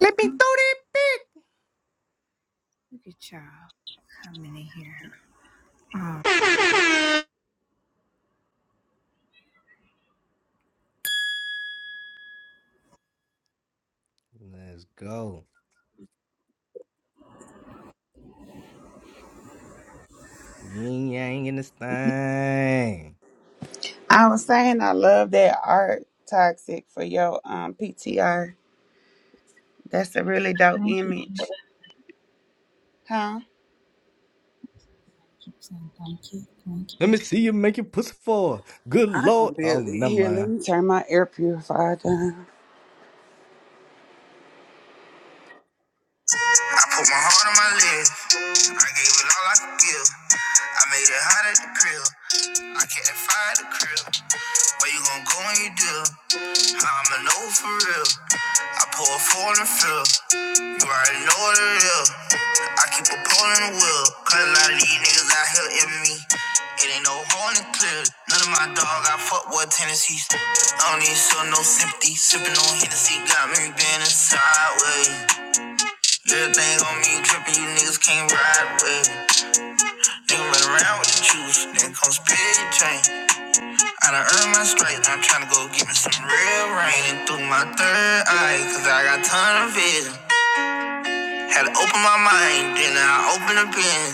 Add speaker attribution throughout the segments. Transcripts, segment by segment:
Speaker 1: Let me throw
Speaker 2: Oh,
Speaker 1: that bitch.
Speaker 2: look at y'all coming in here. Oh,
Speaker 3: Hmm.
Speaker 1: Let's go. Yin yang in this thing.
Speaker 4: I was saying I love that art toxic for your um PTR. That's a really dope
Speaker 2: thank you,
Speaker 4: image.
Speaker 2: Jesus.
Speaker 4: Huh?
Speaker 2: And Thank you. Thank
Speaker 1: Let
Speaker 2: you.
Speaker 1: me see you make your pussy fall. Good
Speaker 4: I can
Speaker 1: lord. Oh,
Speaker 4: barely
Speaker 1: never
Speaker 4: hear. Let
Speaker 1: mind.
Speaker 4: me turn my air purifier down.
Speaker 2: I put my heart on my live. I gave it all I could give. I made it hot at the crib. I kept that fire at the crib. Where you gon' go when you do? I'ma know for real. I pour a four in the field. You already know what it is. I keep a pole in the wheel. Cause a lot of these niggas out here envy me. It ain't no horn and clear. None of my dog, I fuck with tendencies. I don't even show no sympathy. Sippin' on Hennessy got me bending sideways. Good thing on me drippin', you niggas can't ride with it. Nigga run around with the juice, nigga come spit your chain. I done earned my stripes, I'm tryna go get me some real rain. And through my third eye, cause I got a ton of vision. Had to open my mind, then I opened up in.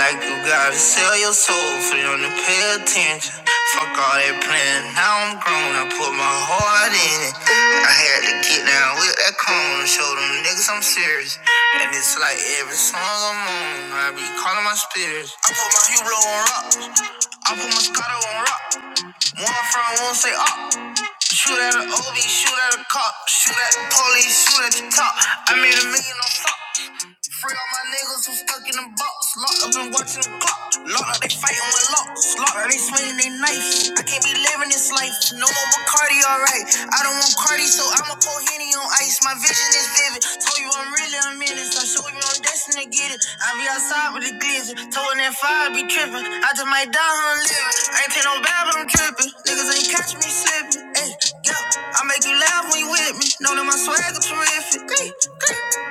Speaker 2: Like you gotta sell your soul for them to pay attention. Fuck all that plan, now I'm grown, I put my heart in it. I had to get down with that cone and show them niggas I'm serious. And it's like every song I'm on, I be calling my spirits. I put my hero on rocks. I put my Moscato on rock. One front, one say up. Shoot at a OB, shoot at a cop, shoot at the police, shoot at the top. I made a million on top. Free all my niggas who stuck in the box. Locked up and watching the clock. Locked up, they fighting with locks. Locked up, they swinging their knife. I can't be living this life. No more Bacardi, alright. I don't want Cardi, so I'ma pour Henny on ice. My vision is vivid. Told you I'm really a menace. I show you I'm destined to get it. I be outside with the glizzy. Told that fire I be tripping. I just might die on living. I ain't pay no bad, but I'm tripping. Niggas ain't catch me slipping. Hey, yeah, I make you laugh when you with me. Know that my swag is terrific. Hey.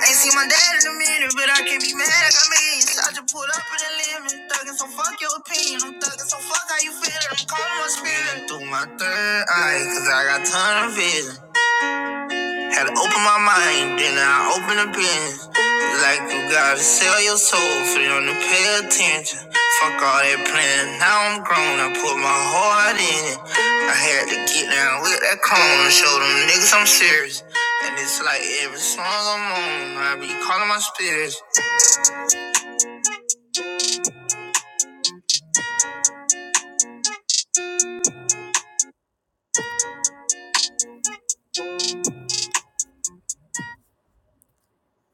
Speaker 2: Ain't seen my dad in a minute, but I can't be mad like I mean. So I just pulled up in the limit, thuggin', so fuck your opinion. I'm thuggin', so fuck how you feelin'. I'm calling my spirit through my third eye, cause I got tunnel vision. Had to open my mind, then I opened the bin. Like you gotta sell your soul for them to pay attention. Fuck all that planning, now I'm grown, I put my heart in it. I had to get down with that cone and show them niggas I'm serious. And it's like every song I'm on, I be calling my spirits.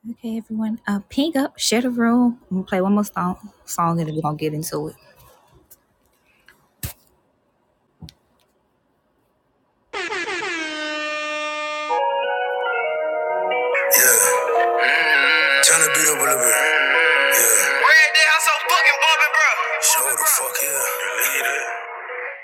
Speaker 2: Okay, everyone, uh, ping up, share the room. I'm gonna play one more song, song and then we're gonna get into it. Turn the beat up a little bit. Red, they are so fucking bumping. Show the fuck yeah.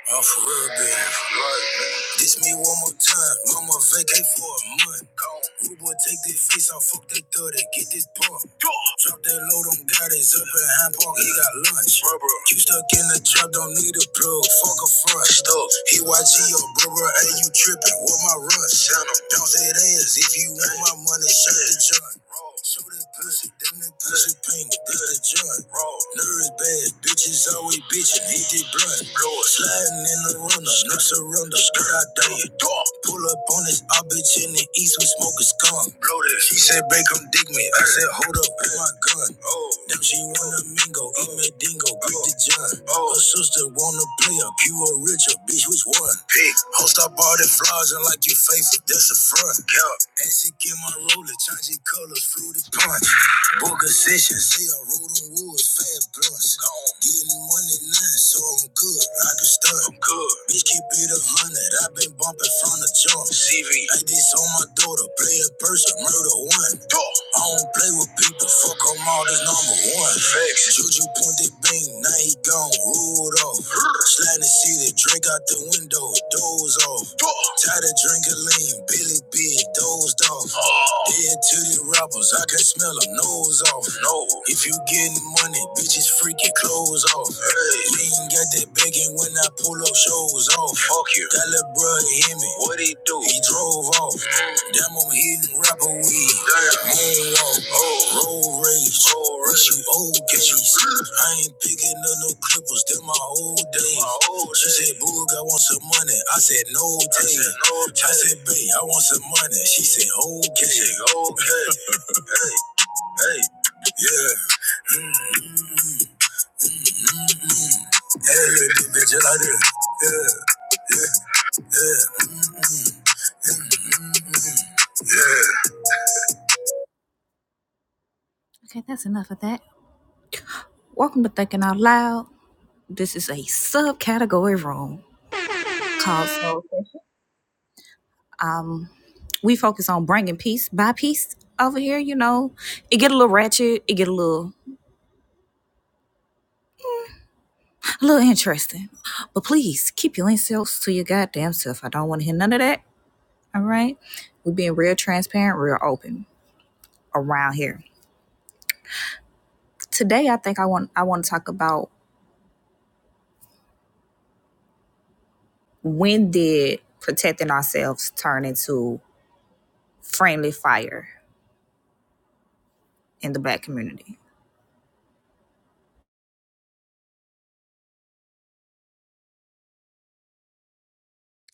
Speaker 2: I'm for real, baby. Right, man. This me one more time. Mama vacate for a month. Gone. boy, take this face off. Fuck that thug get this pump. Yeah. Drop that load on God. It's up in Hyde Park. He got lunch. Rubber. You stuck in the trap. Don't need a plug. Fuck a front. Stuck. He YG your brother. Hey, you tripping. What my run? Bounce that ass. If you want my money, shut the joint. So Show that pussy, then that pussy paint, that's the joint. nervous bad, bitches always bitching, hit the blunt. Blow it, sliding in the runner, no surrender, skirt out down. Pull up on this, I bitch in the east, we smoke a skunk. Blow this. She said, "Babe, come dig me. I said, hold up, put my gun. Oh. Now she wanna mingle, eat me dingo, break the joint. Oh. Her sister wanna play up, you a richer, bitch, which one? Pick. Host up all the flaws and like you faithful, that's the front. Yeah. And she get my roller, change colors, flew through the punch. Book sessions. Say I rode on wood, fat blunts. Gone. Getting money now, so I'm good. I can stunt. I'm good. Bitch, keep it a hundred. i been bumping from the jump. CV. Like this on my daughter. Play a person, murder one. I don't play with people. Fuck 'em all, this number one. Facts. Juju pointed bang, now he gone, rolled off. Sliding the seat, drink out the window, doze off. Tired of drinking lean, Billy B, dozed off. Dead to the robbers, I can smell them, nose off. No. If you getting money, bitches freaking clothes off. Hey. You ain't got that begging when I pull up, shows off. Fuck you. That little Bruh, he hit me. What he do? He drove off. Damn, I'm hitting rapper weed. Damn. Moonwalk. Oh. Road rage. Road rage. Get you old games. I ain't picking up no clippers. Them my old days. My old she days. said, Boog, I want some money. I said, no days. no I said, babe, I want some money. She said, okay. She said, okay. hey, yeah. Hey, little bitch, I like it. Okay, that's enough of that. Welcome to Thinking Out Loud. This is a subcategory room called Soul. Sessions. Um, we focus on bringing peace by peace over here. You know, it get a little ratchet, it get a little, a little interesting. But please keep your insults to your goddamn self. I don't want to hear none of that. All right, we being real transparent, real open around here. Today, I think I want I want to talk about when did protecting ourselves turn into friendly fire in the black community.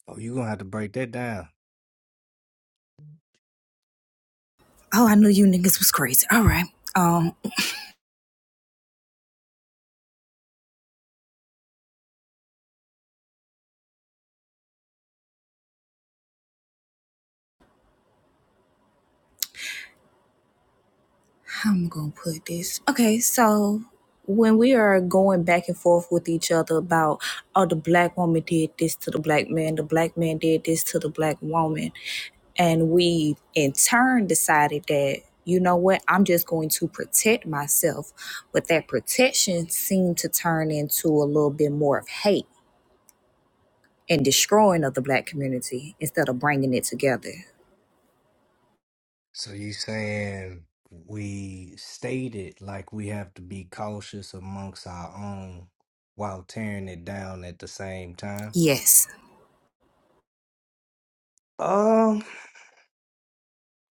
Speaker 1: Oh, you gonna have to break that down.
Speaker 2: Oh, I knew you niggas was crazy. All right. Um, how am I gonna put this? Okay, so when we are going back and forth with each other about oh the black woman did this to the black man, the black man did this to the black woman, and we in turn decided that you know what i'm just going to protect myself but that protection seemed to turn into a little bit more of hate and destroying of the black community instead of bringing it together
Speaker 1: So you saying we stated like we have to be cautious amongst our own while tearing it down at the same time?
Speaker 2: yes
Speaker 1: Um,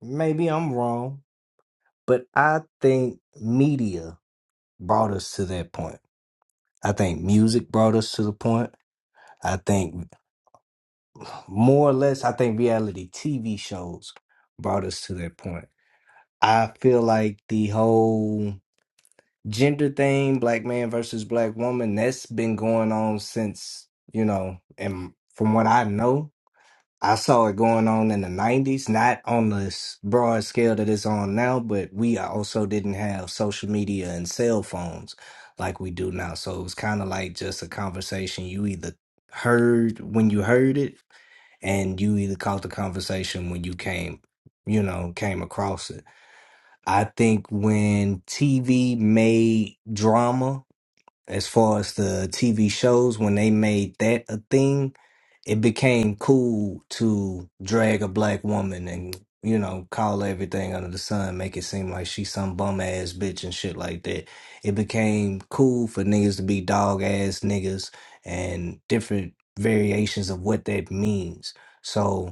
Speaker 1: maybe I'm wrong, but I think media brought us to that point. I think music brought us to the point. I think more or less, I think reality TV shows brought us to that point. I feel like the whole gender thing, black man versus black woman, that's been going on since, you know, and from what I know, I saw it going on in the 90s, not on this broad scale that it's on now, but we also didn't have social media and cell phones like we do now. So it was kind of like just a conversation you either heard when you heard it and you either caught the conversation when you came, you know, came across it. I think when TV made drama, as far as the TV shows, when they made that a thing, it became cool to drag a black woman and you know call everything under the sun, make it seem like she's some bum ass bitch and shit like that. It became cool for niggas to be dog ass niggas and different variations of what that means. So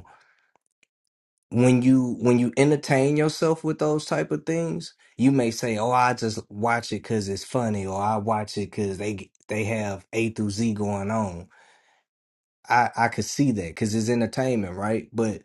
Speaker 1: when you when you entertain yourself with those type of things, you may say, "Oh, I just watch it because it's funny," or "I watch it because they they have A through Z going on." I I could see that because it's entertainment, right? But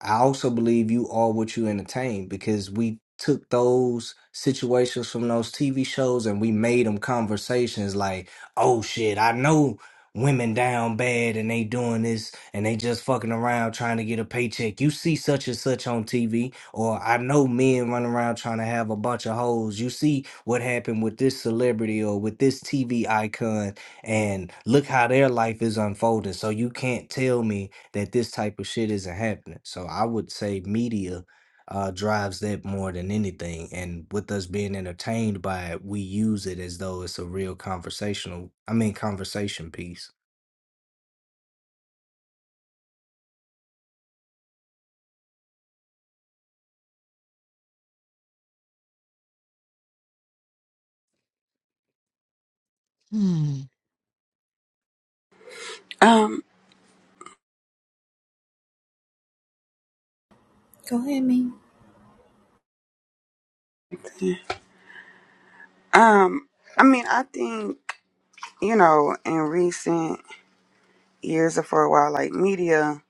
Speaker 1: I also believe you are what you entertain because we took those situations from those TV shows and we made them conversations like, oh shit, I know women down bad and they doing this and they just fucking around trying to get a paycheck. You see such and such on TV, or I know men running around trying to have a bunch of hoes. You see what happened with this celebrity or with this TV icon and look how their life is unfolding. So you can't tell me that this type of shit isn't happening. So I would say media uh, drives that more than anything. And with us being entertained by it, we use it as though it's a real conversational, I mean, conversation piece.
Speaker 4: Um,
Speaker 2: go ahead me
Speaker 4: um, I mean I think, you know, in recent years or for a while, like media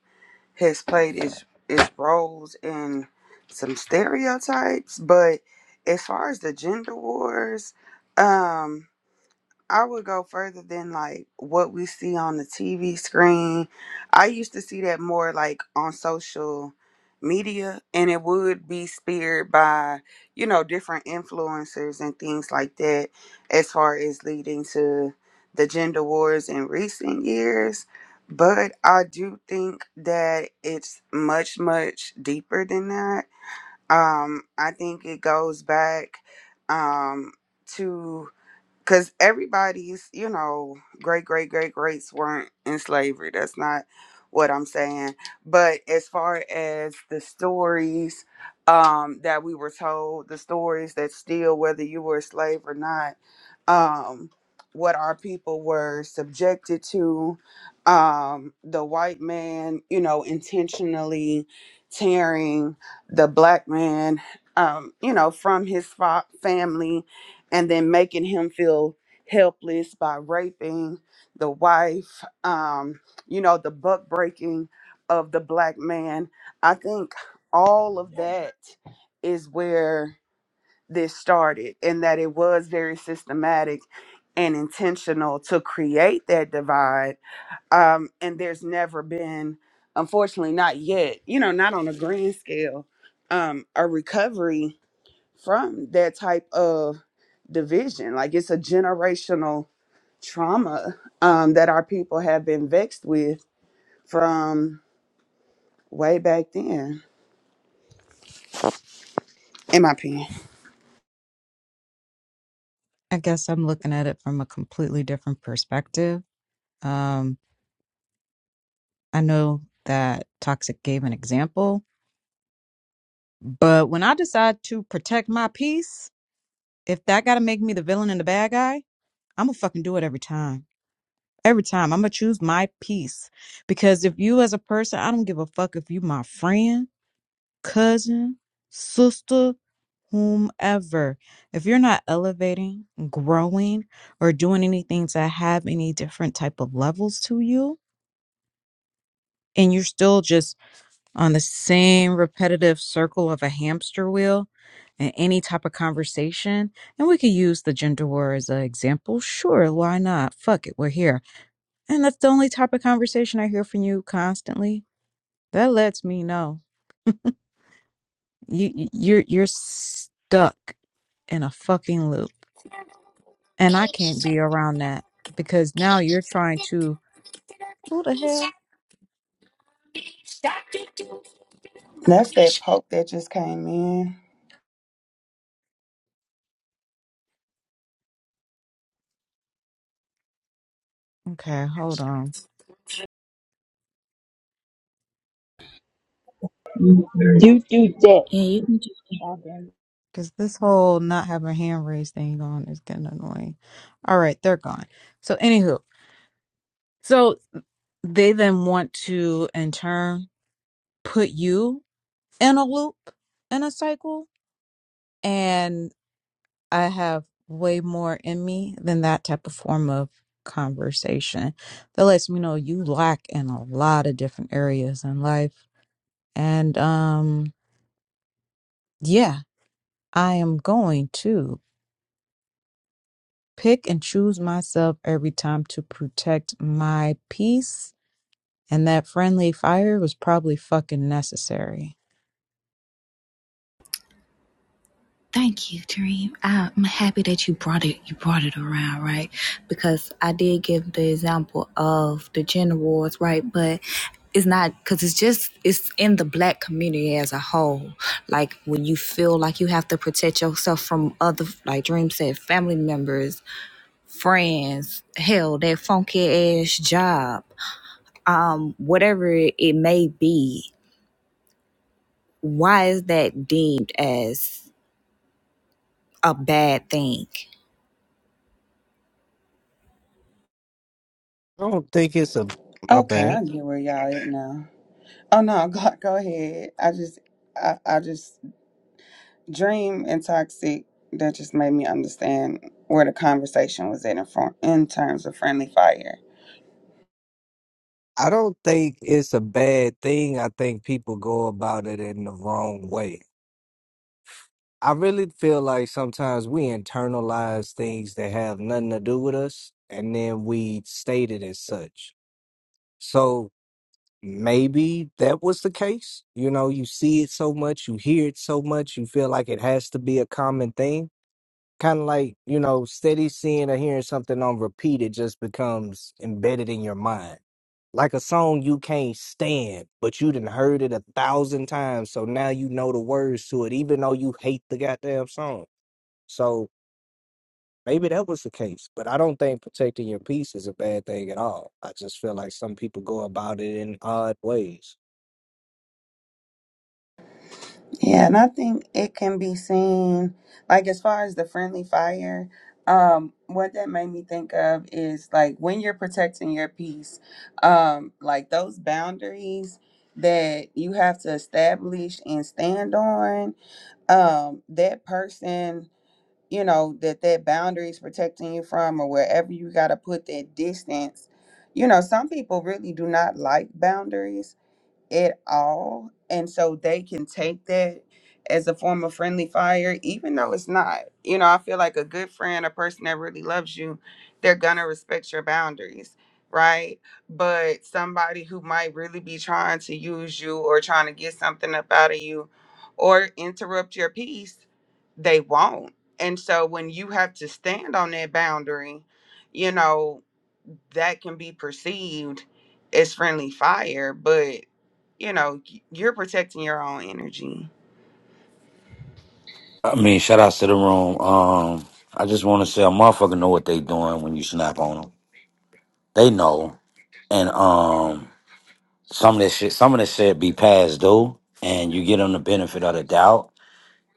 Speaker 4: has played its its roles in some stereotypes, but as far as the gender wars, um. I would go further than like what we see on the TV screen. I used to see that more like on social media, and it would be speared by, you know, different influencers and things like that, as far as leading to the gender wars in recent years. But I do think that it's much, much deeper than that. Um, I think it goes back um, to because everybody's you know great great great greats weren't in slavery that's not what i'm saying but as far as the stories um that we were told the stories that still whether you were a slave or not um what our people were subjected to um the white man you know intentionally tearing the black man um you know from his fa- family and then making him feel helpless by raping the wife um you know the buck breaking of the black man i think all of that is where this started and that it was very systematic and intentional to create that divide um and there's never been unfortunately not yet you know not on a grand scale um a recovery from that type of division. Like it's a generational trauma um, that our people have been vexed with from way back then, in my opinion.
Speaker 3: I guess I'm looking at it from a completely different perspective. Um, I know that Toxic gave an example, but when I decide to protect my peace, if that got to make me the villain and the bad guy, I'm gonna fucking do it every time. Every time I'm gonna choose my peace because if you as a person, I don't give a fuck if you my friend. cousin, sister, whomever. If you're not elevating, growing, or doing anything to have any different type of levels to you, and you're still just on the same repetitive circle of a hamster wheel and any type of conversation, and we could use the gender war as an example. Sure, why not? Fuck it, we're here. And that's the only type of conversation I hear from you constantly. That lets me know you you- are you're stuck in a fucking loop. And I can't be around that because
Speaker 5: Baby,
Speaker 3: now you're trying
Speaker 5: doctor,
Speaker 3: to.
Speaker 5: doctor,
Speaker 3: Who the hell?
Speaker 5: baby, doctor, doctor, doctor,
Speaker 4: That's
Speaker 5: mommy.
Speaker 4: that poke that just came in.
Speaker 3: Okay, hold on.
Speaker 6: You do that.
Speaker 2: and you can just
Speaker 6: Robin.
Speaker 3: Because this whole not having hand raised thing on is getting annoying. All right, they're gone. So, anywho, so they then want to, in turn, put you in a loop, in a cycle. And I have way more in me than that type of form of conversation that lets me know you lack in a lot of different areas in life And um, yeah, I am going to pick and choose myself every time to protect my peace. And that friendly fire was probably fucking necessary.
Speaker 2: Thank you, Dream. I'm happy that you brought it. You brought it around, right? Because I did give the example of the gender wars, right? But it's not because it's just it's in the black community as a whole. Like when you feel like you have to protect yourself from other, like Dream said, family members, friends, hell, that funky ass job, um, whatever it may be. Why is that deemed as a bad thing?
Speaker 1: I don't think it's a my
Speaker 4: Okay,
Speaker 1: bad.
Speaker 4: I get where y'all at now. Oh no, go, go ahead. I just, I, I just dream and toxic. That just made me understand where the conversation was at in, front, in terms of friendly fire.
Speaker 1: I don't think it's a bad thing. I think people go about it in the wrong way. I really feel like sometimes we internalize things that have nothing to do with us and then we state it as such. So maybe that was the case. You know, you see it so much, you hear it so much, you feel like it has to be a common thing. Kind of like, you know, steady seeing or hearing something on repeat, it just becomes embedded in your mind. Like a song you can't stand, but you done heard it a thousand times, so now you know the words to it, even though you hate the goddamn song. So maybe that was the case, but I don't think protecting your peace is a bad thing at all. I just feel like some people go about it in odd ways.
Speaker 4: Yeah, and I think it can be seen, like as far as the friendly fire, um, what that made me think of is like when you're protecting your peace, um, like those boundaries that you have to establish and stand on, um, that person, you know, that that boundary is protecting you from or wherever you got to put that distance. You know, some people really do not like boundaries at all. And so they can take that as a form of friendly fire, even though it's not. You know, I feel like a good friend, a person that really loves you, they're going to respect your boundaries, right? But somebody who might really be trying to use you or trying to get something up out of you or interrupt your peace, they won't. And so when you have to stand on that boundary, you know, that can be perceived as friendly fire, but you know, you're protecting your own energy.
Speaker 7: I mean, shout outs to the room. Um, I just want to say a motherfucker know what they doing when you snap on them. They know, and um, some of this shit, some of this shit be past due, and you get them the benefit of the doubt.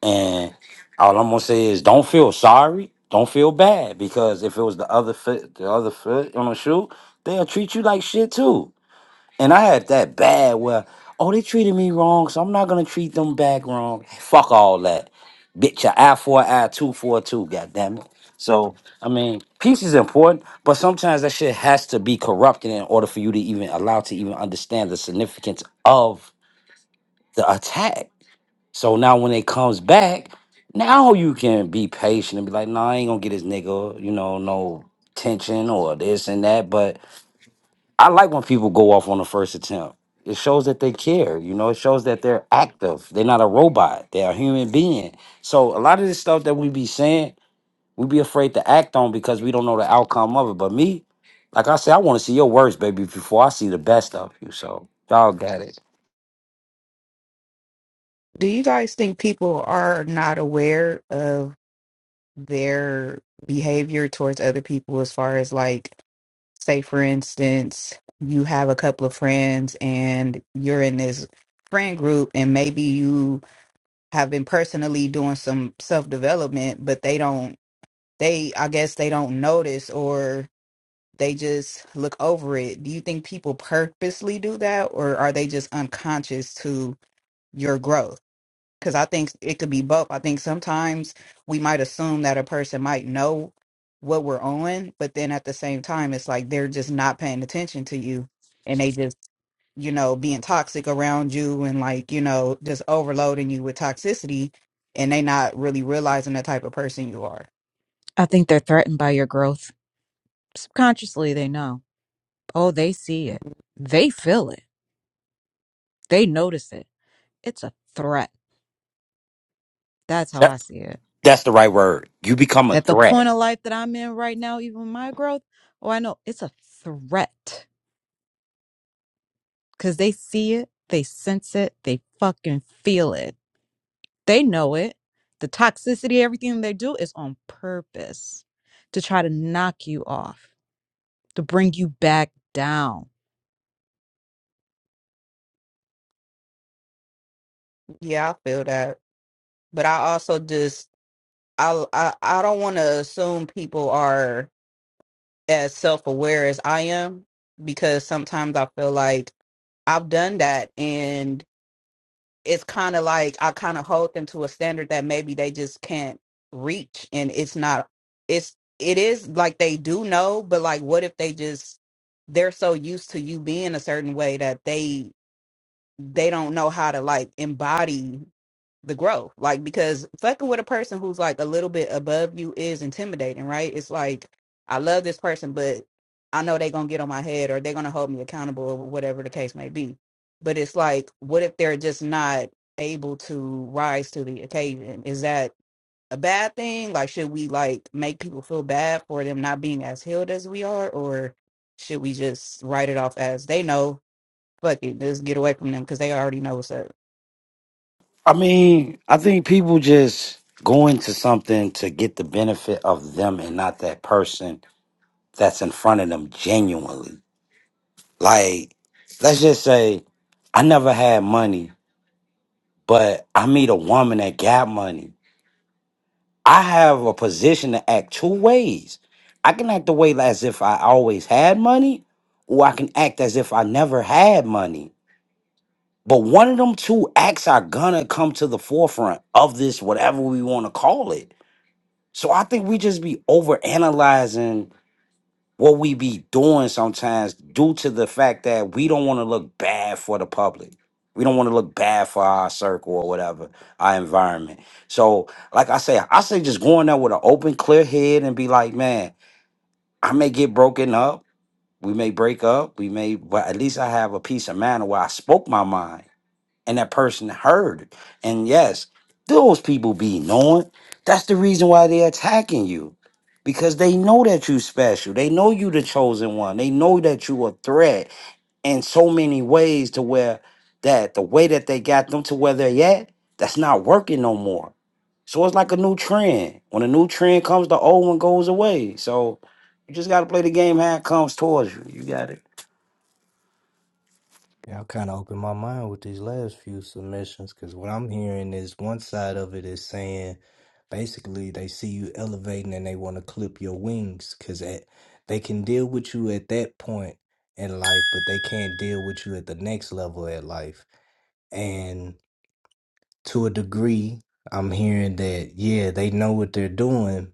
Speaker 7: And all I'm gonna say is, don't feel sorry, don't feel bad, because if it was the other foot, the other foot on the shoe, they'll treat you like shit too. And I had that bad where, oh, they treated me wrong, so I'm not gonna treat them back wrong. Fuck all that. Bitch, your I for an eye, two for a two, goddammit. So, I mean, peace is important, but sometimes that shit has to be corrupted in order for you to even allow to even understand the significance of the attack. So now when it comes back, now you can be patient and be like, nah, I ain't gonna get this nigga, you know, no tension or this and that. But I like when people go off on the first attempt. It shows that they care, you know, it shows that they're active. They're not a robot, they're a human being. So a lot of this stuff that we be saying, we be afraid to act on because we don't know the outcome of it. But me, like I said, I want to see your worst, baby, before I see the best of you. So y'all got it.
Speaker 8: Do you guys think people are not aware of their behavior towards other people as far as like, say for instance, you have a couple of friends and you're in this friend group and maybe you have been personally doing some self-development, but they don't they I guess they don't notice or they just look over it. Do you think people purposely do that or are they just unconscious to your growth? because I think it could be both. I think sometimes we might assume that a person might know what we're on, but then at the same time, it's like they're just not paying attention to you and they just, you know, being toxic around you and like, you know, just overloading you with toxicity and they not really realizing the type of person you are.
Speaker 3: I think they're threatened by your growth. Subconsciously, they know. Oh, they see it. They feel it. They notice it. It's a threat. That's how I
Speaker 7: That,
Speaker 3: see it.
Speaker 7: that's the right word. You become a
Speaker 3: At the
Speaker 7: threat.
Speaker 3: point of life that I'm in right now, even my growth, oh, I know it's a threat because they see it, they sense it, they fucking feel it. They know it. The toxicity, everything they do is on purpose to try to knock you off, to bring you back down.
Speaker 8: Yeah, I feel that. But I also just, I, I, I don't want to assume people are as self aware as I am because sometimes I feel like I've done that and it's kind of like I kind of hold them to a standard that maybe they just can't reach and it's not it's it is like they do know but like what if they just they're so used to you being a certain way that they they don't know how to like embody the growth. Like because fucking with a person who's like a little bit above you is intimidating, right? It's like I love this person, but I know they're gonna get on my head or they're gonna hold me accountable or whatever the case may be. But it's like, what if they're just not able to rise to the occasion? Is that a bad thing? Like should we like make people feel bad for them not being as healed as we are or should we just write it off as they know fuck it, let's get away from them because they already know what's up.
Speaker 7: I mean, I think people just go into something to get the benefit of them and not that person that's in front of them genuinely. Like, let's just say I never had money, but I meet a woman that got money. I have a position to act two ways. I can act the way as if I always had money, or I can act as if I never had money. But one of them two acts are gonna come to the forefront of this, whatever we want to call it. So I think we just be overanalyzing what we be doing sometimes due to the fact that we don't want to look bad for the public. We don't want to look bad for our circle or whatever, our environment. So, like I say, I say just going there with an open, clear head and be like, man, I may get broken up. We may break up. We may, but at least I have a peace of mind where I spoke my mind and that person heard. And yes, those people be knowing. That's the reason why they attacking you. Because they know that you special. They know you the chosen one. They know that you a threat in so many ways to where that the way that they got them to where they're at, that's not working no more. So it's like a new trend. When a new trend comes, the old one goes away. So you just gotta play the game how it comes towards you. You got it.
Speaker 1: Yeah, I kind of opened my mind with these last few submissions because what I'm hearing is one side of it is saying basically they see you elevating and they want to clip your wings because they can deal with you at that point in life, but they can't deal with you at the next level at life. And to a degree, I'm hearing that, yeah, they know what they're doing,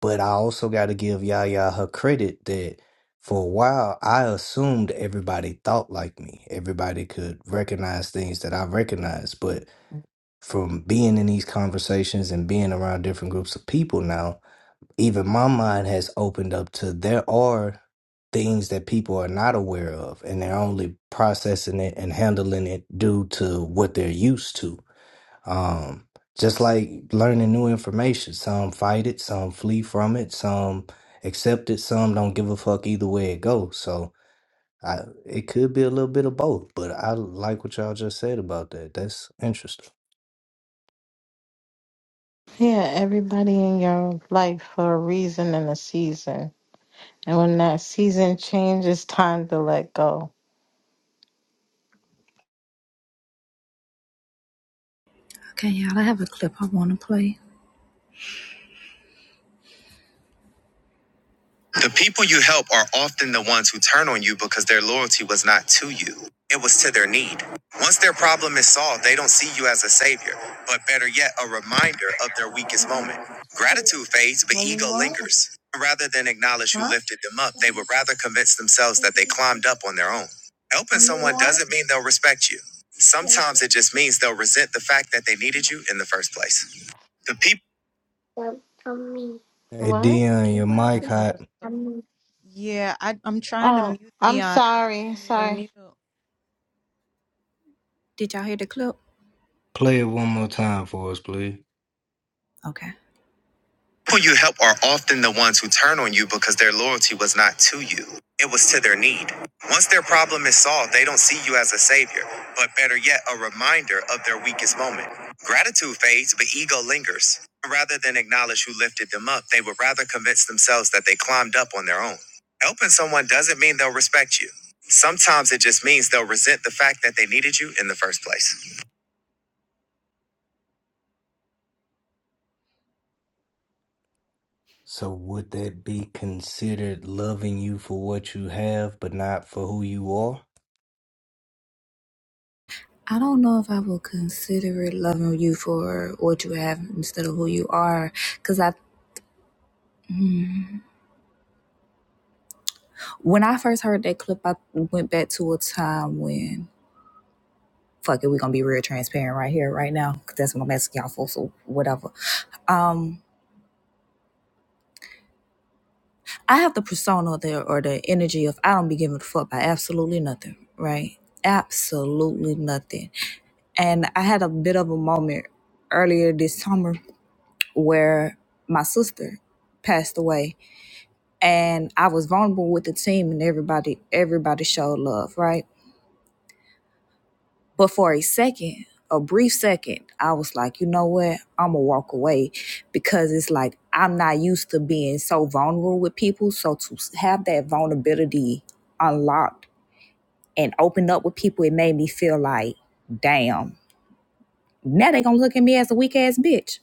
Speaker 1: But I also got to give Yaya her credit that for a while I assumed everybody thought like me. Everybody could recognize things that I recognize. But from being in these conversations and being around different groups of people now, even my mind has opened up to there are things that people are not aware of and they're only processing it and handling it due to what they're used to. Um, just like learning new information, some fight it, some flee from it, some accept it, some don't give a fuck either way it goes. So I, it could be a little bit of both, but I like what y'all just said about that. That's interesting.
Speaker 9: Yeah, everybody in your life for a reason and a season. And when that season changes, it's time to let go.
Speaker 2: Okay, y'all, I have a clip I want to play. The people you help are often the ones who turn on you because their loyalty was not to you, it was to their need. Once their problem is solved, they don't see you as a savior, but better yet, a reminder of their weakest moment. Gratitude fades, but
Speaker 9: What?
Speaker 2: ego lingers. Rather than acknowledge who
Speaker 9: Huh?
Speaker 2: lifted them up, they would rather convince themselves that they climbed up on their own. Helping someone doesn't mean they'll respect you. Sometimes it just means they'll resent the fact that they needed you in the first place. The people.
Speaker 1: Hey,
Speaker 9: What?
Speaker 1: Dion, your
Speaker 3: I
Speaker 1: mic
Speaker 3: don't know.
Speaker 1: hot.
Speaker 3: what's go- Yeah, I, I'm trying to
Speaker 9: Oh,
Speaker 3: mute
Speaker 9: I'm
Speaker 3: Dion and it
Speaker 9: sorry.
Speaker 3: won't even
Speaker 9: Sorry.
Speaker 3: mute.
Speaker 2: Did y'all hear the clip?
Speaker 1: Play it one more time for us, please.
Speaker 2: Okay. People you help are often the ones who turn on you because their loyalty was not to you, it was to their need. Once their problem is solved, they don't see you as a savior, but better yet, a reminder of their weakest moment. Gratitude fades, but ego lingers. Rather than acknowledge who lifted them up, they would rather convince themselves that they climbed up on their own. Helping someone doesn't mean they'll respect you. Sometimes it just means they'll resent the fact that they needed you in the first place.
Speaker 1: So would that be considered loving you for what you have, but not for who you are?
Speaker 2: I don't know if I will consider it loving you for what you have instead of who you are. Cause I, mm. when I first heard that clip, I went back to a time when, fuck it, we're gonna be real transparent right here, right now. Cause that's what I'm asking y'all for, so whatever. Um, I have the persona there or the energy of I don't be giving a fuck by absolutely nothing, right? Absolutely nothing. And I had a bit of a moment earlier this summer where my sister passed away and I was vulnerable with the team and everybody everybody showed love, right? But for a second, a brief second, I was like, you know what? I'm gonna walk away because it's like I'm not used to being so vulnerable with people. So to have that vulnerability unlocked and opened up with people, it made me feel like, damn, now they gonna look at me as a weak ass bitch.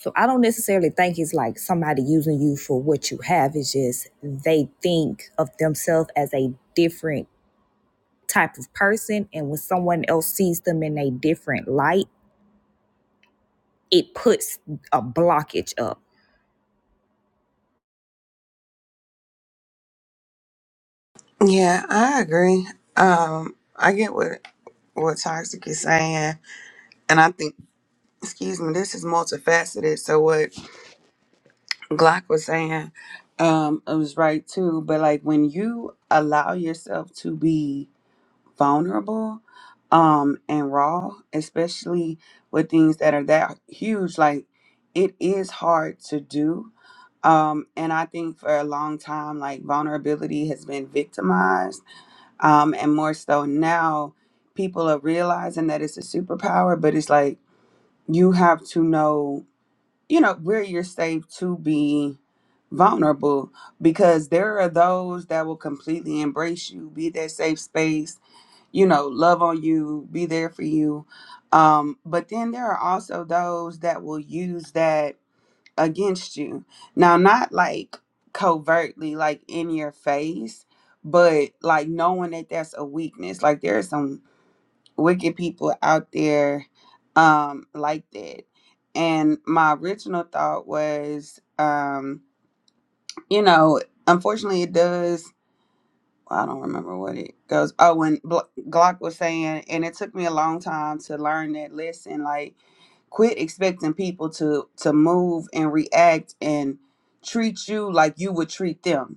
Speaker 2: So I don't necessarily think it's like somebody using you for what you have. It's just they think of themselves as a different type of person and when someone else sees them in a different light it puts a blockage up
Speaker 4: Yeah, I agree. Um, I get what what Toxic is saying, and I think, excuse me, this is multifaceted. So what Glock was saying, um, it was right too. But like when you allow yourself to be vulnerable um and raw especially with things that are that huge like it is hard to do um and i think for a long time like vulnerability has been victimized um and more so now people are realizing that it's a superpower but it's like you have to know you know where you're safe to be vulnerable because there are those that will completely embrace you be their safe space you know, love on you, be there for you. Um, but then there are also those that will use that against you. Now, not like covertly, like in your face, but like knowing that that's a weakness. Like there are some wicked people out there um, like that. And my original thought was, um, you know, unfortunately, it does I don't remember what it goes. Oh, when Bl- Glock was saying, and it took me a long time to learn that lesson. Like, quit expecting people to to move and react and treat you like you would treat them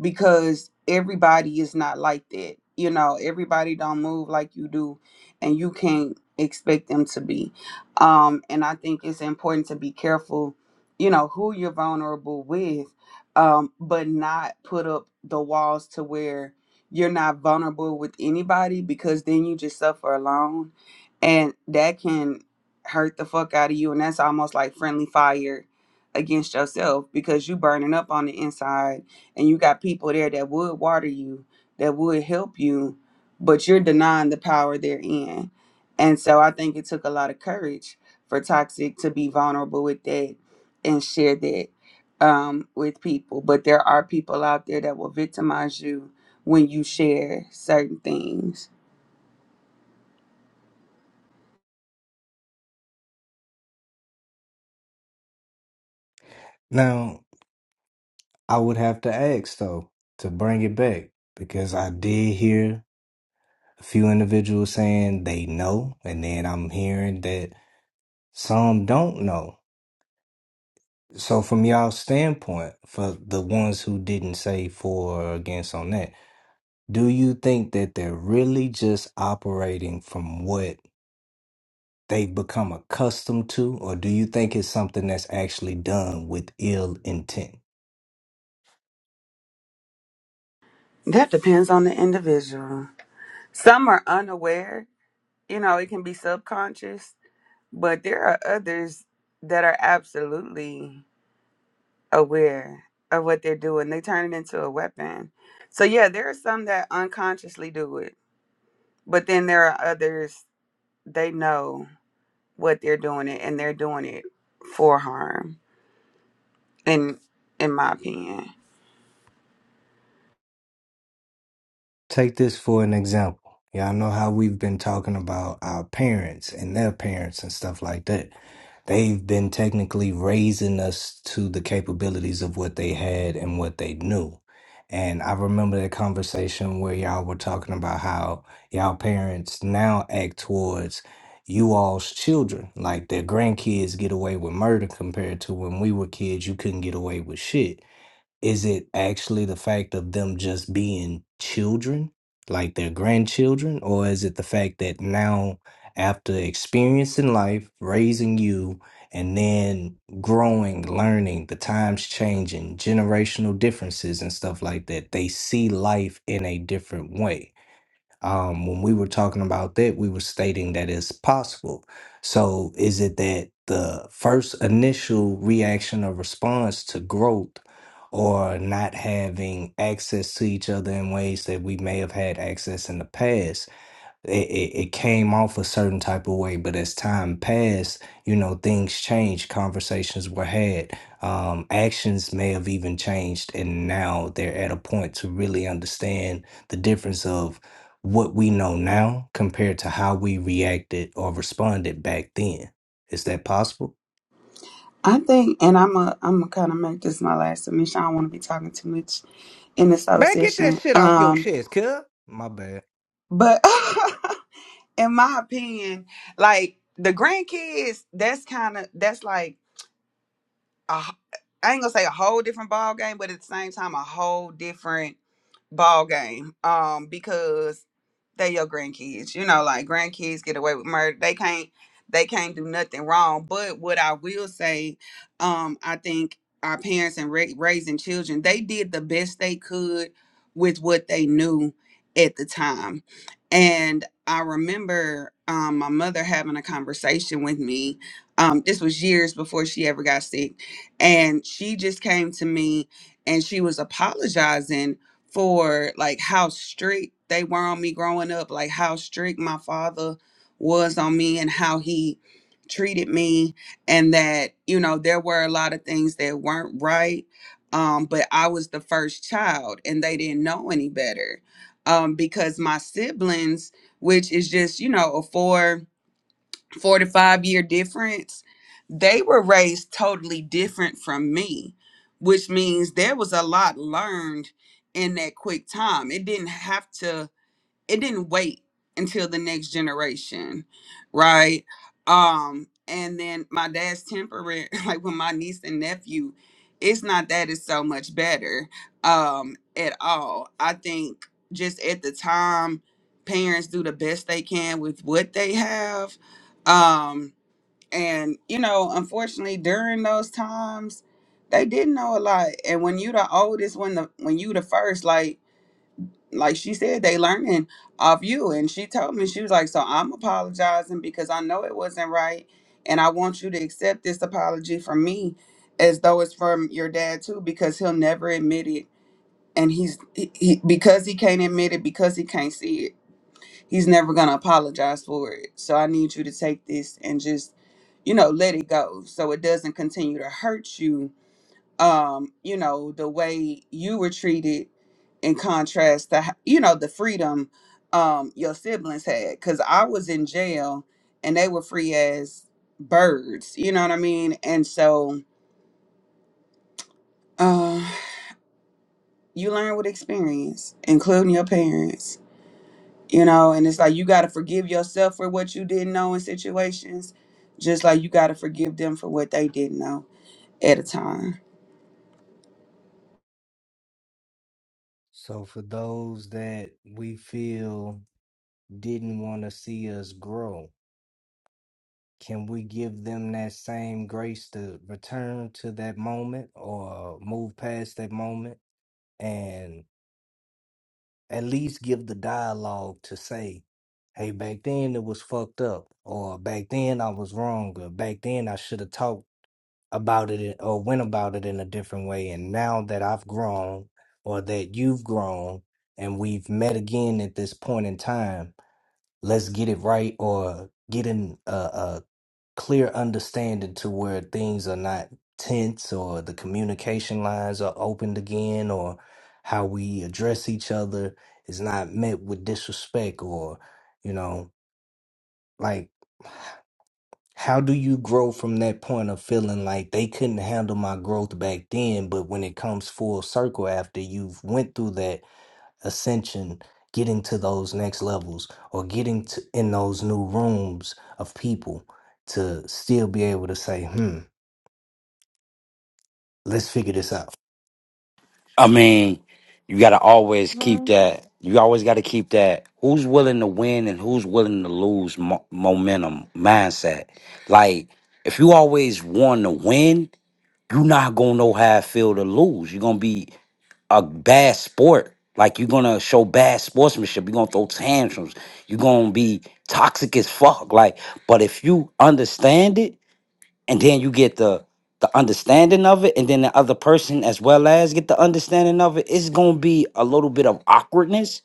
Speaker 4: because everybody is not like that. You know, everybody don't move like you do, and you can't expect them to be. Um, and I think it's important to be careful, you know, who you're vulnerable with, um, but not put up the walls to where you're not vulnerable with anybody because then you just suffer alone, and that can hurt the fuck out of you. And that's almost like friendly fire against yourself because you burning up on the inside and you got people there that would water you, that would help you, but you're denying the power they're in. And so I think it took a lot of courage for Toxic to be vulnerable with that and share that um, with people. But there are people out there that will victimize you when you share certain things.
Speaker 1: Now, I would have to ask though to bring it back because I did hear a few individuals saying they know, and then I'm hearing that some don't know. So, from y'all standpoint, for the ones who didn't say for or against on that, do you think that they're really just operating from what they've become accustomed to, or do you think it's something that's actually done with ill intent?
Speaker 4: That depends on the individual. Some are unaware, you know, it can be subconscious, but there are others that are absolutely aware of what they're doing. They turn it into a weapon. So yeah, there are some that unconsciously do it, but then there are others they know what they're doing it and they're doing it for harm. In in my opinion,
Speaker 1: Take this for an example. Y'all know how we've been talking about our parents and their parents and stuff like that. They've been technically raising us to the capabilities of what they had and what they knew. And I remember that conversation where y'all were talking about how y'all parents now act towards you all's children. Like their grandkids get away with murder compared to when we were kids, you couldn't get away with shit. Is it actually the fact of them just being children, like their grandchildren, or is it the fact that now, after experiencing life, raising you, and then growing, learning, the times changing, generational differences, and stuff like that, they see life in a different way? um, when we were talking about that, we were stating that it's possible. So, is it that the first initial reaction or response to growth or not having access to each other in ways that we may have had access in the past? it, it, it came off a certain type of way but as time passed you know things changed conversations were had um, actions may have even changed and now they're at a point to really understand the difference of what we know now compared to how we reacted or responded back then is that possible
Speaker 4: I think, and I'm a I'm gonna kind of make this my last submission. I don't want to be talking too much in this whole
Speaker 1: man get that
Speaker 4: session.
Speaker 1: shit off your
Speaker 4: Um,
Speaker 1: chest cuz my bad
Speaker 4: but in my opinion, like the grandkids, that's kind of that's like a, h- I ain't gonna say a whole different ball game, but at the same time, a whole different ball game um because they your grandkids you know like grandkids get away with murder they can't they can't do nothing wrong but what i will say um i think our parents and ra- raising children they did the best they could with what they knew at the time and i remember um, my mother having a conversation with me um, this was years before she ever got sick and she just came to me and she was apologizing for like how strict they were on me growing up, like how strict my father was on me and how he treated me and that you know there were a lot of things that weren't right um but I was the first child and they didn't know any better um because my siblings which is just you know a four 45 year difference, they were raised totally different from me, which means there was a lot learned in that quick time. It didn't have to it didn't wait until the next generation right um and then my dad's temperament like with my niece and nephew it's not that it's so much better um at all i think just at the time parents do the best they can with what they have um and you know unfortunately during those times they didn't know a lot and when you the oldest when the when you the first like like she said, they learning off you. And she told me, she was like, So I'm apologizing because I know it wasn't right. And I want you to accept this apology from me as though it's from your dad too, because he'll never admit it. And he's he, he, because he can't admit it, because he can't see it, he's never gonna apologize for it. So I need you to take this and just, you know, let it go so it doesn't continue to hurt you um you know the way you were treated in contrast to h- you know the freedom um your siblings had because i was in jail and they were free as birds you know what i mean and so uh you learn with experience including your parents you know and it's like you got to forgive yourself for what you didn't know in situations just like you got to forgive them for what they didn't know at a time
Speaker 1: so for those that we feel didn't want to see us grow Can we give them that same grace to return to that moment or move past that moment and at least give the dialogue to say, hey, back then it was fucked up, or back then I was wrong, or back then I should have talked about it or went about it in a different way. And now that I've grown or that you've grown and we've met again at this point in time, let's get it right or get in a, clear understanding to where things are not tense or the communication lines are opened again or how we address each other is not met with disrespect or you know like how do you grow from that point of feeling like they couldn't handle my growth back then but when it comes full circle after you've went through that ascension, getting to those next levels or getting to in those new rooms of people to still be able to say, hmm, let's figure this out.
Speaker 7: I mean, you got to always keep that. You always got to keep that. Who's willing to win and who's willing to lose mo- momentum mindset? Like, if you always want to win, you're not gonna know how it feel to lose. You're gonna be a bad sport. Like you're gonna show bad sportsmanship. You're gonna throw tantrums. You're gonna be toxic as fuck. Like, but if you understand it and then you get the the understanding of it and then the other person as well as get the understanding of it it's going to be a little bit of awkwardness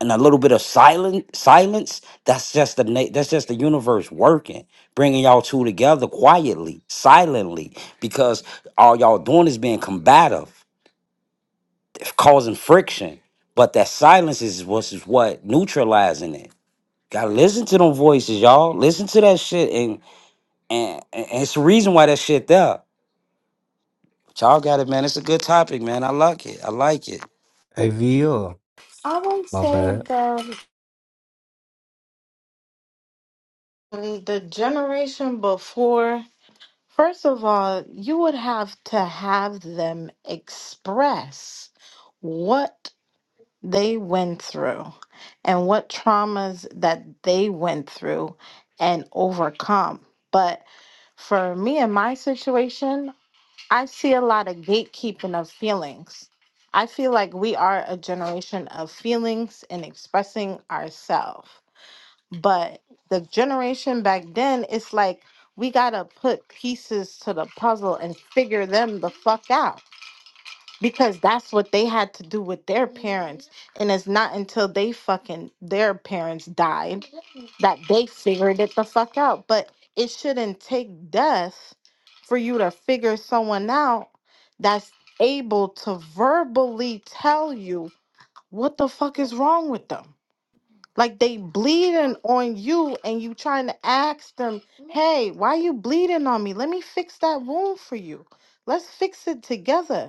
Speaker 7: and a little bit of silent silence that's just the na- that's just the universe working bringing y'all two together quietly silently because all y'all doing is being combative causing friction but that silence is what's is what neutralizing it gotta listen to them voices y'all listen to that shit and and, and it's the reason why that shit there Y'all got it, man. It's a good topic, man. I like it. I like it.
Speaker 1: Hey, VR. My bad.
Speaker 9: Um, The generation before, first of all, you would have to have them express what they went through and what traumas that they went through and overcome. But for me and my situation, I see a lot of gatekeeping of feelings. I feel like we are a generation of feelings and expressing ourselves. But the generation back then, it's like we got to put pieces to the puzzle and figure them the fuck out because that's what they had to do with their parents and it's not until they fucking their parents died that they figured it the fuck out but it shouldn't take death for you to figure someone out that's able to verbally tell you what the fuck is wrong with them like they bleeding on you and you trying to ask them hey why you bleeding on me let me fix that wound for you let's fix it together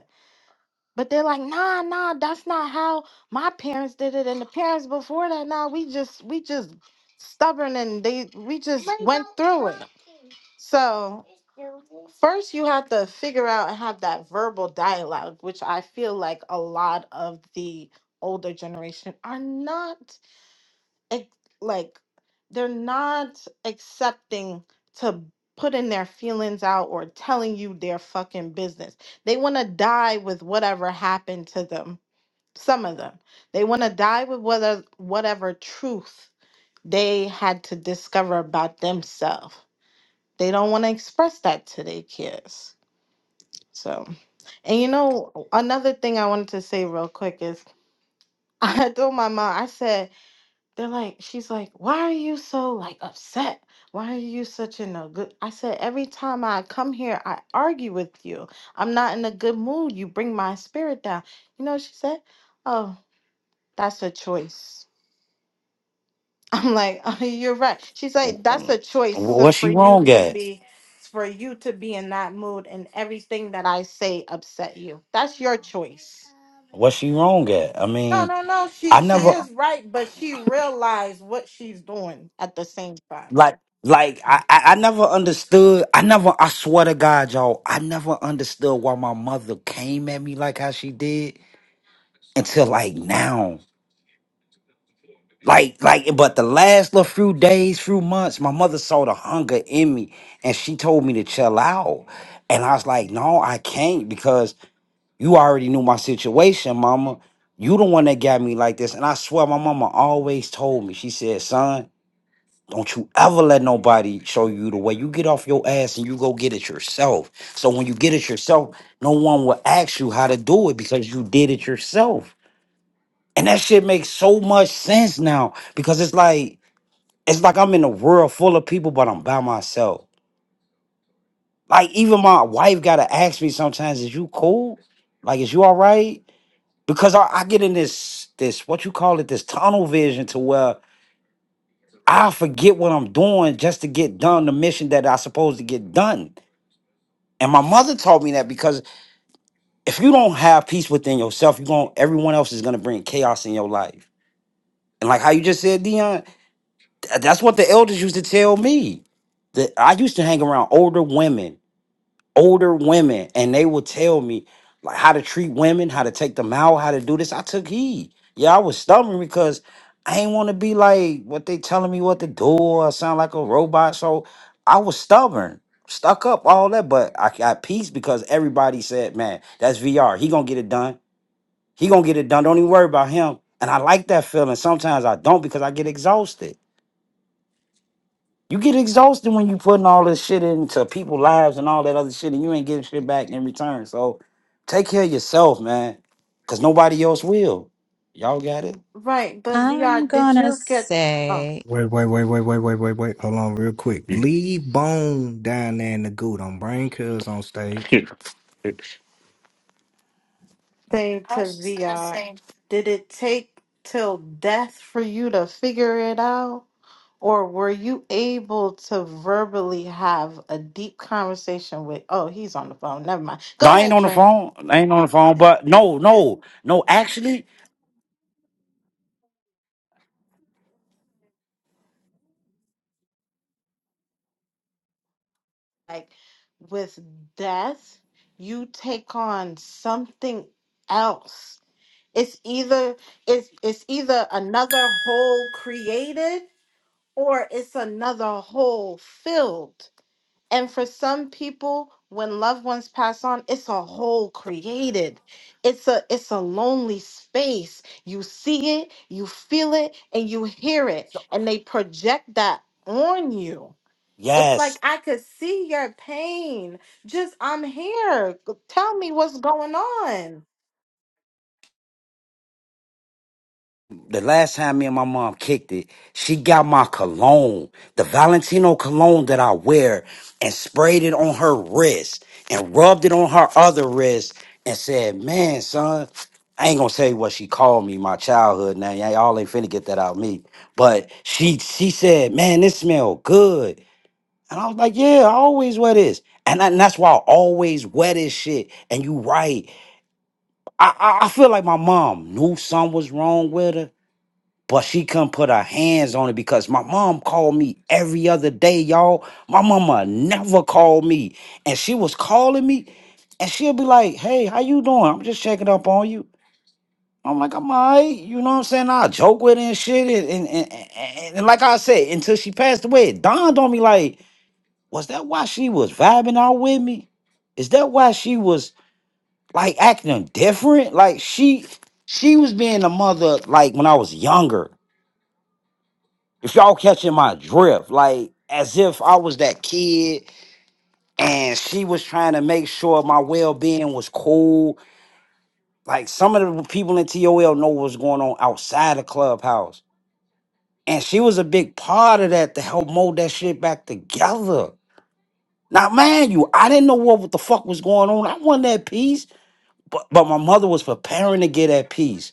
Speaker 9: but they're like, nah, nah, that's not how my parents did it, and the parents before that, nah, we just, we just stubborn, and they, we just But went don't through it. copy. So first, you have to figure out and have that verbal dialogue, which I feel like a lot of the older generation are not ex- like they're not accepting to putting their feelings out or telling you their fucking business. They want to die with whatever happened to them. Some of them. They want to die with whether whatever truth they had to discover about themselves. They don't want to express that to their kids. So, and you know, another thing I wanted to say real quick is I told my mom, I said, they're like, she's like, why are you so like upset? Why are you such in a good? I said, every time I come here, I argue with you. I'm not in a good mood. You bring my spirit down. You know, what she said, oh, that's a choice. I'm like, oh, you're right. She's like, that's
Speaker 7: Um,
Speaker 9: a choice so
Speaker 7: What
Speaker 9: for
Speaker 7: she
Speaker 9: you
Speaker 7: wrong
Speaker 9: to
Speaker 7: at?
Speaker 9: be, for you to be in that mood, and everything that I say upset you. That's your choice.
Speaker 7: What she wrong at? I
Speaker 9: No,
Speaker 7: mean,
Speaker 9: no, no. She
Speaker 7: I
Speaker 9: she
Speaker 7: never
Speaker 9: is right, but she realized what she's doing at the same time.
Speaker 7: like like I I I never understood. I never. I swear to God, y'all, I never understood why my mother came at me like how she did until like now. Like like, but the last little few days, few months, my mother saw the hunger in me, and she told me to chill out. And I was like, no, I can't because You already knew my situation, mama. You the one that got me like this. And I swear my mama always told me, she said, son, don't you ever let nobody show you the way. You get off your ass and you go get it yourself. So when you get it yourself, no one will ask you how to do it because you did it yourself. And that shit makes so much sense now because it's like it's like I'm in a world full of people, but I'm by myself. Like even my wife gotta ask me sometimes, is you cool? Like, is you all right? because I, I get in this this what you call it this tunnel vision to where I forget what I'm doing just to get done the mission that I supposed to get done. And my mother taught me that because if you don't have peace within yourself, you going everyone else is gonna bring chaos in your life. And like how you just said, Dion, that's what the elders used to tell me. That I used to hang around older women older women and they will tell me like how to treat women, how to take them out, how to do this. I took heed. Yeah, I was stubborn because I ain't want to be like what they telling me what to do or sound like a robot. So I was stubborn, stuck up, all that. But I got peace because everybody said, man, that's VR. He gonna get it done. He gonna get it done. Don't even worry about him. And I like that feeling. Sometimes I don't because I get exhausted. You get exhausted when you putting all this shit into people's lives and all that other shit, and you ain't getting shit back in return. So take care of yourself, man, because nobody else will. Y'all got it?
Speaker 9: Right, but
Speaker 3: I'm
Speaker 9: VR, did
Speaker 3: gonna
Speaker 9: you get a
Speaker 3: say,
Speaker 1: Wait, wait, wait, wait, wait, wait, wait, wait. Hold on real quick. Leave Bone down there in the goo. Don't bring cuz on stage.
Speaker 9: thing to VR? Did it take till death for you to figure it out? Or were you able to verbally have a deep conversation with, oh, he's on the phone, never mind.
Speaker 7: No,
Speaker 9: Go
Speaker 7: I ain't
Speaker 9: ahead,
Speaker 7: on the
Speaker 9: Dream.
Speaker 7: phone. I ain't on the phone, but no, no, no. Actually,
Speaker 9: Like with death, you take on something else. It's either it's it's either another whole created or it's another whole filled And for some people, when loved ones pass on, it's a hole
Speaker 7: so,
Speaker 9: created. It's a it's a lonely space. You see it, you feel it, and you hear it,
Speaker 7: so-
Speaker 9: and they project that on you. It's
Speaker 7: yes.
Speaker 9: like I could see your pain. Just I'm here. G- Tell me what's going on.
Speaker 7: the last time me and my mom kicked it, she got my cologne, the Valentino cologne that I wear, and sprayed it on her wrist and rubbed it on her other wrist and said, Man, son, I ain't gonna tell you what she called me, my childhood name. Y'all y'all ain't finna get that out of me. But she she said, Man, this smell good. And I was like, Yeah, I always wear this. And, I- and that's why I always wear this shit. And you right. I, I I feel like my mom knew something was wrong with her but she couldn't put her hands on it because my mom called me every other day, y'all. My mama never called me, and she was calling me, and she'll be like, "Hey, how you doing? I'm just checking up on you." I'm like, I'm alright, you know what I'm saying? I joke with her and shit, and and, and, and and like I said, until she passed away, it dawned on me like, was that why she was vibing out with me? Is that why she was like acting different? Like she she was being a mother like when I was younger if y'all catching my drift, like as if I was that kid and she was trying to make sure my well being was cool. Like some of the people in TOL know what's going on outside the clubhouse. And she was a big part of that to help mold that shit back together. Now, man, you, I didn't know what, what the fuck was going on. I wasn't at peace, but, but my mother was preparing to get at peace.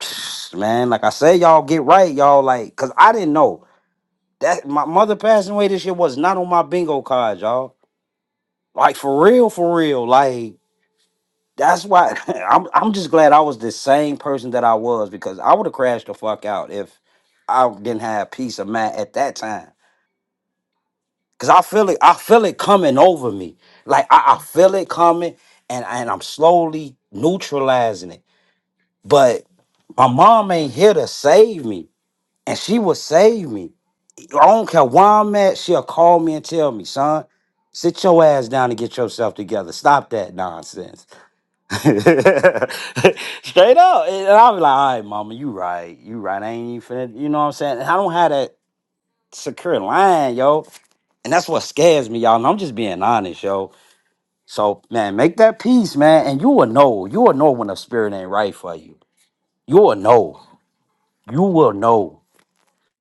Speaker 7: Man, like I said, y'all get right, y'all. Like, cause I didn't know. That my mother passing away this year was not on my bingo card, y'all. Like for real, for real. Like that's why I'm I'm just glad I was the same person that I was because I would have crashed the fuck out if I didn't have peace of mind at that time. Cause I feel it, I feel it coming over me. Like I, I feel it coming and, and I'm slowly neutralizing it. But my mom ain't here to save me. And she will save me. I don't care where I'm at. She'll call me and tell me, son, sit your ass down and get yourself together. Stop that nonsense. Straight up. And I'll be like, all right, mama, you right. You right. I ain't even finna, you know what I'm saying? And I don't have that secure line, yo. And that's what scares me, y'all. And I'm just being honest, yo. So, man, make that peace, man. And you will know. You will know when the spirit ain't right for you. You will know. You will know.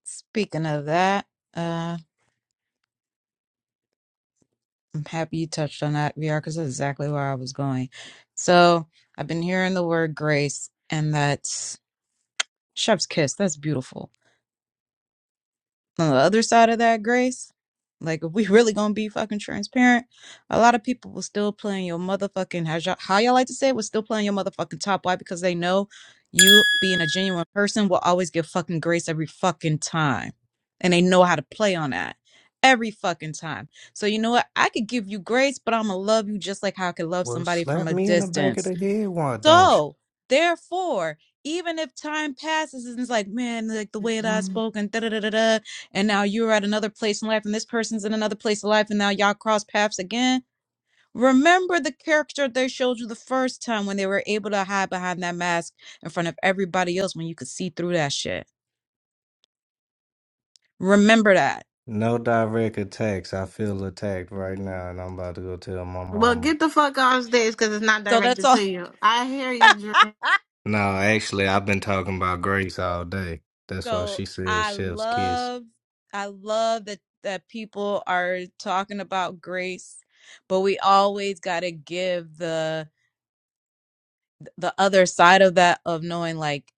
Speaker 3: speaking of that, uh, I'm happy you touched on that, VR, because that's exactly where I was going. So I've been hearing the word grace, and that's chef's kiss. That's beautiful. on the other side of that grace like if we really gonna be fucking transparent a lot of people will still playing your motherfucking how y'all, how y'all like to say it was still playing your motherfucking top why because they know you being a genuine person will always give fucking grace every fucking time and they know how to play on that every fucking time so you know what i could give you grace but i'm gonna love you just like how i could love
Speaker 1: Well,
Speaker 3: somebody from
Speaker 1: slap
Speaker 3: a
Speaker 1: me in the back
Speaker 3: distance
Speaker 1: of the head. Why don't you?
Speaker 3: so, therefore, even if time passes and it's like, man, like the way that I spoke and da da da da da, and now you're at another place in life and this person's in another place in life and now y'all cross paths again. Remember the character they showed you the first time when they were able to hide behind that mask in front of everybody else when you could see through that shit. Remember that.
Speaker 1: No direct attacks. I feel attacked right now, and I'm about to go tell my
Speaker 9: Well,
Speaker 1: mama.
Speaker 9: get the fuck off stage because it's not
Speaker 3: So that's
Speaker 9: directed
Speaker 3: all.
Speaker 9: to you. I hear you,
Speaker 1: No, actually, I've been talking about Grace all day. That's why
Speaker 3: So
Speaker 1: she said
Speaker 3: I
Speaker 1: Chef's Kiss.
Speaker 3: love, I love that that people are talking about grace, but we always gotta give the the other side of that of knowing like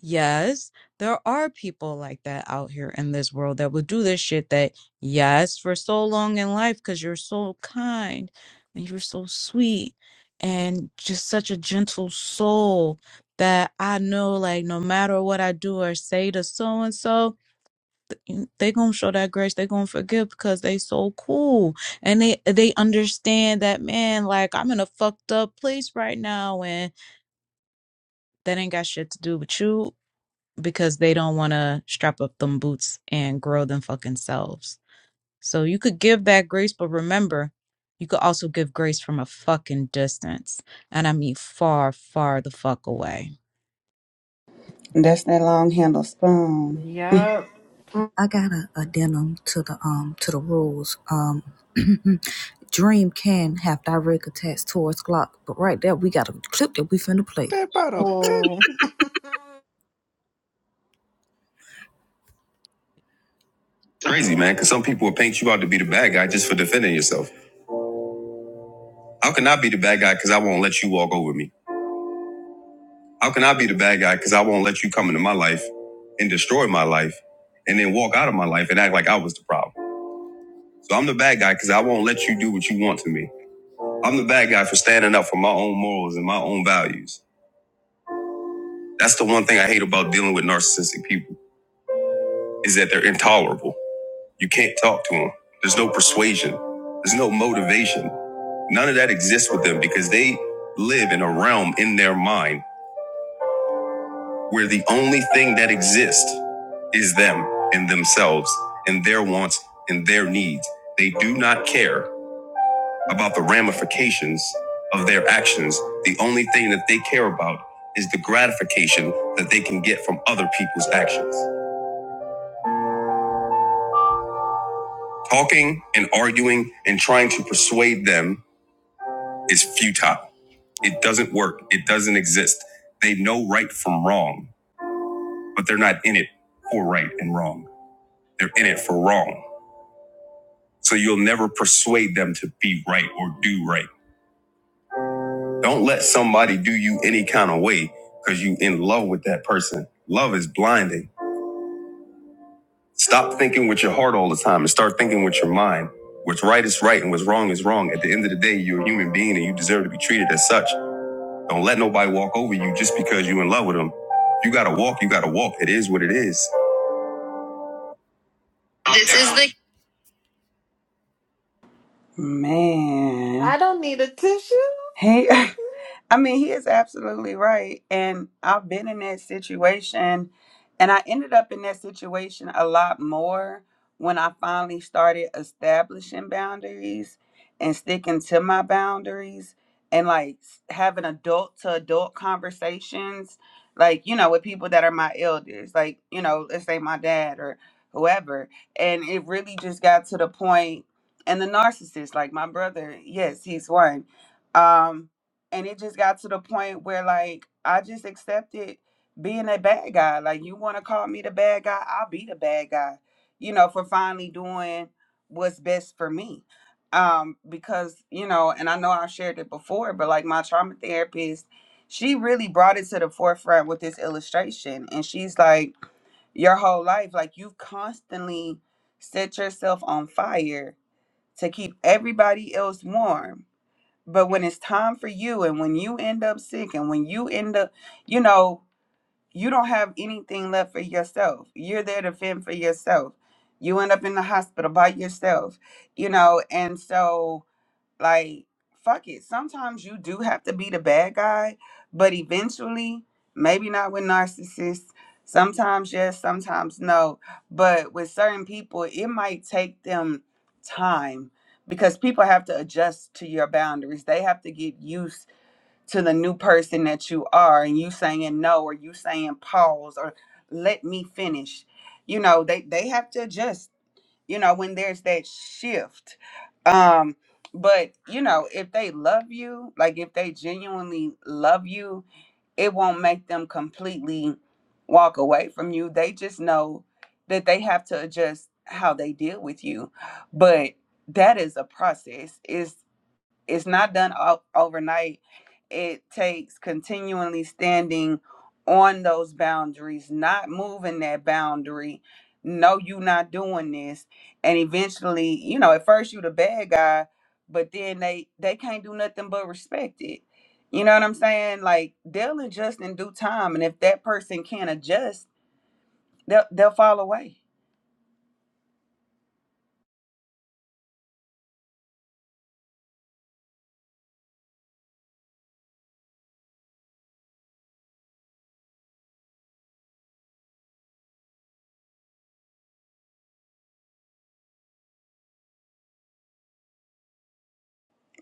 Speaker 3: yes there are people like that out here in this world that will do this shit that yes for so long in life because you're so kind and you're so sweet and just such a gentle soul that i know like no matter what i do or say to so and so they gonna show that grace they gonna forgive because they so cool and they they understand that man like i'm in a fucked up place right now and that ain't got shit to do with you because they don't want to strap up them boots and grow them fucking selves. So you could give that grace, but remember, you could also give grace from a fucking distance. And I mean far, far the fuck away.
Speaker 4: that's that long handle spoon
Speaker 9: Dream. Yep.
Speaker 2: I got a addendum to the um to the rules. Um, Dream can have direct attacks towards Glock, but right there we got a clip that we finna play.
Speaker 1: That about a bitch.
Speaker 9: Mm.
Speaker 2: Crazy man, because some people will paint you out to be the bad guy just for defending yourself. How can I be the bad guy because I won't let you walk over me? How can I be the bad guy because I won't let you come into my life and destroy my life and then walk out of my life and act like I was the problem? So I'm the bad guy because I won't let you do what you want to me. I'm the bad guy for standing up for my own morals and my own values. That's the one thing I hate about dealing with narcissistic people is that they're intolerable. You can't talk to them. There's no persuasion. There's no motivation. None of that exists with them because they live in a realm in their mind where the only thing that exists is them and themselves and their wants and their needs. They do not care. about the ramifications of their actions. The only thing that they care about is the gratification that they can get from other people's actions. Talking and arguing and trying to persuade them is futile. It doesn't work, it doesn't exist. They know right from wrong, but they're not in it for right and wrong. They're in it for wrong. So you'll never persuade them to be right or do right. Don't let somebody do you any kind of way because you in love with that person. Love is blinding. Stop thinking with your heart all the time and start thinking with your mind. What's right is right and what's wrong is wrong. At the end of the day, you're a human being and you deserve to be treated as such. Don't let nobody walk over you just because you're in love with them. You gotta walk, you gotta walk. It is what it is. This is the
Speaker 4: man
Speaker 9: I don't need a tissue.
Speaker 4: He, I mean, he is absolutely right. And I've been in that situation, and I ended up in that situation a lot more when I finally started establishing boundaries and sticking to my boundaries and like s- having adult to adult conversations, like, you know, with people that are my elders, like, you know, let's say my dad or whoever. And it really just got to the point, and the narcissist, like my brother, yes, he's one um, and it just got to the point where like I just accepted being a bad guy. Like you want to call me the bad guy, I'll be the bad guy. You know, for finally doing what's best for me. Um, because you know, and I know I've shared it before, but like my trauma therapist, she really brought it to the forefront with this illustration, and she's like, your whole life, like you've constantly set yourself on fire to keep everybody else warm but when it's time for you and when you end up sick and when you end up, you know, you don't have anything left for yourself. You're there to fend for yourself. You end up in the hospital by yourself, you know, and so like fuck it sometimes you do have to be the bad guy but eventually maybe not with narcissists sometimes yes sometimes no but with certain people it might take them time because people have to adjust to your boundaries they have to get used to the new person that you are and you saying no or you saying pause or let me finish you know they they have to adjust you know when there's that shift um but you know if they love you like if they genuinely love you it won't make them completely walk away from you they just know that they have to adjust how they deal with you but that is a process it's it's not done o- overnight it takes continually standing on those boundaries, not moving that boundary. No, you not doing this. And eventually, you know, at first you the bad guy, but then they they can't do nothing but respect it. You know what I'm saying? Like they'll adjust in due time. And if that person can't adjust, They'll they'll fall away.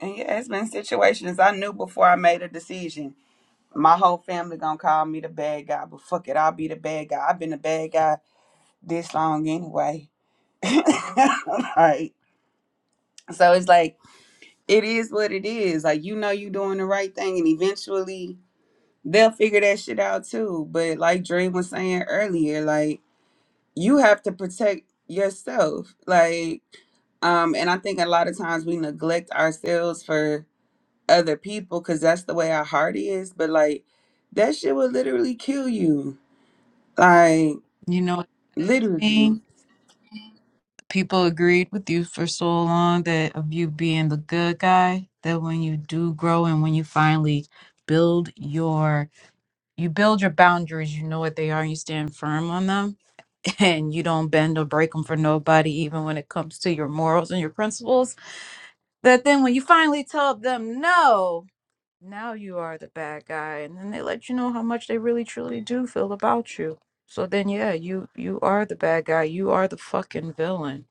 Speaker 4: And yeah, it's been situations I knew before I made a decision. My whole family gonna call me the bad guy, but fuck it, I'll be the bad guy. I've been the bad guy this long anyway. right. So it's like it is what it is. Like you know you doing the right thing and eventually they'll figure that shit out too. But like Dre was saying earlier, like you have to protect yourself. Like, um, and I think a lot of times we neglect ourselves for other people because that's the way our heart is. But like that shit will literally kill you. Like
Speaker 3: You know what that is
Speaker 4: literally.
Speaker 3: mean? People agreed with you for so long that of you being the good guy, that when you do grow and when you finally build your you build your boundaries, you know what they are, and you stand firm on them and you don't bend or break them for nobody, even when it comes to your morals and your principles, that then when you finally tell them no, now you are the bad guy, and then they let you know how much they really truly do feel about you. So then, yeah, you you are the bad guy. You are the fucking villain.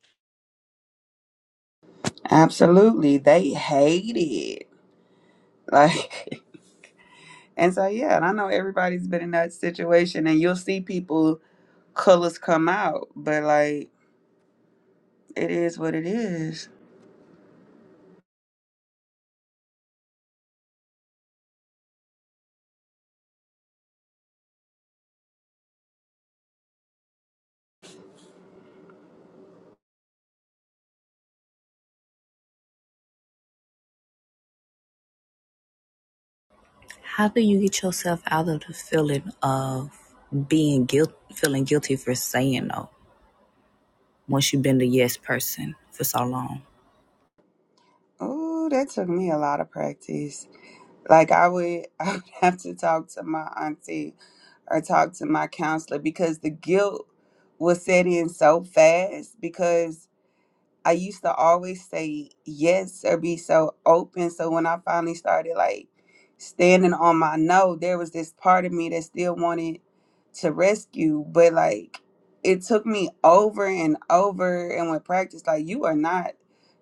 Speaker 4: Absolutely. They hate it. Like and so yeah, and I know everybody's been in that situation and you'll see people colors come out, but like it is what it is.
Speaker 2: How do you get yourself out of the feeling of being guilt, feeling guilty for saying no once you've been the yes person for so long?
Speaker 4: Oh, that took me a lot of practice. Like I would, I would have to talk to my auntie or talk to my counselor because the guilt was set in so fast because I used to always say yes or be so open. So when I finally started like standing on my no, there was this part of me that still wanted to rescue, but like it took me over and over and with practice, like you are not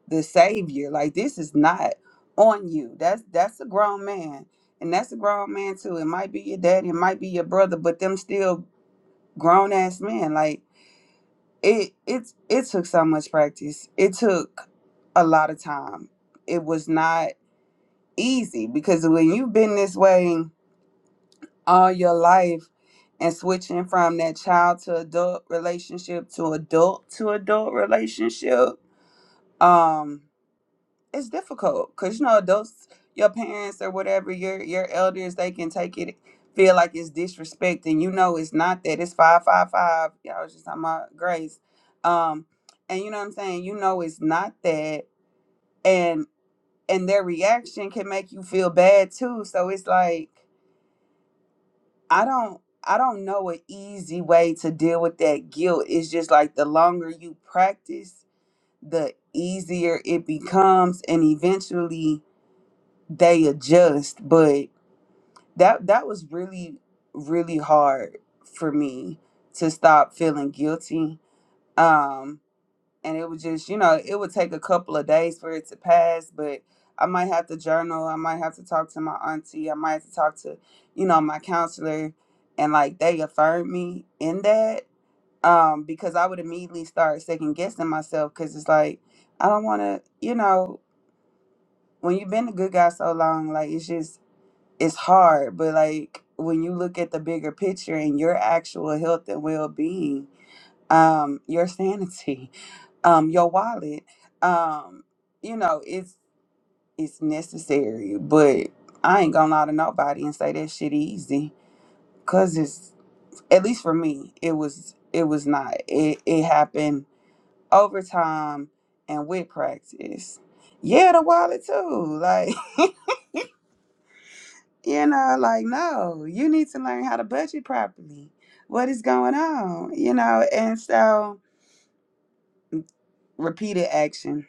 Speaker 4: the savior. Like this is not on you. That's that's a grown man. And that's a grown man too. It might be your dad, it might be your brother, but them still grown ass men. Like it it it took so much practice. It took a lot of time. It was not easy because when you've been this way all your life and switching from that child to adult relationship to adult to adult relationship, um it's difficult because you know those your parents or whatever your your elders they can take it feel like it's disrespect and you know it's not that it's five five five y'all was just talking about grace um and you know what i'm saying you know it's not that and and their reaction can make you feel bad too so it's like i don't i don't know an easy way to deal with that guilt it's just like the longer you practice the easier it becomes and eventually they adjust but that that was really really hard for me to stop feeling guilty um and it was just you know it would take a couple of days for it to pass but i might have to journal i might have to talk to my auntie i might have to talk to you know my counselor and like they affirmed me in that um because i would immediately start second guessing myself because it's like i don't want to you know when you've been a good guy so long like it's just it's hard, but like when you look at the bigger picture and your actual health and well being, um, your sanity, um, your wallet, um, you know, it's it's necessary. But I ain't gonna lie to nobody and say that shit easy, cause it's at least for me, it was it was not. It it happened over time and with practice. Yeah, the wallet too. like. You know, like, no, you need to learn how to budget properly. What is going on? You know, and so repeated action,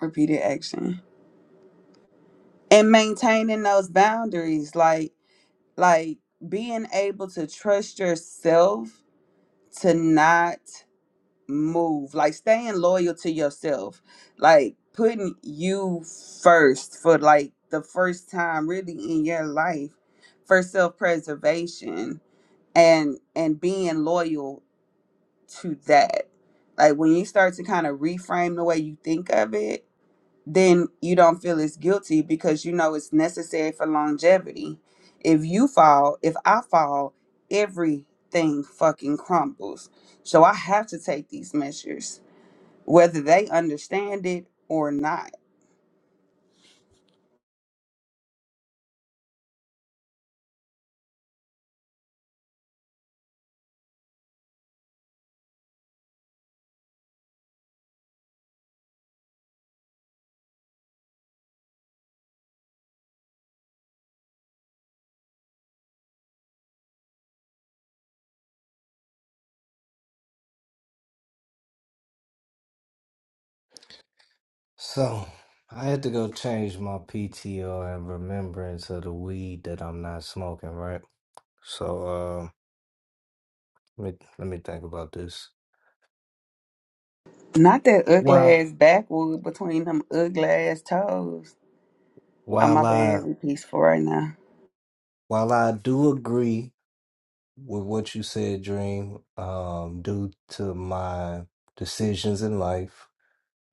Speaker 4: repeated action, and maintaining those boundaries, like, like being able to trust yourself to not move, like staying loyal to yourself, like putting you first for like the first time really in your life for self preservation and and being loyal to that like when you start to kind of reframe the way you think of it then you don't feel as guilty because you know it's necessary for longevity if you fall if i fall everything fucking crumbles so i have to take these measures whether they understand it or not
Speaker 1: So, I had to go change my PTO in remembrance of the weed that I'm not smoking, right? So, uh, let me, let me think about this.
Speaker 4: not that ugly
Speaker 1: While,
Speaker 4: ass backwood between them ugly ass toes oh
Speaker 1: while
Speaker 4: my
Speaker 1: I,
Speaker 4: bad we peaceful right now
Speaker 1: while I do agree with what you said, Dream, um, due to my decisions in life,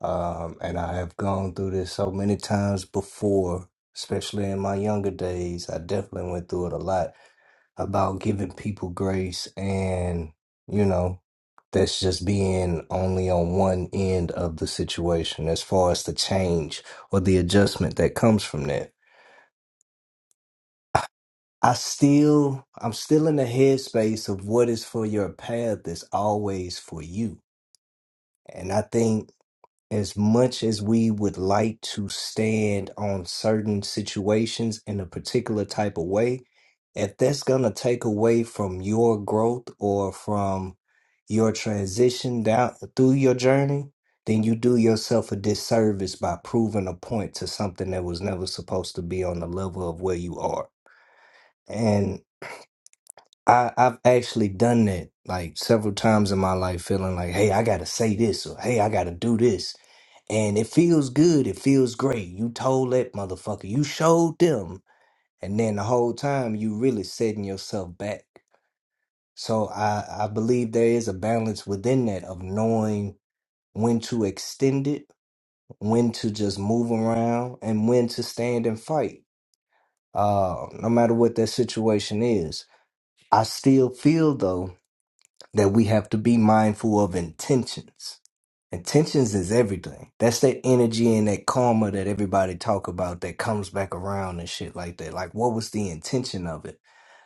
Speaker 1: Um, and I have gone through this so many times before, especially in my younger days. I definitely went through it a lot about giving people grace and, you know, that's just being only on one end of the situation as far as the change or the adjustment that comes from that. I still, I'm still in the headspace of what is for your path is always for you. And I think as much as we would like to stand on certain situations in a particular type of way, if that's going to take away from your growth or from your transition down through your journey, then you do yourself a disservice by proving a point to something that was never supposed to be on the level of where you are. I, I've actually done that like several times in my life, feeling like, hey, I gotta say this or hey, I gotta do this. And it feels good, it feels great. You told that motherfucker, you showed them, and then the whole time you really setting yourself back. So I, I believe there is a balance within that of knowing when to extend it, when to just move around, and when to stand and fight. Uh, no matter what that situation is. I still feel though that we have to be mindful of intentions. Intentions is everything. That's that energy and that karma that everybody talk about that comes back around and shit like that. Like what was the intention of it?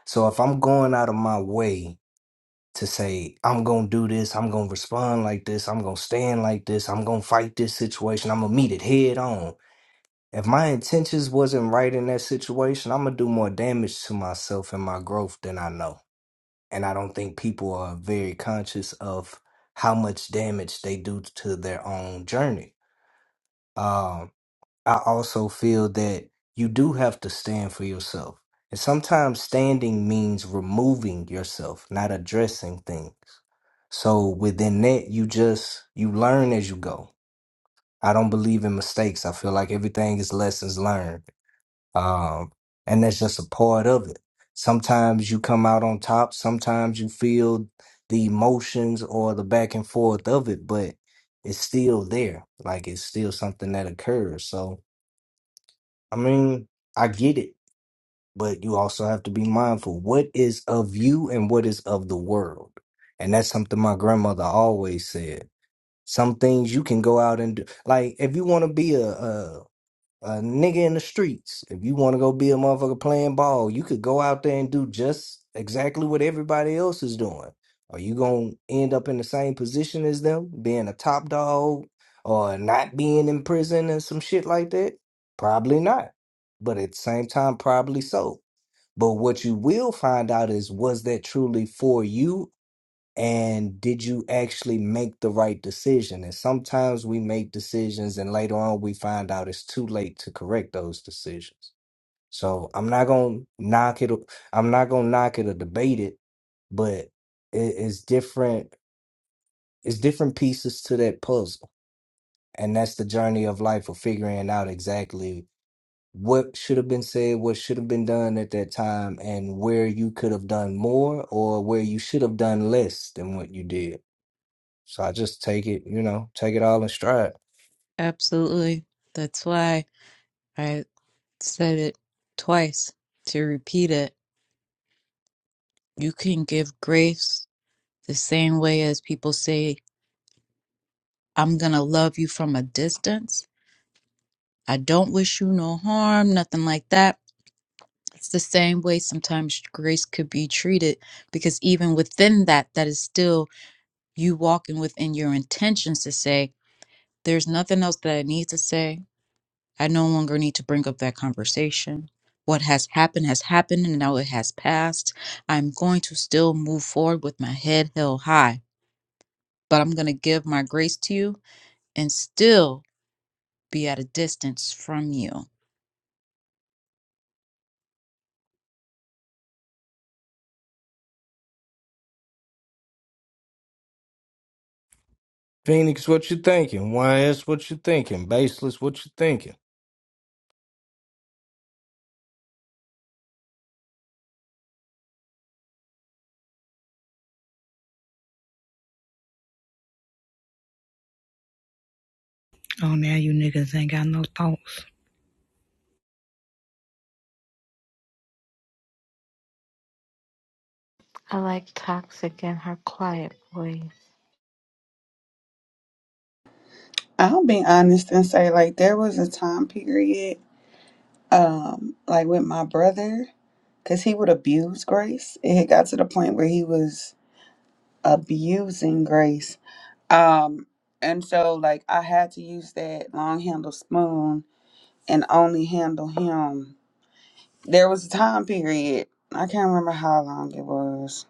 Speaker 1: So if I'm going out of my way to say I'm going to do this, I'm going to respond like this, I'm going to stand like this, I'm going to fight this situation, I'm going to meet it head on. If my intentions wasn't right in that situation, I'm going to do more damage to myself and my growth than I know and I don't think people are very conscious of how much damage they do to their own journey. Um, I also feel that you do have to stand for yourself, and sometimes standing means removing yourself, not addressing things. So within that, you just you learn as you go. I don't believe in mistakes. I feel like everything is lessons learned um, and that's just a part of it. Sometimes you come out on top, sometimes you feel the emotions or the back and forth of it, but it's still there. Like it's still something that occurs. So, I mean, I get it, but you also have to be mindful what is of you and what is of the world. And that's something my grandmother always said. Some things you can go out and do. Like, if you want to be a, a nigga in the streets. If you want to go be a motherfucker playing ball, you could go out there and do just exactly what everybody else is doing. Are you going to end up in the same position as them, being a top dog or not being in prison and some shit like that? Probably not. But at the same time, probably so. But what you will find out is was that truly for you and did you actually make the right decision? And sometimes we make decisions and later on we find out it's too late to correct those decisions. So I'm not gonna knock it. I'm not gonna knock it or debate it, but it, it's different. It's different pieces to that puzzle, and that's the journey of life of figuring out exactly what should have been said, what should have been done at that time, and where you could have done more or where you should have done less than what you did so I just take it, you know, take it all in stride.
Speaker 3: Absolutely. That's why I said it twice to repeat it. You can give grace the same way as people say, I'm going to love you from a distance. I don't wish you no harm, nothing like that. It's the same way sometimes grace could be treated because even within that, that is still you walking within your intentions to say, there's nothing else that I need to say. I no longer need to bring up that conversation. What has happened has happened and now it has passed. I'm going to still move forward with my head held high, but I'm going to give my grace to you and still be at a distance from you.
Speaker 1: Phoenix, what you thinking? YS, what you thinking? Baseless, what you thinking?
Speaker 2: Oh, now you niggas ain't got no thoughts.
Speaker 9: I like Toxic and her quiet voice.
Speaker 4: I'll be honest and say, like, there was a time period, um, like with my brother, because he would abuse Grace. It had got to the point where he was abusing Grace. Um, and so, like, I had to use that long handle spoon and only handle him. There was a time period, I can't remember how long it was.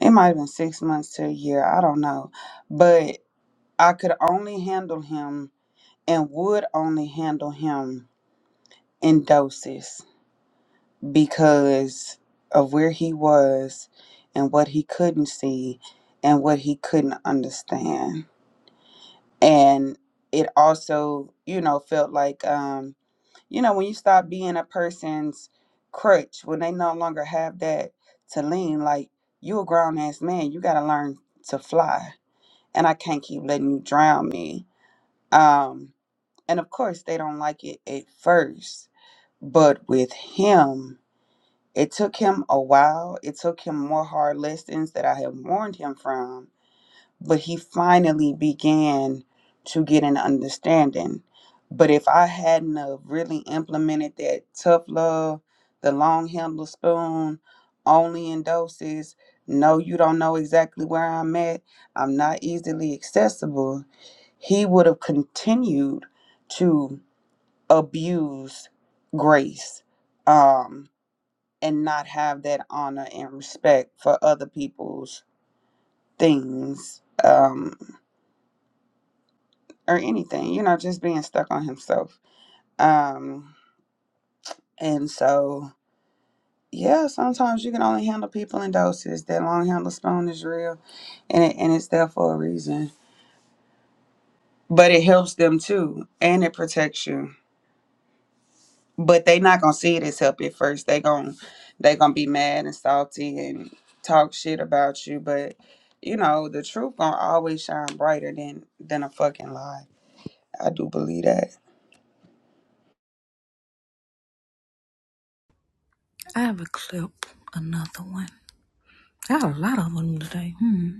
Speaker 4: It might have been six months to a year, I don't know. But I could only handle him and would only handle him in doses because of where he was and what he couldn't see and what he couldn't understand. And it also, you know, felt like, um, you know, when you stop being a person's crutch, when they no longer have that to lean, like, you a grown ass man, you got to learn to fly. And I can't keep letting you drown me. Um, and of course, they don't like it at first. But with him, It took him a while. It took him more hard lessons that I had warned him from, but he finally began to get an understanding. But if I hadn't have really implemented that tough love, the long handle spoon, only in doses, no, you don't know exactly where I'm at, I'm not easily accessible, he would have continued to abuse grace. Um, and not have that honor and respect for other people's things um or anything you know just being stuck on himself um and so yeah sometimes you can only handle people in doses that long handle spoon is real and, it, and it's there for a reason but it helps them too and it protects you but they not gonna see it as help at first. They gon' they gonna be mad and salty and talk shit about you. But you know the truth gonna always shine brighter than than a fucking lie. I do believe that.
Speaker 2: I have a clip, another one. I have a lot of them today. Hmm.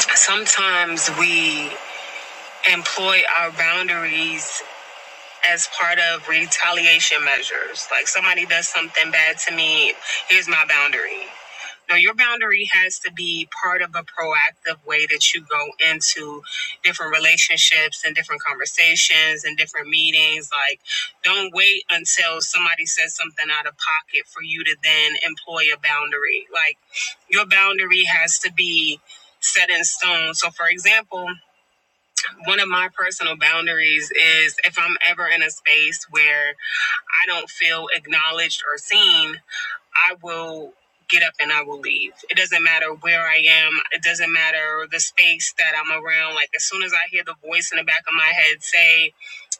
Speaker 2: Sometimes we employ our boundaries as part of retaliation measures. Like somebody does something bad to me, here's my boundary. No, your boundary has to be part of a proactive way that you go into different relationships and different conversations and different meetings. Like, don't wait until somebody says something out of pocket for you to then employ a boundary. Like, your boundary has to be set in stone. So, for example, one of my personal boundaries is if I'm ever in a space where I don't feel acknowledged or seen, I will get up and I will leave. It doesn't matter where I am, it doesn't matter the space that I'm around. Like, as soon as I hear the voice in the back of my head say,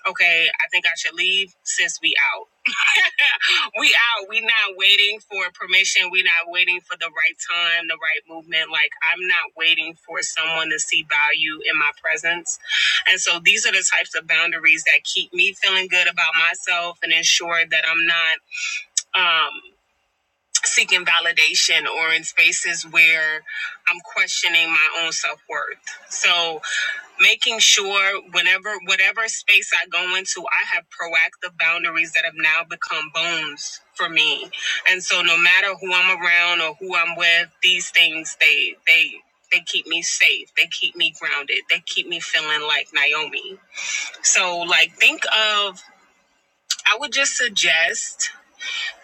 Speaker 2: okay, I think I should leave, sis, we out. we out. We not waiting for permission. We not waiting for the right time, the right movement. Like I'm not waiting for someone to see value in my presence. And so these are the types of boundaries that keep me feeling good about myself and ensure that I'm not um, seeking validation or in spaces where I'm questioning my own self worth. So, making sure whenever, whatever space I go into, I have proactive boundaries that have now become bones for me. And so, no matter who I'm around or who I'm with, these things, they, they, they keep me safe. They keep me grounded. They keep me feeling like Naomi. So, like, think of, I would just suggest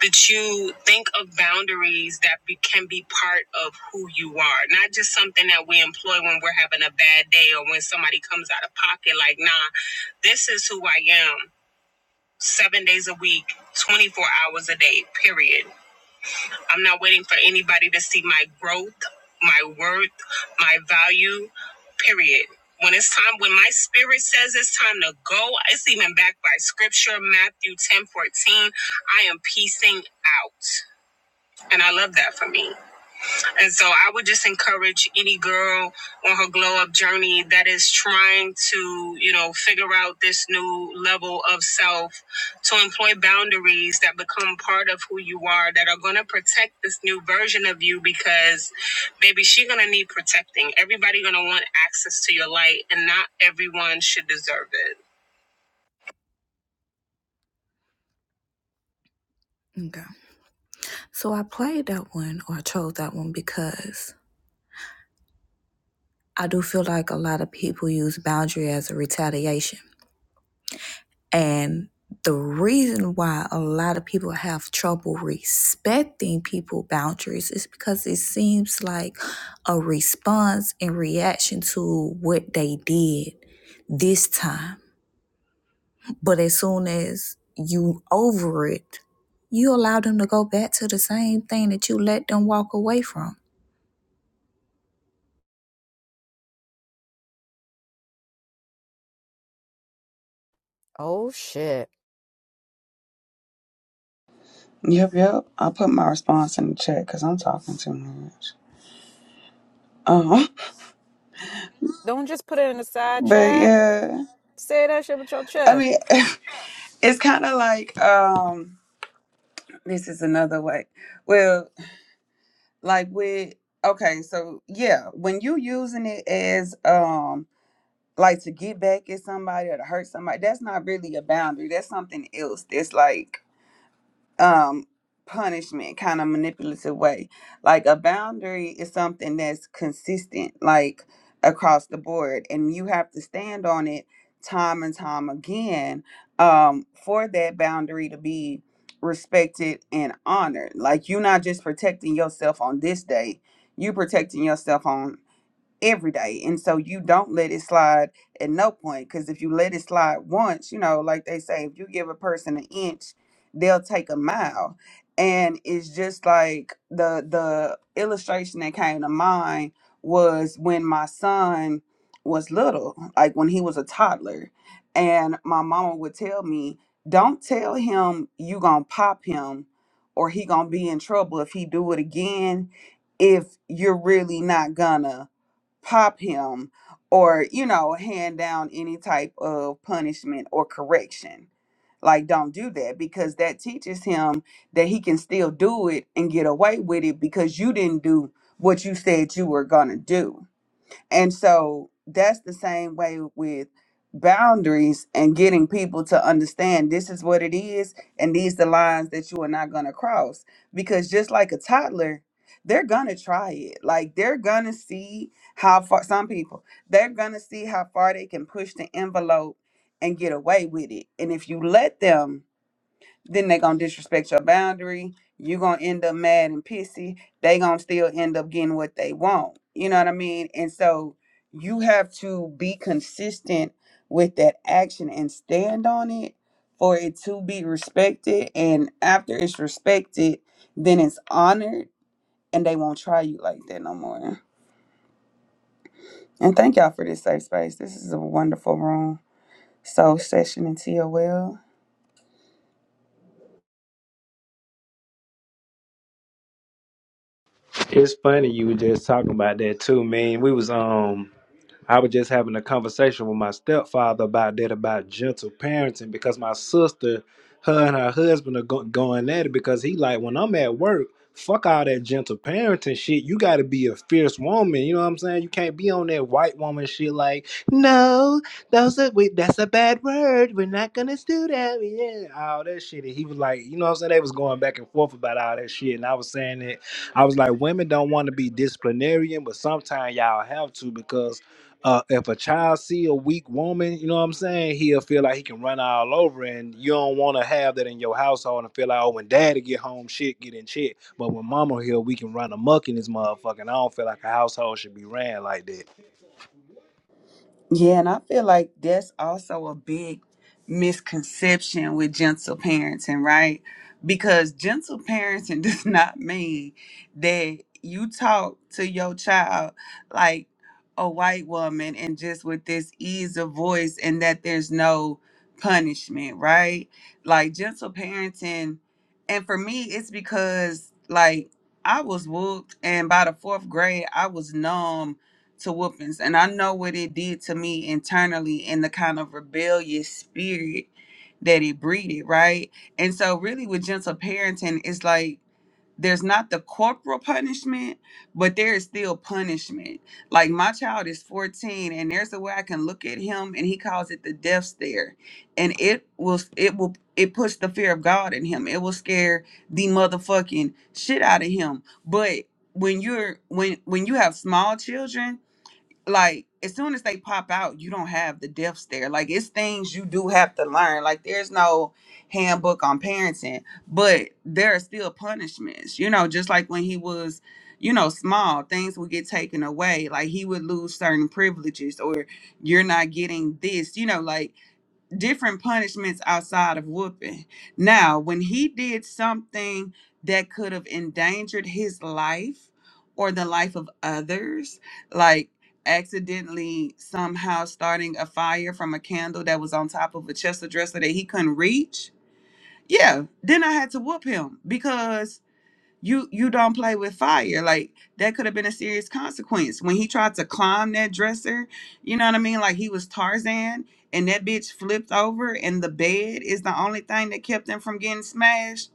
Speaker 2: that you think of boundaries that be, can be part of who you are, not just something that we employ when we're having a bad day or when somebody comes out of pocket. Like, nah, this is who I am seven days a week, 24 hours a day, period. I'm not waiting for anybody to see my growth, my worth, my value, period. When it's time, when my spirit says it's time to go, it's even backed by scripture, Matthew 10:14. I am piecing out. And I love that for me. And so I would just encourage any girl on her glow up journey that is trying to, you know, figure out this new level of self to employ boundaries that become part of who you are that are going to protect this new version of you because baby, she going to need protecting. Everybody going to want access to your light and not everyone should deserve it. Okay. So I played that one or I chose that one because I do feel like a lot of people use boundary as a retaliation. And the reason why a lot of people have trouble respecting people boundaries is because it seems like a response and reaction to what they did this time. But as soon as you over it, you allow them to go back to the same thing that you let them walk away from.
Speaker 3: Oh shit.
Speaker 4: Yep, yep. I put my response in the chat because I'm talking too much. Uh-huh.
Speaker 3: Don't just put it in the side
Speaker 4: But
Speaker 3: chat.
Speaker 4: yeah,
Speaker 3: Say that shit with your
Speaker 4: I
Speaker 3: chest.
Speaker 4: mean, it's kind of like um, this is another way. Well, like with okay, so yeah, when you using it as um like to get back at somebody or to hurt somebody that's not really a boundary that's something else that's like um punishment kind of manipulative way like a boundary is something that's consistent like across the board and you have to stand on it time and time again um for that boundary to be respected and honored like you're not just protecting yourself on this day you protecting yourself on every day. And so you don't let it slide at no point. Because if you let it slide once, you know, like they say, if you give a person an inch, they'll take a mile. And it's just like the the illustration that came to mind was when my son was little, like when he was a toddler, and my mama would tell me, "Don't tell him you gonna pop him, or he gonna be in trouble if he do it again. If you're really not gonna." pop him or you know hand down any type of punishment or correction like don't do that because that teaches him that he can still do it and get away with it because you didn't do what you said you were going to do and so that's the same way with boundaries and getting people to understand this is what it is and these the lines that you are not going to cross because just like a toddler they're going to try it like they're going to see how far some people they're going to see how far they can push the envelope and get away with it and if you let them then they gonna disrespect your boundary. you gonna end up mad and pissy. They gonna still end up getting what they want. You know what I mean? And so you have to be consistent with that action and stand on it for it to be respected. And after it's respected, then it's honored and they won't try you like that no more. And thank y'all for this safe space. This is a wonderful room. Soul session into your well.
Speaker 10: It's funny you were just talking about that too, man. We was um I was just having a conversation with my stepfather about that, about gentle parenting, because my sister, her and her husband are go- going at it because he like, when I'm at work, fuck all that gentle parenting shit. You got to be a fierce woman. You know what I'm saying? You can't be on that white woman shit like, no, those are, we, that's a bad word. We're not going to do that. Yeah, all that shit. And he was like, you know what I'm saying? They was going back and forth about all that shit. And I was saying that I was like, women don't want to be disciplinarian, but sometimes y'all have to because uh, if a child see a weak woman, you know what I'm saying, he'll feel like he can run all over, and you don't want to have that in your household and feel like, oh, when daddy get home, shit get in check. But when mama here, we can run amok in this motherfucker, and I don't feel like a household should be ran like that.
Speaker 4: Yeah, and I feel like that's also a big misconception with gentle parenting, right? Because gentle parenting does not mean that you talk to your child like a white woman and just with this ease of voice and that there's no punishment, right? Like gentle parenting, and for me, it's because like I was whooped, and by the fourth grade, I was numb to whoopings and i know what it did to me internally and the kind of rebellious spirit that it breeded right and so really with gentle parenting it's like there's not the corporal punishment but there is still punishment like my child is 14 and there's a way i can look at him and he calls it the death stare and it will it will it puts the fear of god in him it will scare the motherfucking shit out of him but when you're when when you have small children like as soon as they pop out, you don't have the death stare. Like it's things you do have to learn. Like there's no handbook on parenting, but there are still punishments. You know, just like when he was, you know, small, things would get taken away. Like he would lose certain privileges, or you're not getting this. You know, like different punishments outside of whooping. Now, when he did something that could have endangered his life or the life of others, like accidentally somehow starting a fire from a candle that was on top of a chest of dresser that he couldn't reach, yeah, then I had to whoop him because you you don't play with fire like that could have been a serious consequence when he tried to climb that dresser you know what i mean like he was tarzan and that bitch flipped over and the bed is the only thing that kept him from getting smashed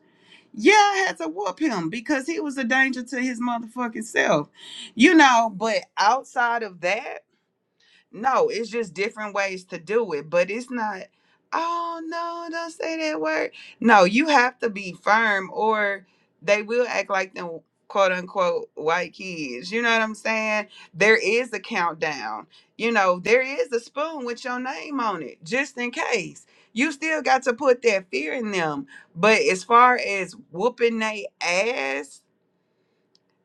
Speaker 4: yeah i had to whoop him because he was a danger to his motherfucking self you know but outside of that no, it's just different ways to do it, but it's not, oh no, don't say that word. No, you have to be firm or they will act like them quote unquote white kids. You know what I'm saying? There is a countdown. You know, there is a spoon with your name on it, just in case. You still got to put that fear in them. But as far as whooping they ass,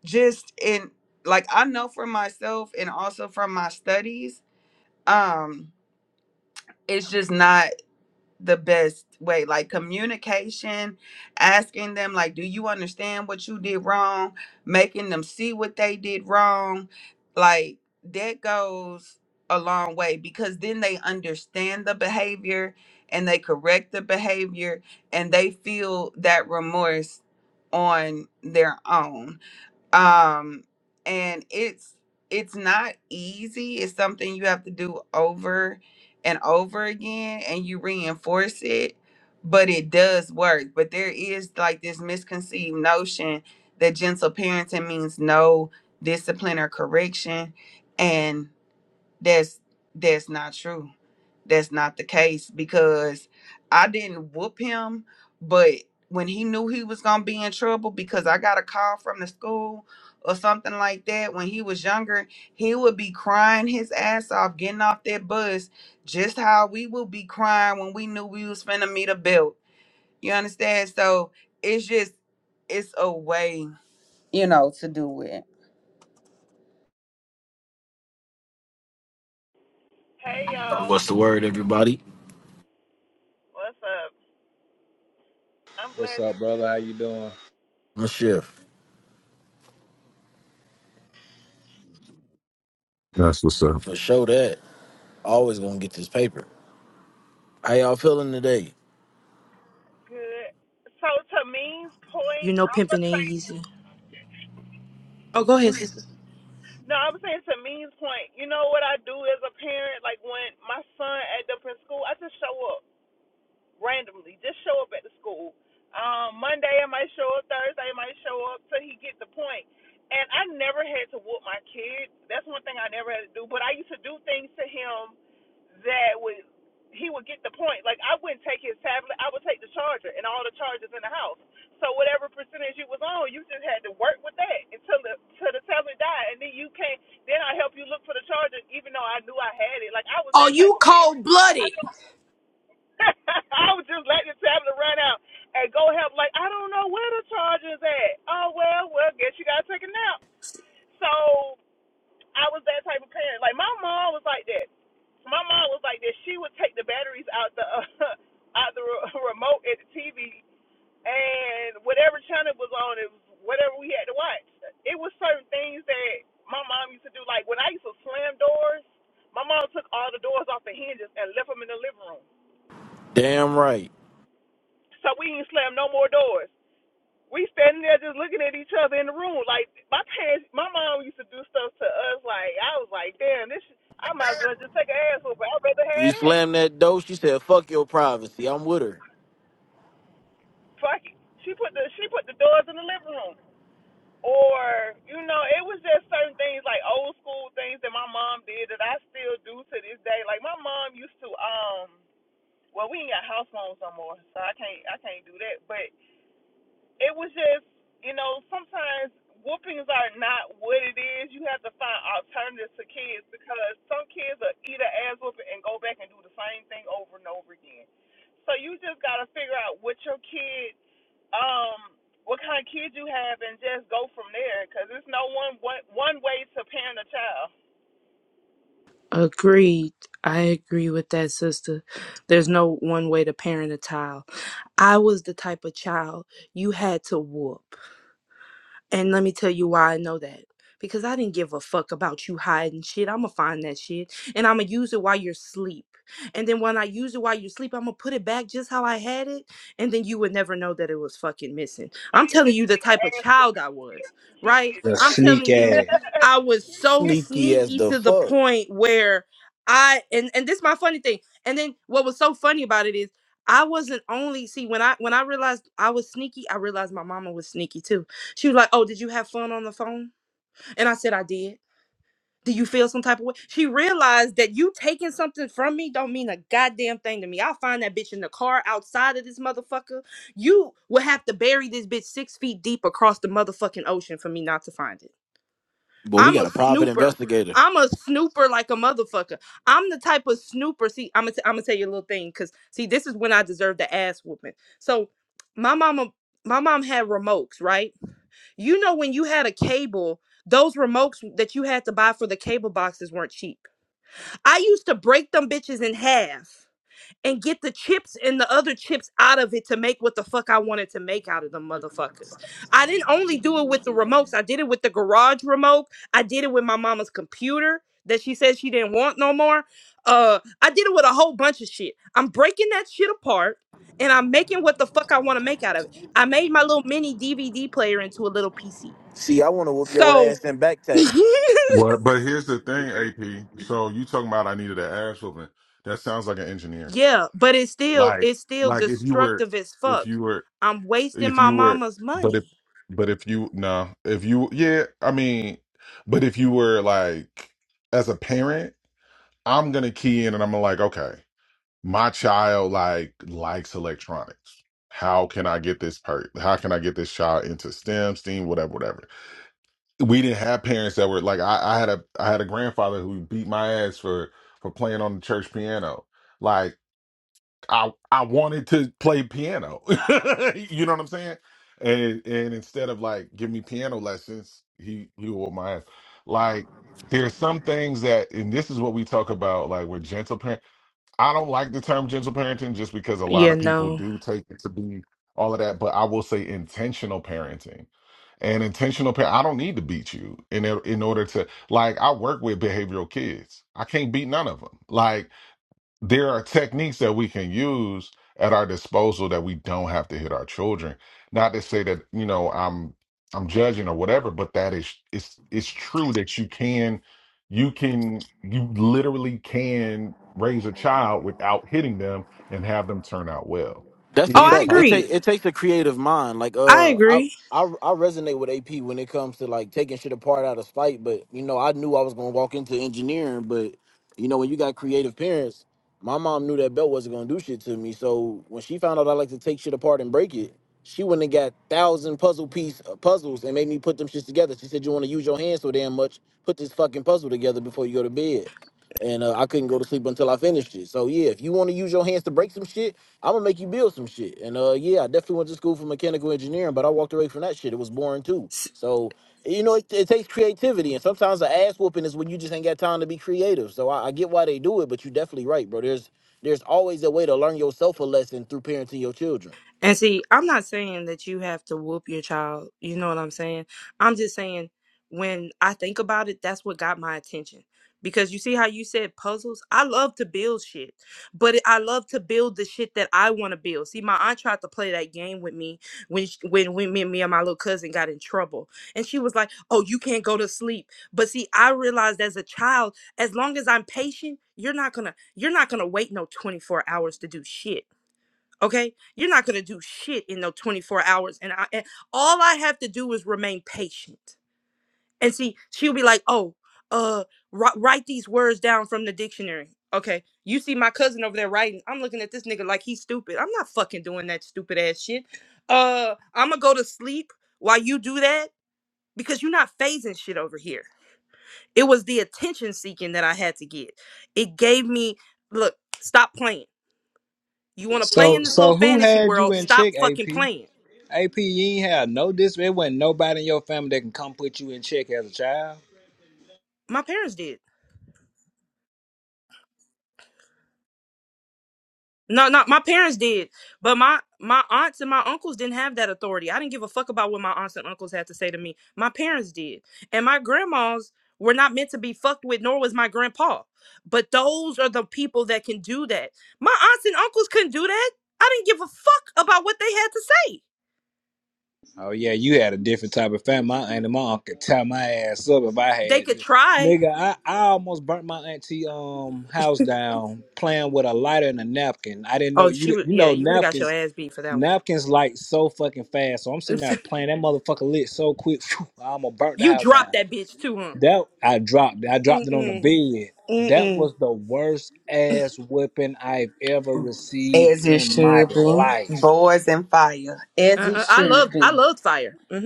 Speaker 4: just in like I know for myself and also from my studies, um it's just not the best way like communication asking them like do you understand what you did wrong making them see what they did wrong like that goes a long way because then they understand the behavior and they correct the behavior and they feel that remorse on their own um and it's it's not easy it's something you have to do over and over again and you reinforce it but it does work but there is like this misconceived notion that gentle parenting means no discipline or correction and that's that's not true. That's not the case because I didn't whoop him, but when he knew he was gonna be in trouble because I got a call from the school or something like that when he was younger, he would be crying his ass off getting off that bus, just how we would be crying when we knew we was finna meet a belt. You understand? So it's just it's a way, you know, to do it.
Speaker 11: Hey y'all,
Speaker 12: What's the word, everybody?
Speaker 11: what's up? I'm
Speaker 10: What's
Speaker 11: glad it's
Speaker 10: up, brother? How you doing?
Speaker 12: No shift.
Speaker 13: That's what's up.
Speaker 12: For sure that. Always gonna get this paper. How y'all feeling today?
Speaker 11: good. So to means
Speaker 14: You
Speaker 11: point,
Speaker 14: know
Speaker 11: I'm
Speaker 14: pimping
Speaker 11: gonna say
Speaker 14: ain't easy. Oh, go ahead, sister.
Speaker 11: no. I'm saying to means point. You know what I do as a parent? Like when my son act up in school, I just show up. randomly. Just show up at the school. Um, Monday I might show up, Thursday I might show up till he get the point. And I never had to whoop my kids. That's one thing I never had to do. But I used to do things to him that would he would get the point. Like I wouldn't take his tablet, I would take the charger and all the chargers in the house. So whatever percentage you was on, you just had to work with that until the until the tablet died, and then you can't. Then I help you look for the charger, even though I knew I had it. Like I was
Speaker 14: Oh,
Speaker 11: that type
Speaker 14: you
Speaker 11: of parent.
Speaker 14: cold blooded.
Speaker 11: I I was just letting the tablet run out and go help. Like I don't know where the charger's at. Oh well, well, guess you gotta take a nap. So I was that type of parent. Like my mom was like that. My mom was like that. She would take the batteries out the uh, out the re- remote at the TV and whatever channel was on, it was whatever we had to watch. It was certain things that my mom used to do. Like when I used to slam doors, my mom took all the doors off the hinges and left them in the living room.
Speaker 12: Damn right.
Speaker 11: So we didn't slam no more doors. we standing there just looking at each other in the room. Like my parents, my mom used to do stuff to us. Like I was like, damn, this. sh- I might as well just take her ass over. I'd rather have
Speaker 12: You
Speaker 11: that.
Speaker 12: slammed that door, she said, fuck your privacy. I'm with her.
Speaker 11: Fuck it. She put the she put the doors in the living room. Or you know, it was just certain things like old school things that my mom did that I still do to this day. Like my mom used to um. Well, we ain't got house phones no more, so I can't I can't do that. But it was just, you know, sometimes whoopings are not what it is. You have to find alternatives to kids because some kids will eat an ass whooping and go back and do the same thing over and over again. So you just gotta figure out what your kid, um, what kind of kid you have, and just go from there. Cause there's no one one, one way to parent a child.
Speaker 14: Agreed. I agree with that, sister. There's no one way to parent a child. I was the type of child you had to whoop. And let me tell you why I know that. Because I didn't give a fuck about you hiding shit. I'ma find that shit and I'ma use it while you're asleep. And then when I use it while you're asleep, I'ma put it back just how I had it. And then you would never know that it was fucking missing.
Speaker 11: Oh,
Speaker 14: I'm
Speaker 11: you
Speaker 14: telling
Speaker 11: just
Speaker 14: you the
Speaker 11: need to
Speaker 14: type of
Speaker 11: ass whooping
Speaker 14: child I was,
Speaker 11: you
Speaker 14: right?
Speaker 11: need.
Speaker 10: The
Speaker 14: I'm
Speaker 10: sneak
Speaker 14: telling you,
Speaker 10: ass.
Speaker 14: I was so
Speaker 12: Sneaky as
Speaker 14: sneaky
Speaker 12: the
Speaker 14: to the
Speaker 12: fuck.
Speaker 14: point where I and and this is my funny thing. And then what was so funny about it is I wasn't only see when I when I realized I was sneaky, I realized my mama was sneaky too she was like, Oh, did you have fun on the phone? And I said, I did. Do you feel some type of way? She realized that you taking something from me don't mean a goddamn thing to me. I'll find that bitch in the car outside of this motherfucker. You will have to bury this bitch six feet deep across the motherfucking ocean for me not to find it.
Speaker 12: But we
Speaker 14: I'm
Speaker 12: got
Speaker 14: a
Speaker 12: a private
Speaker 14: snooper.
Speaker 12: investigator.
Speaker 14: I'm a snooper like a motherfucker. I'm the type of snooper. See, I'm gonna t- I'm gonna tell you a little thing, cause see, this is when I deserve the ass whooping. So, my mama, my mom had remotes, right? You know, when you had a cable, those remotes that you had to buy for the cable boxes weren't cheap. I used to break them bitches in half and get the chips and the other chips out of it to make what the fuck I wanted to make out of them motherfuckers. I didn't only do it with the remotes, I did it with the garage remote, I did it with my mama's computer that she said she didn't want no more. Uh, I did it with a whole bunch of shit. I'm breaking that shit apart and I'm making what the fuck I want to make out of it. I made my little mini DVD player into a little PC.
Speaker 12: See, I wanna whoop your
Speaker 14: So
Speaker 12: ass in back taxes.
Speaker 13: Well, but here's the thing, AP. So you talking about I needed an ass whooping? That sounds like an engineer.
Speaker 14: yeah, but it's still
Speaker 13: Like,
Speaker 14: it's still
Speaker 13: like if you were,
Speaker 14: destructive as
Speaker 13: if
Speaker 14: fuck.
Speaker 13: you were,
Speaker 14: I'm wasting
Speaker 13: if
Speaker 14: my
Speaker 13: you were,
Speaker 14: mama's
Speaker 13: but if,
Speaker 14: money.
Speaker 13: but if you no, if you yeah, I mean, but if you were like as a parent, I'm gonna key in and I'm like, okay, my child like likes electronics. How can I get this part? How can I get this child into STEM, STEAM, whatever, whatever? we didn't have parents that were like I, I had a I had a grandfather who beat my ass for for playing on the church piano. Like I I wanted to play piano. you know what I'm saying? And and instead of like give me piano lessons, he he wore my ass. Like there's some things that and this is what we talk about like we're gentle parents I don't like the term gentle parenting just because a lot
Speaker 14: Yeah,
Speaker 13: of people
Speaker 14: no.
Speaker 13: do take it to be all of that, but I will say intentional parenting. And intentional parent, I don't need to beat you in or- in order to like I work with behavioral kids. I can't beat none of them. Like there are techniques that we can use at our disposal that we don't have to hit our children. Not to say that, you know, I'm I'm judging or whatever, but that is it's it's true that you can you can you literally can raise a child without hitting them and have them turn out well.
Speaker 12: That's a
Speaker 13: It
Speaker 14: Oh, I
Speaker 13: is
Speaker 12: fact. It
Speaker 13: possible.
Speaker 14: agree.
Speaker 12: take it takes a creative mind. Like
Speaker 14: I
Speaker 12: uh, I
Speaker 14: agree.
Speaker 12: I I resonate with AP when it comes to like taking shit apart out of spite. But you know, I knew I was gonna walk into engineering. But you know, when you got creative parents, my mom knew that belt wasn't gonna do shit to me. So when she found out I like to take shit apart and break it, she went and got thousand puzzle piece uh, puzzles and made me put them shits together. She said, "You want to use your hands so damn much? Put this fucking puzzle together before you go to bed." and uh, I couldn't go to sleep until I finished it. So yeah, if you want to use your hands to break some shit, I'm gonna make you build some shit. And uh, yeah, I definitely went to school for mechanical engineering, but I walked away from that shit. It was boring too. So you know, it, it takes creativity, and sometimes the ass whooping is when you just ain't got time to be creative. So I, I get why they do it, but you're definitely right, bro. There's there's always a way to learn yourself a lesson through parenting your children.
Speaker 14: And see, I'm not saying that you have to whoop your child. You know what I'm saying? I'm just saying when I think about it, that's what got my attention. Because you see how you said puzzles? I love to build shit, but it- I love to build the shit that I want to build. See, my aunt tried to play that game with me when sh when when me, and me and my little cousin got in trouble, and she was like, "Oh, you can't go to sleep." But see, I realized as a child, as long as I'm patient, you're not gonna you're not gonna wait no 24 hours to do shit Okay, you're not gonna do shit in no 24 hours, and I and all I have to do is remain patient. And see, she'll be like, "Oh, uh, wri- write these words down from the dictionary." Okay, you see my cousin over there writing. I'm looking at this nigga like he's stupid. I'm not fucking doing that stupid ass shit. Uh, I'm gonna go to sleep while you do that because you're not phasing shit over here. It was the attention seeking that I had to get. It gave me look. Stop playing. You want to play
Speaker 10: So,
Speaker 14: in this little
Speaker 10: so who
Speaker 14: fantasy
Speaker 10: had you
Speaker 14: world?
Speaker 10: in
Speaker 14: Stop
Speaker 10: check,
Speaker 14: fucking
Speaker 10: AP?
Speaker 14: playing.
Speaker 10: AP, you ain't had no dis. It wasn't nobody in your family that can come put you in check as a child.
Speaker 14: My parents did. No, no, my parents did. But my my aunts and my uncles didn't have that authority. I didn't give a fuck about what my aunts and uncles had to say to me. My parents did. And my grandmas were not meant to be fucked with, nor was my grandpa. But those are the people that can do that. My aunts and uncles couldn't do that. I didn't give a fuck about what they had to say.
Speaker 10: Oh yeah, you had a different type of family. My aunt and my uncle tie my ass up if I
Speaker 14: They could
Speaker 10: had
Speaker 14: try.
Speaker 10: nigga, I, I almost burnt my auntie um house down playing with a lighter and a napkin. I didn't know
Speaker 14: Oh, she
Speaker 10: you
Speaker 14: would.
Speaker 10: you
Speaker 14: Yeah,
Speaker 10: know
Speaker 14: you would have got your
Speaker 10: napkins
Speaker 14: ass beat for that one.
Speaker 10: napkins light so fucking fast. So I'm sitting there playing that motherfucker lit so quick. phew, I almost burnt the
Speaker 14: you
Speaker 10: house
Speaker 14: dropped
Speaker 10: down.
Speaker 14: that bitch too, huh?
Speaker 10: That I dropped it. I
Speaker 14: Mm
Speaker 10: dropped it on the
Speaker 14: mm
Speaker 10: bed.
Speaker 14: mm
Speaker 10: That
Speaker 14: mm.
Speaker 10: was the worst ass whipping I've ever received
Speaker 4: As it
Speaker 10: in my
Speaker 4: should be.
Speaker 10: life. bro.
Speaker 4: Boys and fire. As it
Speaker 14: Uh-uh. I
Speaker 4: should
Speaker 14: loved I
Speaker 4: be.
Speaker 14: loved fire. Mm-hmm.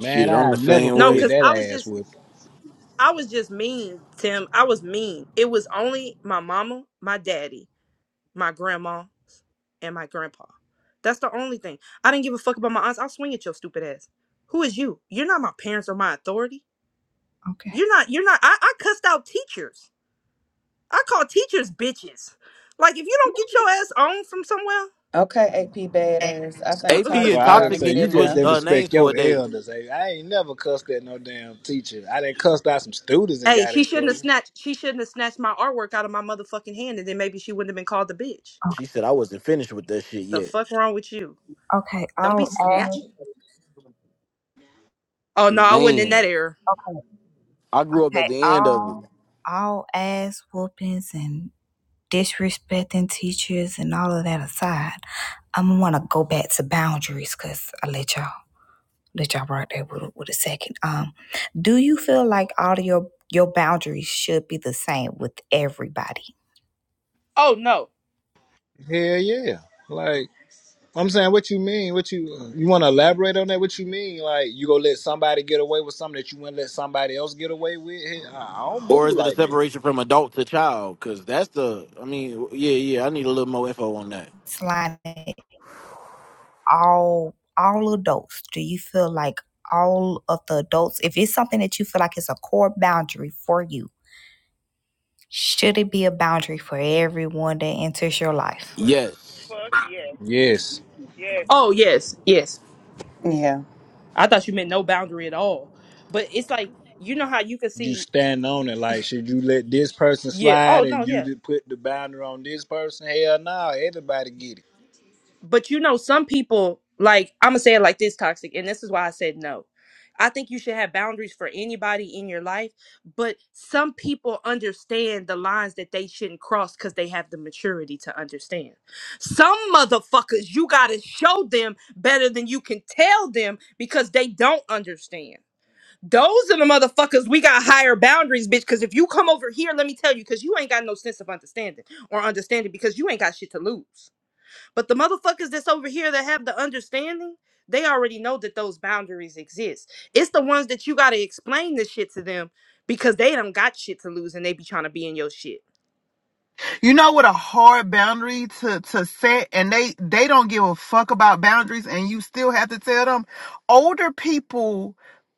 Speaker 10: Man,
Speaker 12: I'm
Speaker 10: I
Speaker 12: the
Speaker 10: never
Speaker 12: same
Speaker 14: No,
Speaker 10: forget
Speaker 14: because
Speaker 12: way.
Speaker 14: I
Speaker 10: that
Speaker 14: was
Speaker 10: ass
Speaker 14: just
Speaker 10: whipping.
Speaker 14: I was just mean, Tim. I was mean. It was only my mama, my daddy, my grandma, and my grandpa. That's the only thing. I didn't give a fuck about my aunts. I'll swing at your stupid ass. Who is you? You're not my parents or my authority.
Speaker 2: Okay.
Speaker 14: You're not, you're not, I, I cussed out teachers. I call teachers bitches. Like if you don't get your ass on from somewhere,
Speaker 4: Okay, AP badass. I think
Speaker 12: AP
Speaker 14: uh-uh.
Speaker 10: So
Speaker 12: and
Speaker 4: Toxic
Speaker 10: I
Speaker 4: trying
Speaker 10: didn't
Speaker 4: to
Speaker 12: Toxic
Speaker 10: say
Speaker 4: get
Speaker 12: need to
Speaker 10: you
Speaker 4: in
Speaker 10: just
Speaker 12: switch
Speaker 4: there.
Speaker 10: didn't
Speaker 12: uh, names
Speaker 10: respect
Speaker 12: for a
Speaker 10: your
Speaker 12: day.
Speaker 10: elders. Hey, I ain't never cussed at no damn teacher. I didn't cuss out some students and
Speaker 14: hey,
Speaker 10: got
Speaker 14: she
Speaker 10: in
Speaker 14: shouldn't
Speaker 10: trouble.
Speaker 14: have snatched, she shouldn't have snatched my artwork out of my motherfucking hand and then maybe she wouldn't have been called a bitch.
Speaker 12: She said I wasn't finished with that shit
Speaker 14: The
Speaker 12: yet.
Speaker 14: fuck wrong with you?
Speaker 2: Okay.
Speaker 14: Don't be
Speaker 2: I'll
Speaker 14: snatching. Oh no, I wasn't in
Speaker 12: Man,
Speaker 14: that era.
Speaker 12: I grew up at
Speaker 2: pay
Speaker 12: the end of it.
Speaker 2: all all ass whoopings and disrespecting teachers and all of that aside, I'm gonna wanna go back to boundaries because I let y'all let y'all right there with, with a second. Um, do you feel like all of your your boundaries should be the same with everybody?
Speaker 14: Oh no.
Speaker 10: Hell yeah. Like I'm saying, what you mean? What you you want to elaborate on that? What you mean? Like you gonna let somebody get away with something that you wouldn't let somebody else get away with? Hell, I I don't
Speaker 12: Or
Speaker 10: move
Speaker 12: is it a
Speaker 10: like that.
Speaker 12: separation from adult to child? Because that's the, I mean, yeah, yeah, I need a little more info on that.
Speaker 2: It's like all all adults. Do you feel like all of the adults, if it's something that you feel like is a core boundary for you, should it be a boundary for everyone that enters your life?
Speaker 12: Yes.
Speaker 11: Fuck yeah,
Speaker 10: Yes,
Speaker 11: yeah.
Speaker 14: Oh yes, yes.
Speaker 4: Yeah.
Speaker 14: I thought you meant no boundary at all. But it's like you know how you can
Speaker 10: you
Speaker 14: see.
Speaker 10: stand on it. Like should you let this person
Speaker 14: Yeah. Oh
Speaker 10: slide
Speaker 14: no.
Speaker 10: and
Speaker 14: Yeah.
Speaker 10: you just put the boundary on this person? Hell no, everybody get it.
Speaker 14: but you know some people like i'm gonna say it like this toxic and this is why i said no i think you should have boundaries for anybody in your life but some people understand the lines that they shouldn't cross because they have the maturity to understand some motherfuckers you gotta show them better than you can tell them because they don't understand those are the motherfuckers we got higher boundaries, bitch. Because if you come over here, let me tell you, because you ain't got no sense of understanding or understanding because you ain't got shit to lose. But the motherfuckers that's over here that have the understanding, they already know that those boundaries exist. It's the ones that you gotta explain this shit to them because they don't got shit to lose and they be trying to be in your shit.
Speaker 11: You know what a hard boundary to to set and they they don't give a fuck about boundaries and you still have to tell them older people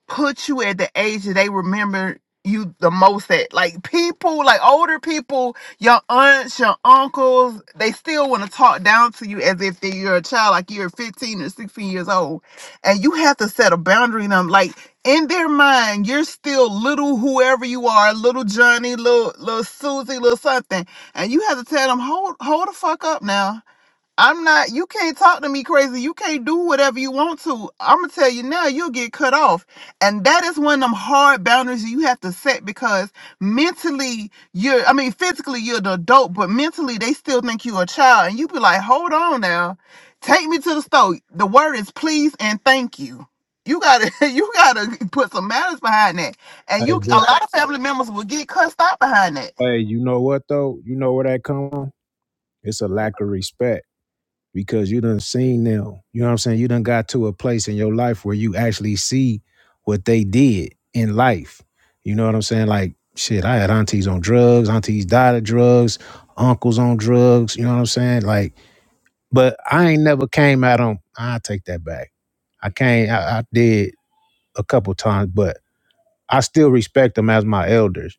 Speaker 11: put you at the age that they remember you the most at like people like older people your aunts your uncles they still want to talk down to you as if they- you're a child like you're 15 or 16 years old and you have to set a boundary in them like in their mind you're still little whoever you are little johnny little little susie little something and you have to tell them, hold, hold the fuck up now. I'm not, you can't talk to me crazy. You can't do whatever you want to. I'm going to tell you now, you'll get cut off. And that is one of them hard boundaries you have to set because mentally, you're, I mean, physically, you're an adult, but mentally, they still think you're a child. And you be like, hold on now. Take me to the store. The word is please and thank you. You gotta, you gotta put some manners behind that, and
Speaker 15: Hey,
Speaker 11: you a
Speaker 15: but
Speaker 11: lot of family members will get cussed out behind that.
Speaker 15: hey, you know what though? You know where that come from? It's a lack
Speaker 11: Ok.
Speaker 15: of respect because you done seen them. You know what I'm saying? You done got to a place in your life where you actually see what they did in life. You know what I'm saying? Like shit, I had aunties on drugs, aunties died of drugs, uncles on drugs. You know what I'm saying? Like, but I ain't never came out on. I take that back. I came. I, I did a couple times, but I still respect them as my elders.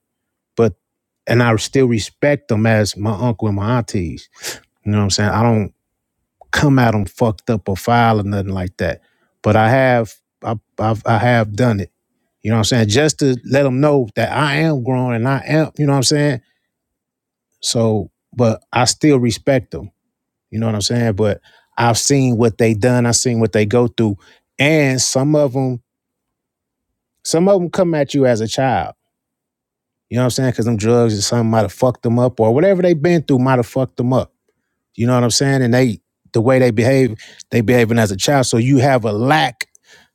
Speaker 15: but and I still respect them as my uncle and my aunties. You know what I'm saying? I don't come at them fucked up or foul or nothing like that. But I have I I've, I have done it. You know what I'm saying? Just to let them know that I am grown and I am. You know what I'm saying? So, but I still respect them. You know what I'm saying? But I've seen what they done. I've seen what they go through, and some of them some of them come at you as a child. You know what I'm saying? Because them drugs or something might have fucked them up or whatever they been through might have fucked them up. You know what I'm saying? And they the way they behave, they behaving as a child. So you have a lack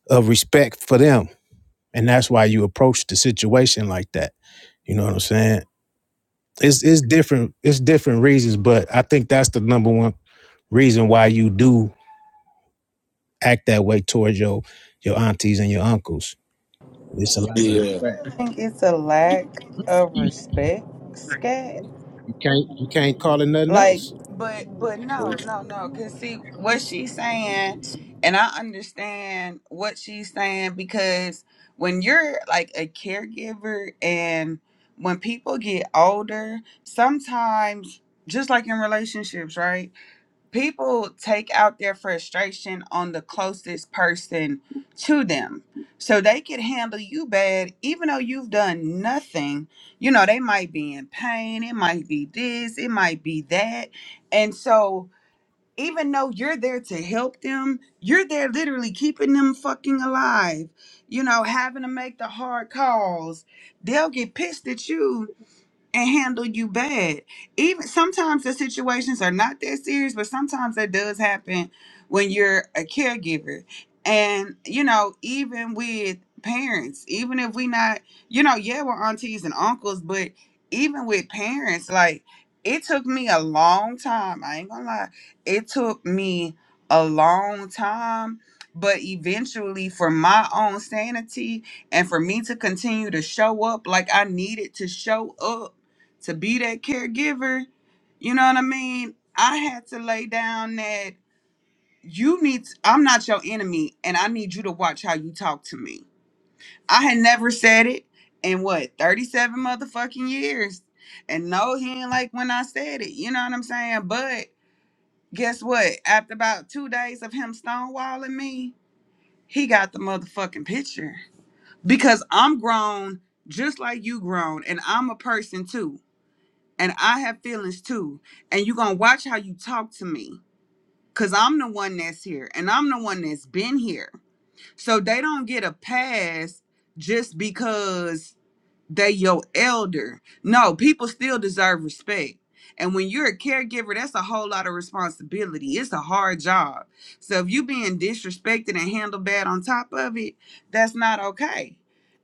Speaker 15: of respect for them. And that's why you approach the situation like that. You know what I'm saying? It's it's different, it's different reasons, but I think that's the number one reason why you do act that way towards your your aunties and your uncles. It's a lack of
Speaker 12: Yeah.
Speaker 15: respect.
Speaker 4: I think it's a lack of respect, scat.
Speaker 15: You can't you can't call it nothing
Speaker 4: Like,
Speaker 15: else.
Speaker 4: but but no, no, no. Cause see what she's saying, and I understand what she's saying because when you're like a caregiver and when people get older, sometimes just like in relationships, right? people take out their frustration on the closest person to them. So they could handle you bad, even though you've done nothing. You know, they might be in pain, it might be this, it might be that. And so, even though you're there to help them, you're there literally keeping them fucking alive, you know, having to make the hard calls. They'll get pissed at you and handle you bad. Even sometimes the situations are not that serious, but sometimes that does happen when you're a caregiver. And you know, even with parents, even if we not, you know, yeah, we're aunties and uncles, but even with parents, like it took me a long time. I ain't gonna lie, it took me a long time. But eventually, for my own sanity and for me to continue to show up like I needed to show up to be that caregiver, you know what I mean? I had to lay down that you need, I'm not your enemy, and I need you to watch how you talk to me. I had never said it in what, 37 motherfucking years. And no, he ain't like when I said it, you know what I'm saying? But guess what? After about two days of him stonewalling me, he got the motherfucking picture because I'm grown just like you grown, and I'm a person too. and I have feelings too. And you're gonna watch how you talk to me. Cause I'm the one that's here and I'm the one that's been here. So they don't get a pass just because they your elder. No, people still deserve respect. And when you're a caregiver, that's a whole lot of responsibility. It's a hard job. So if you being disrespected and handled bad on top of it, that's not okay.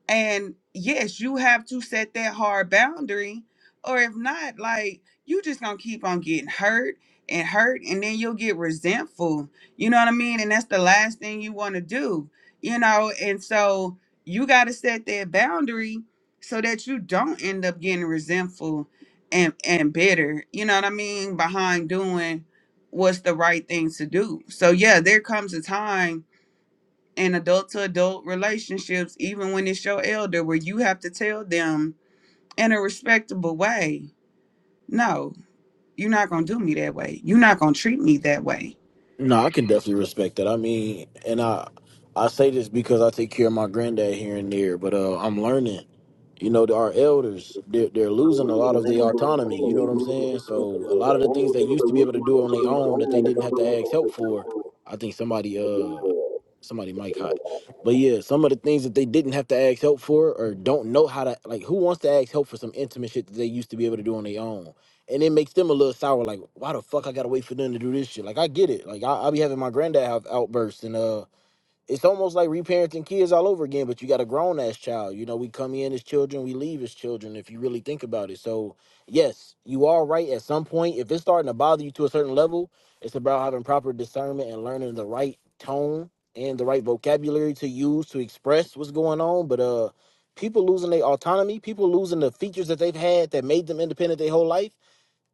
Speaker 4: And yes, you have to set that hard boundary. Or if not, like you just gonna keep on getting hurt and hurt, and then you'll get resentful. You know what I mean? And that's the last thing you wanna do, you know. And so you gotta set that boundary so that you don't end up getting resentful and and bitter you know what i mean behind doing what's the right thing to do so yeah there comes a time in adult to adult relationships even when it's your elder where you have to tell them in a respectable way no you're not gonna do me that way you're not gonna treat me that way
Speaker 12: No, I can definitely respect that. I mean, and I I say this because I take care of my granddad here and there, but uh, I'm learning. You know, our elders they're, they're losing a lot of their autonomy. You know what I'm saying? So a lot of the things they used to be able to do on their own that they didn't have to ask help for, I think somebody uh somebody might hot. But yeah, some of the things that they didn't have to ask help for or don't know how to like who wants to ask help for some intimate shit that they used to be able to do on their own and it makes them a little sour. Like, why the fuck I gotta wait for them to do this shit? Like, I get it. Like, I, I be having my granddad have outbursts, and uh, it's almost like reparenting kids all over again. But you got a grown ass child. You know, we come in as children, we leave as children. If you really think about it, so yes, you are right. At some point, if it's starting to bother you to a certain level, it's about having proper discernment and learning the right tone and the right vocabulary to use to express what's going on. But uh, people losing their autonomy, people losing the features that they've had that made them independent their whole life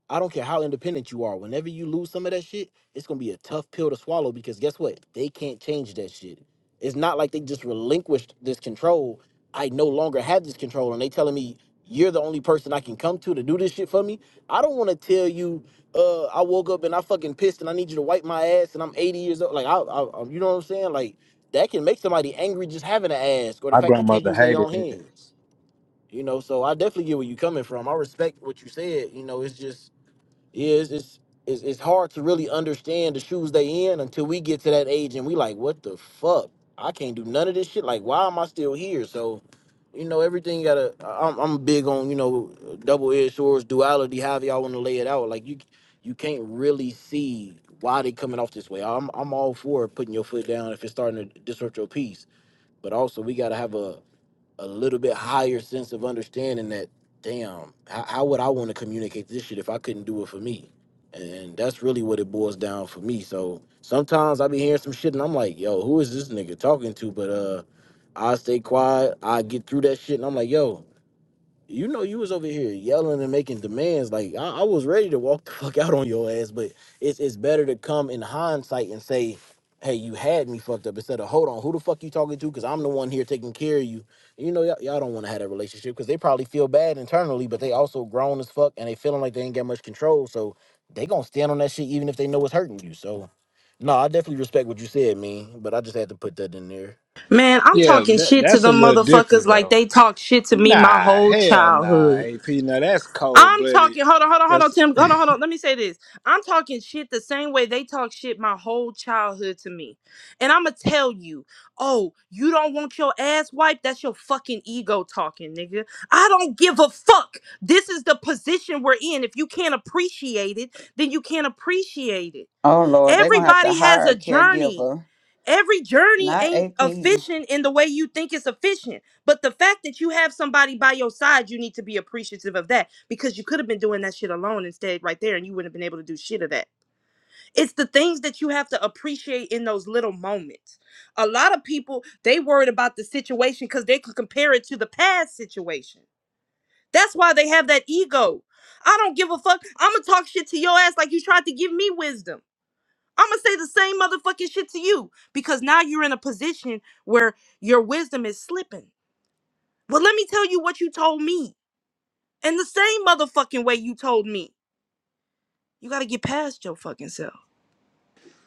Speaker 12: I don't care how independent you are. Whenever you lose some of that shit, it's gonna be a tough pill to swallow because guess what? They can't change that shit. It's not like they just relinquished this control. I no longer have this control, and they telling me you're the only person I can come to to do this shit for me. I don't want to tell you. Uh, I woke up and I fucking pissed, and I need you to wipe my ass, and I'm 80 years old. Like I, I, I you know what I'm saying? Like that can make somebody angry just having to ask, or the
Speaker 10: My
Speaker 12: fact they can't
Speaker 10: grandmother
Speaker 12: use their
Speaker 10: hated
Speaker 12: own
Speaker 10: that.
Speaker 12: hands. You know, so I definitely get where you coming from. I respect what you said. You know, it's just is it's it's it's hard to really understand the shoes they in until we get to that age and we like, what the fuck? I can't do none of this shit. Like, why am I still here? So, you know, everything you gotta. I- I'm, I'm big on you know, double edged swords, duality, however y'all want to lay it out. Like you, you can't really see why they coming off this way. I'm I'm all for putting your foot down if it's starting to disrupt your peace, but also we gotta have a a little bit higher sense of understanding that damn how, how would i want to communicate this shit if i couldn't do it for me and that's really what it boils down for me so sometimes i be hearing some shit and i'm like yo who is this nigga talking to but uh i stay quiet i get through that shit and i'm like yo you know you was over here yelling and making demands like I, I was ready to walk the fuck out on your ass but it's it's better to come in hindsight and say hey you had me fucked up instead of hold on who the fuck you talking to because i'm the one here taking care of you you know y'all, y'all don't want to have that relationship because they probably feel bad internally but they also grown as fuck and they feeling like they ain't got much control so they gonna stand on that shit even if they know it's hurting you so no i definitely respect what you said man but i just had to put that in there
Speaker 14: Man, I'm
Speaker 10: Yeah,
Speaker 14: talking
Speaker 10: that,
Speaker 14: shit to
Speaker 10: that's a
Speaker 14: them
Speaker 10: little
Speaker 14: motherfuckers
Speaker 10: different
Speaker 14: like
Speaker 10: though.
Speaker 14: they talk shit to me my
Speaker 10: Nah,
Speaker 14: whole
Speaker 10: hell nah,
Speaker 14: childhood.
Speaker 10: AP. Now that's cold
Speaker 14: I'm
Speaker 10: blooded.
Speaker 14: talking. Hold on, hold on, hold on,
Speaker 10: Yes,
Speaker 14: Tim. Hold on, hold on. Let me say this. I'm talking shit the same way they talk shit my whole childhood to me. And I'm going to tell you, oh, you don't want your ass wiped? That's your fucking ego talking, nigga. I don't give a fuck. This is the position we're in. If you can't appreciate it, then you can't appreciate it.
Speaker 4: Oh Lord, they're gonna have to
Speaker 14: Everybody has
Speaker 4: hire
Speaker 14: a
Speaker 4: a
Speaker 14: journey.
Speaker 4: caregiver,
Speaker 14: Every journey
Speaker 4: not
Speaker 14: ain't
Speaker 4: AP.
Speaker 14: efficient in the way you think it's efficient. But the fact that you have somebody by your side, you need to be appreciative of that because you could have been doing that shit alone instead, right there, and you wouldn't have been able to do shit of that. It's the things that you have to appreciate in those little moments. A lot of people, they worried about the situation because they could compare it to the past situation. That's why they have that ego. I don't give a fuck. I'm going to talk shit to your ass like you tried to give me wisdom. I'm gonna say the same motherfucking shit to you because now you're in a position where your wisdom is slipping. Well, let me tell you what you told me in the same motherfucking way you told me. You gotta get past your fucking self.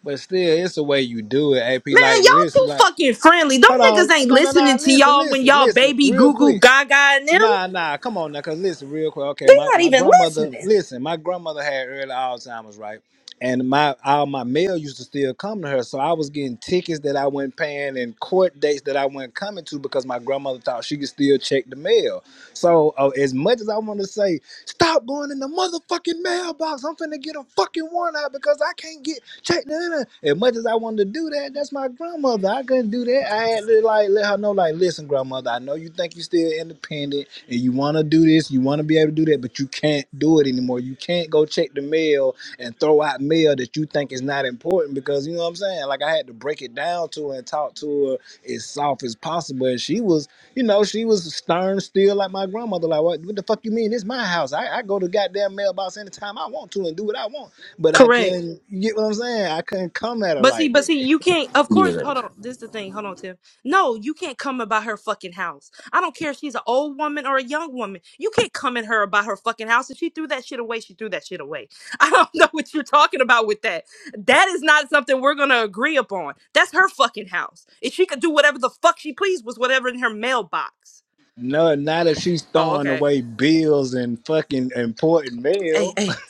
Speaker 10: but still, it's the way you do it, AP.
Speaker 14: Man,
Speaker 10: Like,
Speaker 14: y'all
Speaker 10: listen,
Speaker 14: too
Speaker 10: like,
Speaker 14: fucking friendly. Them
Speaker 10: hold
Speaker 14: niggas
Speaker 10: on,
Speaker 14: ain't
Speaker 10: no, no, no,
Speaker 14: listening to
Speaker 10: listen,
Speaker 14: y'all when
Speaker 10: listen,
Speaker 14: y'all
Speaker 10: listen,
Speaker 14: baby
Speaker 10: real
Speaker 14: goo goo
Speaker 10: quick.
Speaker 14: gaga and them.
Speaker 10: Nah, nah, come on now, cause listen, real quick. Okay,
Speaker 14: They
Speaker 10: my,
Speaker 14: not
Speaker 10: my
Speaker 14: even
Speaker 10: grandmother,
Speaker 14: listening.
Speaker 10: listen, my grandmother had early Alzheimer's, right? And my all my mail used to still come to her, so I was getting tickets that I wasn't paying and court dates that I wasn't coming to because my grandmother thought she could still check the mail. So uh, as much as I want to say, stop going in the motherfucking mailbox. I'm finna get a fucking warrant out because I can't get checked in. As much as I wanted to do that, that's my grandmother. I couldn't do that. I had to like let her know, like, listen, grandmother, I know you think you're still independent and you want to do this, you want to be able to do that, but you can't do it anymore. You can't go check the mail and throw out mail that you think is not important because you know what I'm saying. Like I had to break it down to her and talk to her as soft as possible, and she was, you know, she was stern still like my grandmother. Like what, what the fuck you mean? This my house. I, I go to goddamn mailbox anytime I want to and do what I want. But I
Speaker 14: Correct.
Speaker 10: couldn't. You get what I'm saying? I couldn't come at her
Speaker 14: But see,
Speaker 10: like
Speaker 14: but
Speaker 10: that.
Speaker 14: see, you can't. Of course,
Speaker 12: Yeah,
Speaker 14: hold on. This is the thing. Hold on, Tim. No, you can't come about her fucking house. I don't care if she's an old woman or a young woman. You can't come at her about her fucking house. If she threw that shit away, she threw that shit away. I don't know what you're talking about with that. That is not something we're gonna agree upon. That's her fucking house. If she could do whatever the fuck she pleased with whatever in her mailbox.
Speaker 10: No, not if she's
Speaker 14: Oh,
Speaker 10: throwing
Speaker 14: okay.
Speaker 10: away bills and fucking important
Speaker 14: Hey,
Speaker 10: mail.
Speaker 14: hey,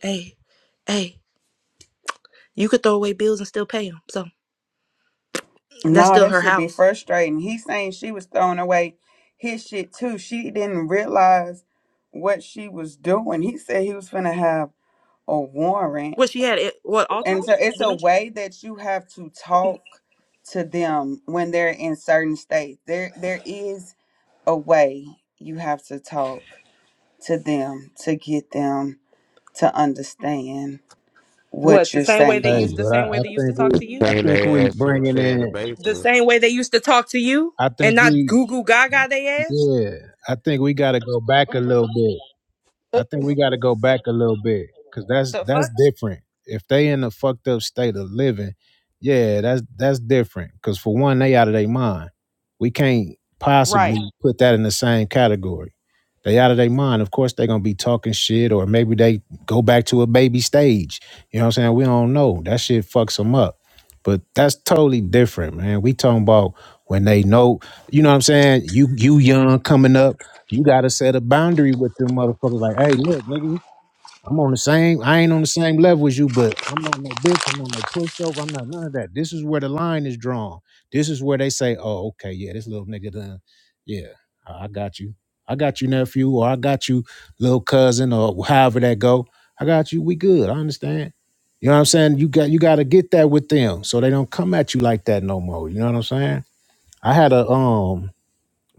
Speaker 14: hey, hey. You could throw away bills and still pay them. So that's
Speaker 4: No,
Speaker 14: still
Speaker 4: that
Speaker 14: her
Speaker 4: should be
Speaker 14: house.
Speaker 4: frustrating. He's saying she was throwing away his shit too. She didn't realize what she was doing. He said he was finna have a warrant.
Speaker 14: What she had? It, what
Speaker 4: And so
Speaker 14: Alzheimer's,
Speaker 4: it's a
Speaker 14: dementia?
Speaker 4: way that you have to talk to them when they're in certain states. There there is a way you have to talk to them to get them to understand
Speaker 14: What
Speaker 4: what
Speaker 14: the
Speaker 4: you're
Speaker 14: same way they
Speaker 15: Hey,
Speaker 14: used
Speaker 4: saying.
Speaker 14: the
Speaker 15: but I,
Speaker 14: same way
Speaker 15: I
Speaker 14: they used to
Speaker 15: think
Speaker 14: talk to
Speaker 15: we
Speaker 14: you?
Speaker 15: I
Speaker 16: Chain
Speaker 15: think we
Speaker 16: their ass to a
Speaker 15: bringing
Speaker 16: chair in the
Speaker 15: in
Speaker 14: The
Speaker 16: basement.
Speaker 14: same way they used to talk to you,
Speaker 15: I think
Speaker 14: and not
Speaker 15: we
Speaker 14: goo goo gaga they ass.
Speaker 15: yeah I think we got to go back a little bit.
Speaker 14: Uh,
Speaker 15: I think we got to go back a little bit because that's
Speaker 14: the
Speaker 15: that's
Speaker 14: fuck?
Speaker 15: different. If they in a fucked up state of living, yeah, that's that's different. Because for one, they out of their mind. We can't possibly
Speaker 14: Right.
Speaker 15: put that in the same category. They out of their mind. Of course, they gonna be talking shit, or maybe they go back to a baby stage. You know what I'm saying? We don't know. That shit fucks them up. But that's totally different, man. We talking about when they know, you know what I'm saying? You you young coming up you gotta set a boundary with them motherfuckers. Like, hey, look, nigga, I'm on the same. I ain't on the same level as you, but I'm not no bitch. I'm not no pushover. I'm not none of that. This is where the line is drawn. This is where they say, oh, okay, yeah, this little nigga done. Yeah, I I got you. I got you, nephew, or I got you, little cousin, or however that go. I got you. We good. I understand. You know what I'm saying? You got you got to get that with them, so they don't come at you like that no more. You know what I'm saying? I had a um,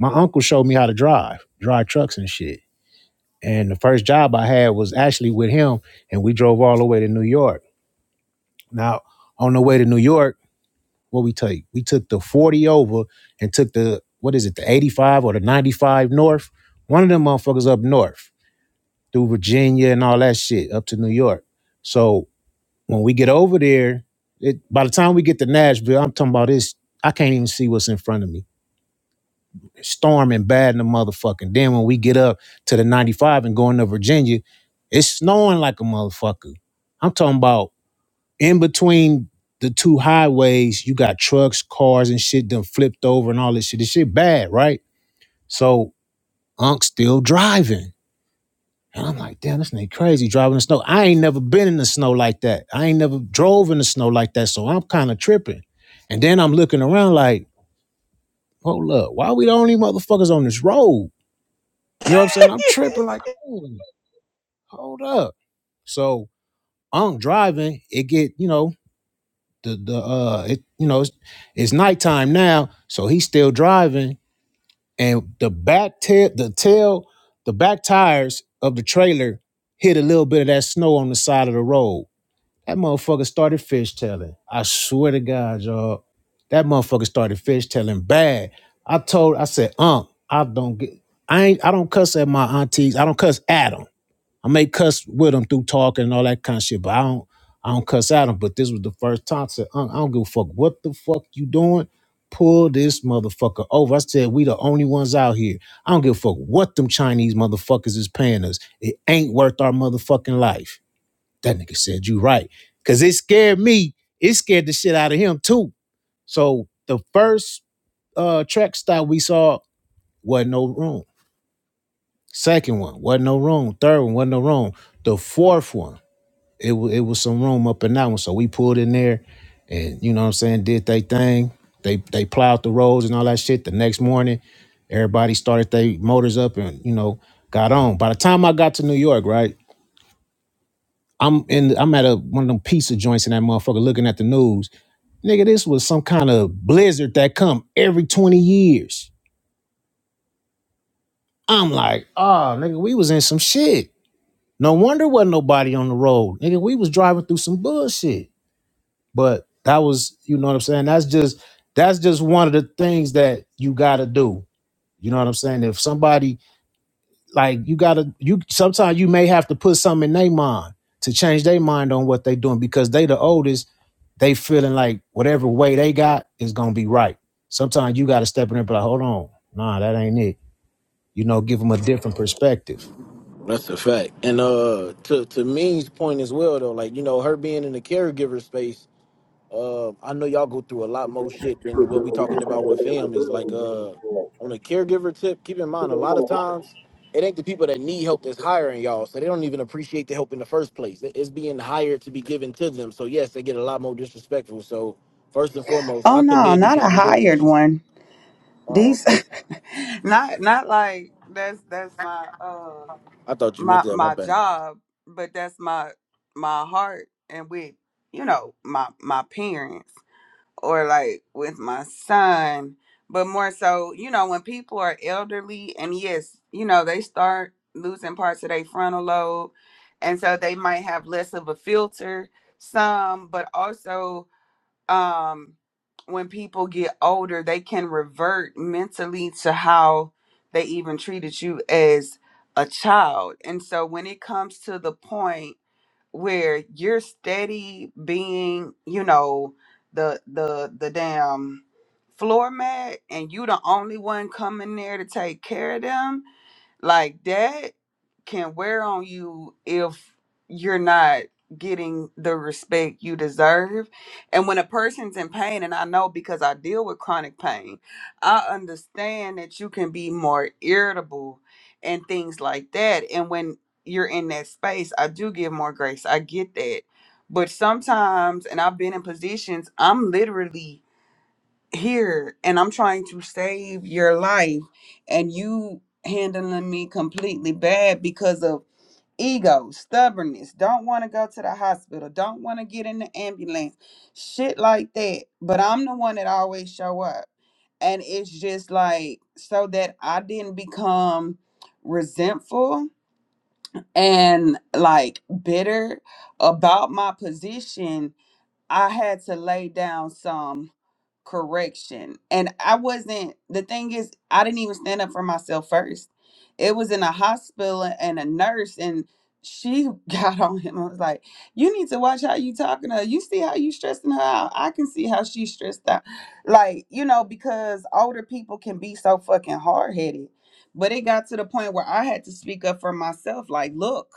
Speaker 15: my uncle showed me how to drive, drive trucks and shit. And the first job I had was actually with him, and we drove all the way to New York. Now, on the way to New York, what we take? We took the 40 over and took the, what is it, the 85 or the 95 north? One of them motherfuckers up north through Virginia and all that shit up to New York. So when we get over there, it, by the time we get to Nashville, I'm talking about this, I can't even see what's in front of me storming bad in the motherfucking. Then when we get up to the 95 and going to Virginia, it's snowing like a motherfucker. I'm talking about in between the two highways, you got trucks, cars, and shit done flipped over and all this shit. This shit bad, right? So Unc still driving. And I'm like, damn, this nigga crazy driving in the snow. I ain't never been in the snow like that. I ain't never drove in the snow like that. So I'm kind of tripping. And then I'm looking around like, hold up, why we the only motherfuckers on this road? You know what I'm saying? I'm tripping like, "Ooh, hold up. So I'm driving. It get, you know, the the uh it you know, it's, it's nighttime now, so he's still driving and the back tail the tail the back tires of the trailer hit a little bit of that snow on the side of the road. That motherfucker started fishtailing. I swear to God, y'all. That motherfucker started fishtailing bad. I told I said, "Um, I don't get I ain't I don't cuss at my aunties. I don't cuss at 'em. I may cuss with them through talking and all that kind of shit, but I don't I don't cuss at them. But this was the first time I said, "Unc, I don't give a fuck what the fuck you doing. Pull this motherfucker over. I said, we the only ones out here. I don't give a fuck what them Chinese motherfuckers is paying us. It ain't worth our motherfucking life. That nigga said, you right. Cause it scared me. It scared the shit out of him too. So the first uh track stop we saw wasn't no room. Second one wasn't no room. Third one wasn't no room. The fourth one it was it was some room up in that one. So we pulled in there and you know what I'm saying, did they thing. They they plowed the roads and all that shit. The next morning, everybody started their motors up and, you know, got on. By the time I got to New York, right? I'm in I'm at a one of them pizza joints in that motherfucker looking at the news. Nigga, this was some kind of blizzard that come every 20 years. I'm like, oh nigga, we was in some shit. No wonder wasn't nobody on the road. Nigga, we was driving through some bullshit. But that was, you know what I'm saying? That's just that's just one of the things that you gotta do. You know what I'm saying? If somebody like you gotta you sometimes you may have to put something in their mind to change their mind on what they doing because they the oldest, they feeling like whatever way they got is gonna be right. Sometimes you gotta step in and be like, hold on, nah, that ain't it. You know, give them a different perspective.
Speaker 12: That's a fact. And uh to to Ming's point as well though, like, you know, her being in the caregiver space, uh, I know y'all go through a lot more shit than what we talking about with families. Like uh on a caregiver tip, keep in mind a lot of times it ain't the people that need help that's hiring y'all, so they don't even appreciate the help in the first place. It- It's being hired to be given to them. So yes, they get a lot more disrespectful. So first and foremost,
Speaker 4: Oh
Speaker 12: I
Speaker 4: no,
Speaker 12: commend you
Speaker 4: not
Speaker 12: for
Speaker 4: a
Speaker 12: even doing
Speaker 4: hired
Speaker 12: this.
Speaker 4: one.
Speaker 12: Oh,
Speaker 4: These
Speaker 12: okay.
Speaker 4: not not like that's that's my uh
Speaker 12: I thought you meant
Speaker 4: my
Speaker 12: that. My
Speaker 4: my
Speaker 12: bad.
Speaker 4: job but that's my my heart and with you know my my parents or like with my son but more so you know when people are elderly and yes you know they start losing parts of their frontal lobe and so they might have less of a filter some but also um when people get older they can revert mentally to how they even treated you as a child and so when it comes to the point where you're steady being you know the the the damn floor mat and you the only one coming there to take care of them like that can wear on you if you're not getting the respect you deserve. And when a person's in pain, and I know because I deal with chronic pain, I understand that you can be more irritable and things like that. And when you're in that space, I do give more grace. I get that. But sometimes, and I've been in positions, I'm literally here and I'm trying to save your life, and you handling me completely bad because of ego, stubbornness, don't want to go to the hospital, don't want to get in the ambulance, shit like that. But I'm the one that always show up. And it's just like so that I didn't become resentful and like bitter about my position, I had to lay down some correction. And I wasn't, the thing is, I didn't even stand up for myself first. It was in a hospital and a nurse, and she got on him. I was like, You need to watch how you talking to her. You see how you stressing her out. I can see how she's stressed out. Like, you know, because older people can be so fucking hard headed. But it got to the point where I had to speak up for myself. Like, look,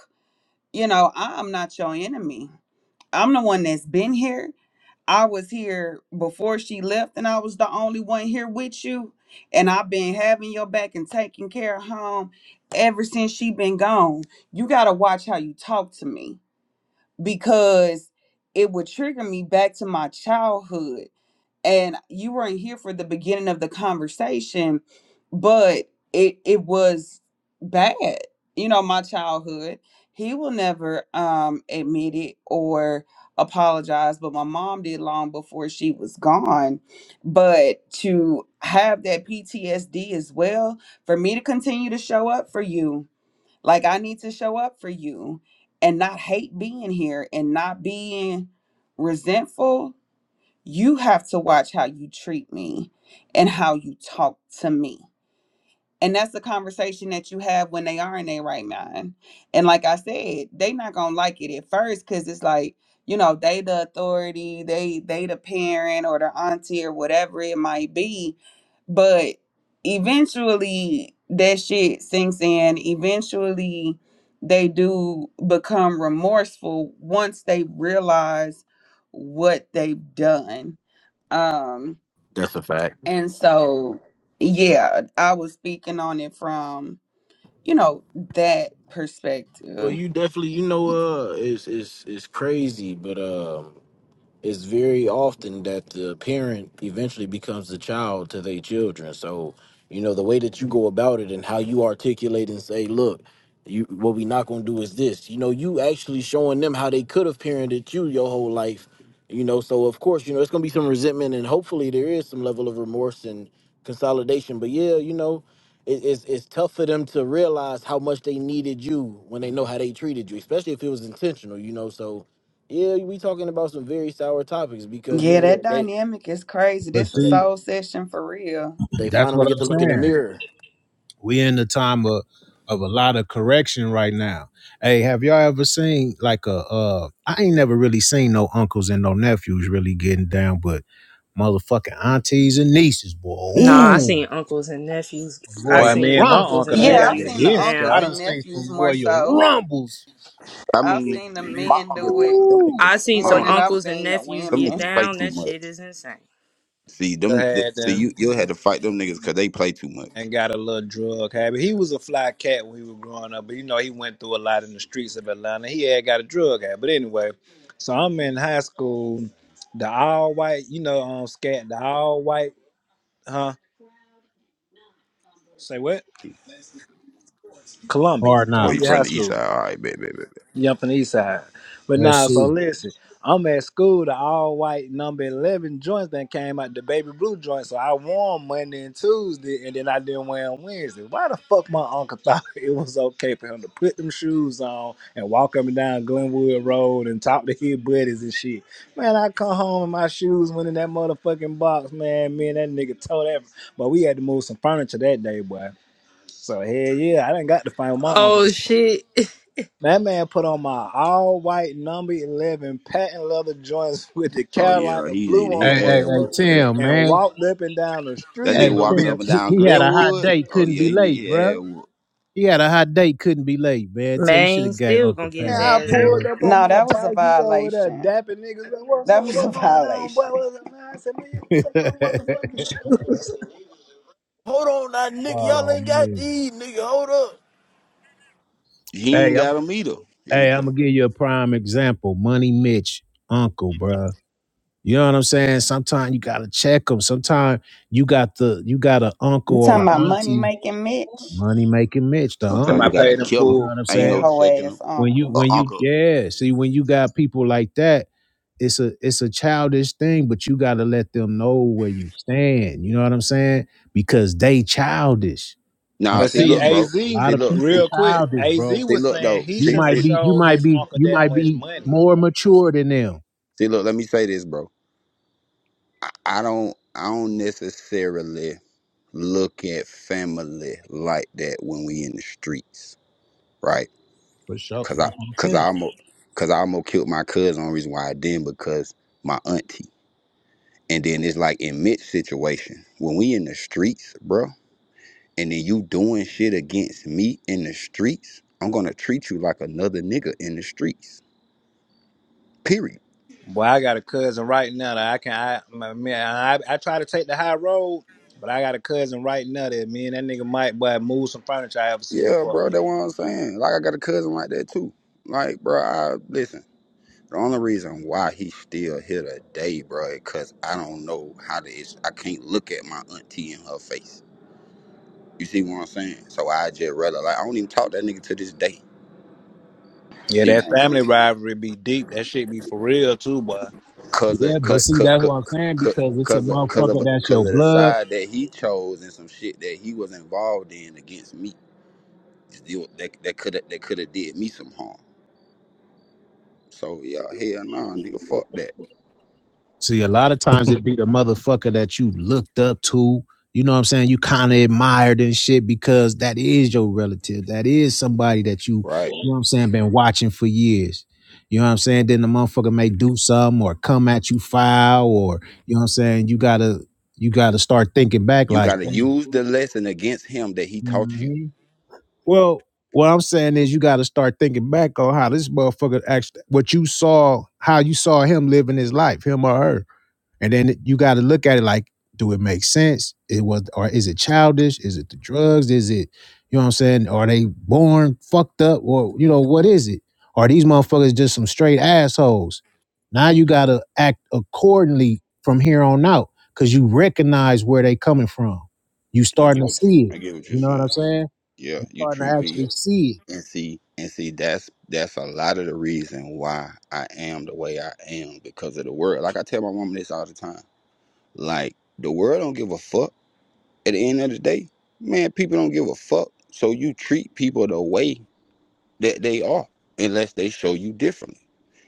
Speaker 4: you know, I'm not your enemy. I'm the one that's been here. I was here before she left, and I was the only one here with you. And I've been having your back and taking care of home ever since she been gone. You gotta watch how you talk to me because it would trigger me back to my childhood and you weren't here for the beginning of the conversation but it it was bad you know my childhood he will never um admit it or apologize but my mom did long before she was gone but to have that PTSD as well for me to continue to show up for you like I need to show up for you and not hate being here and not being resentful you have to watch how you treat me and how you talk to me. And that's the conversation that you have when they are in their right mind. And like I said, they not gonna like it at first because it's like, you know, they the authority, they they the parent or the auntie or whatever it might be. But eventually that shit sinks in. Eventually they do become remorseful once they realize what they've done um,
Speaker 12: That's a fact.
Speaker 4: and so, yeah, I was speaking on it from, you know, that
Speaker 12: Well,
Speaker 4: perspective.
Speaker 12: you definitely, you know, uh, it's it's it's crazy, but um, it's very often that the parent eventually becomes the child to their children. So, you know, the way that you go about it and how you articulate and say, look, you what we not gonna do is this. You know, you actually showing them how they could have parented you your whole life. You know, so of course, you know, it's gonna be some resentment and hopefully there is some level of remorse and consolidation. But yeah, you know, it, it's it's tough for them to realize how much they needed you when they know how they treated you, especially if it was intentional, you know. So yeah, we talking about some very sour topics because you
Speaker 4: Yeah,
Speaker 12: know they
Speaker 4: that
Speaker 12: they
Speaker 4: dynamic is crazy.
Speaker 15: But
Speaker 4: This a
Speaker 12: they,
Speaker 15: see,
Speaker 4: soul session for real.
Speaker 12: they
Speaker 15: that's what
Speaker 12: finally get
Speaker 15: I'm
Speaker 12: to look in
Speaker 15: saying.
Speaker 12: the mirror.
Speaker 15: we in the time of of a lot of correction right now. Hey, have y'all ever seen like a uh I ain't never really seen no uncles and no nephews really getting down, but motherfucking aunties and nieces, boy.
Speaker 14: Nah, I
Speaker 15: Ooh,
Speaker 14: seen uncles and nephews.
Speaker 15: some
Speaker 14: I
Speaker 10: Boy,
Speaker 15: Royal
Speaker 10: me
Speaker 14: seen
Speaker 10: and my
Speaker 15: Rumbles,
Speaker 14: uncles
Speaker 10: uncle
Speaker 14: and
Speaker 10: ain't
Speaker 15: boy.
Speaker 4: Yeah,
Speaker 10: got
Speaker 4: I've
Speaker 10: the
Speaker 14: nephews
Speaker 4: seen
Speaker 14: get
Speaker 4: the
Speaker 10: hear
Speaker 15: I
Speaker 4: uncles
Speaker 14: down.
Speaker 10: scouter.
Speaker 15: done
Speaker 4: and
Speaker 15: seen
Speaker 4: nephews
Speaker 15: some
Speaker 4: more
Speaker 15: Royal
Speaker 4: so.
Speaker 15: Rumbles,
Speaker 17: I
Speaker 4: I've
Speaker 17: mean,
Speaker 15: nigga.
Speaker 4: seen the
Speaker 17: my
Speaker 4: men
Speaker 17: uncle
Speaker 4: do
Speaker 17: them,
Speaker 4: it
Speaker 17: them
Speaker 15: Ooh.
Speaker 14: I
Speaker 17: niggas,
Speaker 14: seen
Speaker 17: my
Speaker 14: some
Speaker 4: more
Speaker 17: uncle
Speaker 4: than I've
Speaker 17: them,
Speaker 14: uncles and
Speaker 4: seen the
Speaker 14: nephews
Speaker 17: them
Speaker 14: get
Speaker 17: niggas
Speaker 4: women.
Speaker 17: play
Speaker 14: down.
Speaker 17: too
Speaker 14: That shit
Speaker 17: much.
Speaker 14: is insane.
Speaker 17: See
Speaker 10: Go
Speaker 17: them, th
Speaker 10: ahead
Speaker 17: see
Speaker 10: then.
Speaker 17: you, you had to fight them niggas because they play too much.
Speaker 10: and got a little drug habit. He was a fly cat when he was growing up, but you know he went through a lot in the streets of Atlanta. He had got a drug habit, but anyway. So I'm in high school, the all white, you know, um, scat, the all white, huh? Say what? Columbia,
Speaker 15: Hard
Speaker 17: Oh, you
Speaker 10: Columbia
Speaker 15: knocks.
Speaker 10: High
Speaker 17: from the east
Speaker 10: School.
Speaker 17: side? All right, bet, bet, bet, bet.
Speaker 10: Yumping side, But
Speaker 15: Let's
Speaker 10: nah, so
Speaker 15: see.
Speaker 10: listen, I'm at school, the all white number 11 joints that came out, the baby blue joint. So I won Monday and Tuesday, and then I didn't wear on Wednesday. Why the fuck my uncle thought it was okay for him to put them shoes on and walk up and down Glenwood Road and talk to his buddies and shit? Man, I come home and my shoes went in that motherfucking box, man. Me and that nigga told that. But we had to move some furniture that day, boy. So hell yeah, I didn't got to find my
Speaker 14: Oh
Speaker 10: uncle.
Speaker 14: shit.
Speaker 10: That man put on my all white number 11 patent leather joints with the
Speaker 17: Oh yeah,
Speaker 10: Carolina
Speaker 17: he
Speaker 10: blue
Speaker 17: need to
Speaker 10: on the
Speaker 17: hit
Speaker 15: Hey, hey,
Speaker 17: ass
Speaker 15: hey,
Speaker 17: whoop
Speaker 10: motherfucker
Speaker 17: for that.
Speaker 15: Tim,
Speaker 10: and
Speaker 15: man.
Speaker 10: walked up and down the
Speaker 17: That
Speaker 10: street
Speaker 15: Hey,
Speaker 10: in
Speaker 17: nigga
Speaker 10: them
Speaker 17: walking
Speaker 15: Tim,
Speaker 17: up and
Speaker 10: bitch.
Speaker 15: he,
Speaker 17: down
Speaker 15: he had a hot
Speaker 17: Glenwood.
Speaker 15: date,
Speaker 17: Oh
Speaker 15: couldn't
Speaker 17: yeah,
Speaker 15: be
Speaker 17: he need
Speaker 15: late,
Speaker 17: his
Speaker 15: bruh.
Speaker 17: ass whoop.
Speaker 15: He had a hot date, couldn't be late, man. Tell you should
Speaker 14: Man
Speaker 15: have gave
Speaker 14: still
Speaker 15: Uncle
Speaker 14: gonna get
Speaker 15: Pass,
Speaker 10: Man,
Speaker 14: his
Speaker 10: I
Speaker 14: ass whooped.
Speaker 10: pulled
Speaker 15: man.
Speaker 10: up on
Speaker 4: No,
Speaker 10: my
Speaker 4: that was a
Speaker 10: bike. He over there
Speaker 4: violation.
Speaker 10: dapping niggas. Like, what's
Speaker 4: That
Speaker 10: up?
Speaker 4: was a
Speaker 10: What's going on, boy?
Speaker 4: violation.
Speaker 10: What's up, man? I said, man, you don't take my motherfucking shoes.
Speaker 12: Hold on, now, nigga, y'all
Speaker 15: oh
Speaker 12: ain't got
Speaker 15: man.
Speaker 12: these, nigga. Hold up.
Speaker 17: He
Speaker 15: Hey,
Speaker 17: ain't
Speaker 15: I'm
Speaker 17: got him either. He
Speaker 15: hey,
Speaker 17: tell
Speaker 15: I'm gonna
Speaker 17: me,
Speaker 15: give you a prime example. Money Mitch, Uncle, bruh. You know what I'm saying? Sometimes you gotta check them. Sometimes you got the you got an uncle
Speaker 4: You
Speaker 15: or
Speaker 4: talking
Speaker 15: an
Speaker 4: about money
Speaker 15: auntie.
Speaker 4: making Mitch?
Speaker 15: Money making Mitch, the
Speaker 10: You talking
Speaker 17: Sometimes
Speaker 10: I
Speaker 17: you
Speaker 15: uncle.
Speaker 17: gotta
Speaker 10: paid in
Speaker 17: kill
Speaker 15: You
Speaker 17: him.
Speaker 15: know
Speaker 10: full.
Speaker 15: what I'm
Speaker 17: Ain't
Speaker 4: That
Speaker 17: no
Speaker 15: saying?
Speaker 4: hoe
Speaker 17: checking
Speaker 4: ass
Speaker 17: him.
Speaker 15: When you
Speaker 17: Or
Speaker 4: uncle.
Speaker 15: when you
Speaker 17: uncle.
Speaker 15: yeah, see when you got people like that it's a it's a childish thing, but you gotta let them know where you stand. You know what I'm saying? Because they childish. I'm
Speaker 17: Nah,
Speaker 10: But
Speaker 17: see,
Speaker 15: telling
Speaker 10: see,
Speaker 17: look,
Speaker 15: you,
Speaker 17: bro.
Speaker 10: AZ,
Speaker 15: a lot
Speaker 17: See,
Speaker 15: of
Speaker 17: look,
Speaker 15: people
Speaker 17: see,
Speaker 10: real quick,
Speaker 17: see,
Speaker 15: childish,
Speaker 10: AZ
Speaker 15: bro.
Speaker 17: see
Speaker 10: was
Speaker 17: look
Speaker 10: saying
Speaker 17: though.
Speaker 10: he
Speaker 15: You
Speaker 17: See,
Speaker 10: shouldn't have
Speaker 15: might
Speaker 17: see,
Speaker 15: be you
Speaker 10: showed
Speaker 15: might
Speaker 10: his
Speaker 15: be
Speaker 10: uncle
Speaker 15: you
Speaker 10: that
Speaker 15: might
Speaker 10: much
Speaker 15: be
Speaker 10: money.
Speaker 15: more mature than them.
Speaker 17: see, look. Let me say this, bro. I don't I don't necessarily look at family like that when we in the streets, right?
Speaker 15: For sure.
Speaker 17: Cause I
Speaker 15: That's what I'm
Speaker 17: cause I
Speaker 15: saying.
Speaker 17: almost cause I almost killed my cousin. Only reason why I didn't because my auntie. And then it's like in Mitch's situation when we in the streets, bro. And then you doing shit against me in the streets. I'm gonna treat you like another nigga in the streets. Period.
Speaker 10: Boy, I got a cousin right now that I can I my- man I, I try to take the high road, but I got a cousin right now that me and that nigga might boy move some furniture I ever see that
Speaker 17: Yeah,
Speaker 10: fuck
Speaker 17: bro. That's
Speaker 10: nigga.
Speaker 17: what I'm saying. Like I got a cousin like that too. Like, bro, I listen. The only reason why he's still here today, bro, because I don't know how to. It's, I can't look at my auntie in her face. You see what I'm saying? So I just rather like I don't even talk to that nigga to this day.
Speaker 10: Yeah,
Speaker 17: See
Speaker 10: that
Speaker 17: what I'm
Speaker 10: family
Speaker 17: saying?
Speaker 10: rivalry be deep. That shit be for real too, boy.
Speaker 17: Cause
Speaker 15: Yeah,
Speaker 17: of
Speaker 15: but
Speaker 17: cause
Speaker 15: see,
Speaker 17: cause
Speaker 15: that's
Speaker 17: cause
Speaker 15: what I'm saying,
Speaker 17: cause,
Speaker 15: because it's a
Speaker 17: cause of cause
Speaker 15: motherfucker
Speaker 17: of,
Speaker 15: that's
Speaker 17: cause
Speaker 15: your
Speaker 17: of the
Speaker 15: blood
Speaker 17: side that he chose and some shit that he was involved in against me. You- That that could have that could have did me some harm. So yeah, hell nah, nigga, fuck that.
Speaker 15: See, a lot of times it be the motherfucker that you looked up to. You know what I'm saying? You kind of admired and shit because that is your relative. That is somebody that you, you
Speaker 17: Right?
Speaker 15: know what I'm saying, been watching for years. You know what I'm saying? Then the motherfucker may do something or come at you foul or, you know what I'm saying? You gotta, you gotta start thinking back
Speaker 17: You
Speaker 15: like,
Speaker 17: gotta
Speaker 15: "Damn."
Speaker 17: use the lesson against him that he taught you.
Speaker 15: Mhm. well, what I'm saying is you gotta start thinking back on how this motherfucker actually, what you saw, how you saw him living his life, him or her. And then you got to look at it like, do it make sense? It was, or is it childish? Is it the drugs? Is it, you know what I'm saying? Are they born fucked up? Or, you know, what is it? Are these motherfuckers just some straight assholes? Now you got to act accordingly from here on out because you recognize where they coming from. You
Speaker 17: I
Speaker 15: starting
Speaker 17: get
Speaker 15: to
Speaker 17: what you.
Speaker 15: see it.
Speaker 17: I get what you're
Speaker 15: You know what I'm
Speaker 17: saying.
Speaker 15: saying?
Speaker 17: Yeah,
Speaker 15: You
Speaker 17: you
Speaker 15: starting to
Speaker 17: treat
Speaker 15: actually
Speaker 17: people
Speaker 15: see it.
Speaker 17: and see and see. That's that's a lot of the reason why I am the way I am because of the world. Like I tell my woman this all the time. Like the world don't give a fuck. At the end of the day, man, people don't give a fuck. So you treat people the way that they are, unless they show you differently.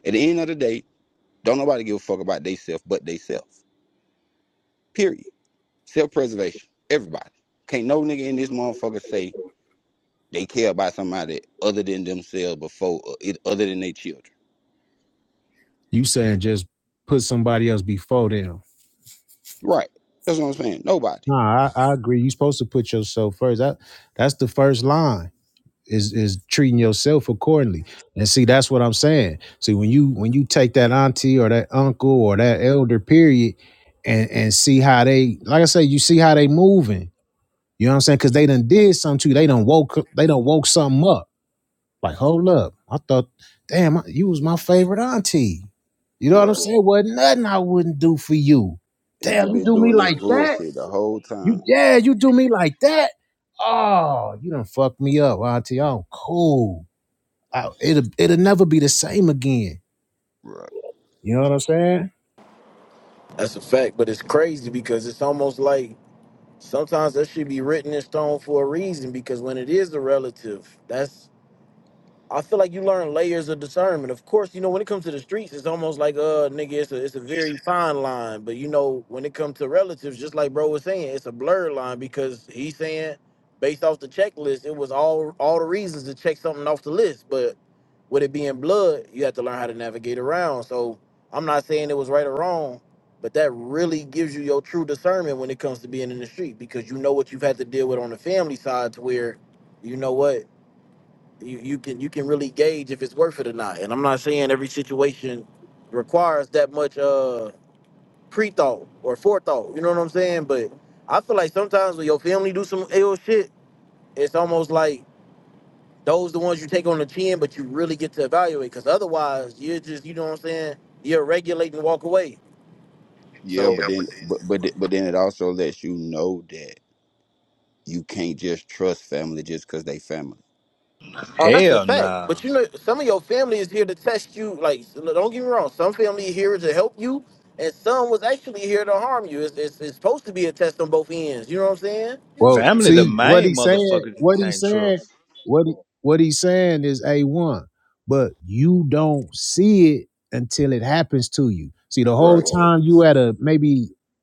Speaker 17: At the end of the day, don't nobody give a fuck about theyself but theyself. Period. Self preservation. Everybody. Can't no nigga in this motherfucker say They care about somebody other than themselves before uh, it, other than their children.
Speaker 15: You saying just put somebody else before them.
Speaker 17: Right. That's what I'm saying. Nobody.
Speaker 15: Nah, I, I agree. You're supposed to put yourself first. That that's the first line is is treating yourself accordingly. And see, that's what I'm saying. See, when you when you take that auntie or that uncle or that elder period and and see how they like I say, you see how they moving You know what I'm saying? Cause they done did something to you. They done woke they done woke something up. Like, hold up. I thought, damn, I- you was my favorite auntie. You know what I'm
Speaker 17: Right.
Speaker 15: saying? Wasn't nothing I wouldn't do for you.
Speaker 17: And
Speaker 15: Damn,
Speaker 17: you've
Speaker 15: you
Speaker 17: been
Speaker 15: do me
Speaker 17: doing this
Speaker 15: like that?
Speaker 17: bullshit the whole
Speaker 15: You
Speaker 17: time.
Speaker 15: yeah, you do me like that? Oh, you done fucked me up, auntie. I'm cool. I, it'll it'll never be the same again.
Speaker 17: Right.
Speaker 15: You know what I'm saying?
Speaker 12: That's a fact, but it's crazy because it's almost like sometimes that should be written in stone for a reason because when it is a relative, that's I feel like you learn layers of discernment. Of course, you know when it comes to the streets, it's almost like uh nigga, it's a it's a very fine line. But you know when it comes to relatives, just like bro was saying, it's a blurred line because he's saying based off the checklist, it was all all the reasons to check something off the list. But with it being blood, you have to learn how to navigate around. So I'm not saying it was right or wrong, but that really gives you your true discernment when it comes to being in the street because you know what you've had to deal with on the family side to where you know what you, you can you can really gauge if it's worth it or not. And I'm not saying every situation requires that much uh pre-thought or forethought. You know what I'm saying? But I feel like sometimes when your family do some ill shit, it's almost like those the ones you take on the chin, but you really get to evaluate. Cause otherwise, you're just you know what I'm saying. You're regulating walk away.
Speaker 17: Yeah,
Speaker 12: So
Speaker 17: but then but but th- but then it also lets you know that you can't just trust family just because they family.
Speaker 12: Oh, That's a
Speaker 10: Hell
Speaker 12: fact.
Speaker 10: nah.
Speaker 12: But you know, some of your family is here to test you. Like, don't get me wrong. Some family here to help you, and some was actually here to harm you. It's, it's, it's supposed to be a test on both ends. You know what I'm saying?
Speaker 15: Well,
Speaker 10: Family the
Speaker 15: see what he
Speaker 10: main
Speaker 15: saying.
Speaker 10: motherfuckers you
Speaker 15: What he
Speaker 10: can't
Speaker 15: saying.
Speaker 10: trust.
Speaker 15: What he, what he's saying is a one, but you don't see it until it happens to you. See, the whole
Speaker 17: Right.
Speaker 15: time you at a maybe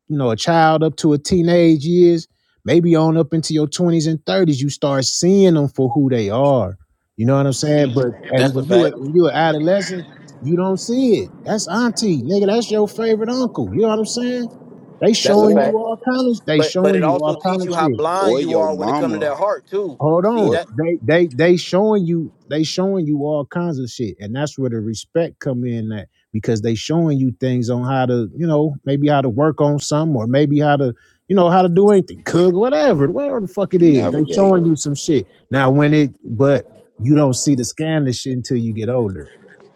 Speaker 15: you know a child up to a teenage years, maybe on up into your twenties and thirties, you start seeing them for who they are. You know what I'm saying? But and
Speaker 12: That's a
Speaker 15: when you
Speaker 12: fact.
Speaker 15: a- when you an adolescent, you don't see it. That's auntie, nigga. That's your favorite uncle. You know what I'm saying? They
Speaker 12: That's a
Speaker 15: showing you
Speaker 17: Or
Speaker 12: fact.
Speaker 15: all kind of. They
Speaker 12: But but
Speaker 15: showing
Speaker 12: it
Speaker 15: you all
Speaker 12: also
Speaker 15: kind
Speaker 12: teach
Speaker 15: of
Speaker 12: you how
Speaker 15: shit.
Speaker 12: blind
Speaker 17: or
Speaker 12: you
Speaker 17: your
Speaker 12: are when it comes to that
Speaker 17: mama
Speaker 12: heart too.
Speaker 15: Hold
Speaker 12: See
Speaker 15: on.
Speaker 17: or
Speaker 12: that?
Speaker 15: They they they showing you they showing you all kinds of shit. And that's where the respect come in at because they showing you things on how to, you know, maybe how to work on some or maybe how to, you know, how to do anything, cook, whatever, whatever the fuck it is. They
Speaker 17: navigate.
Speaker 15: showing you some shit. Now when it but you don't see the scandalous shit until you get older.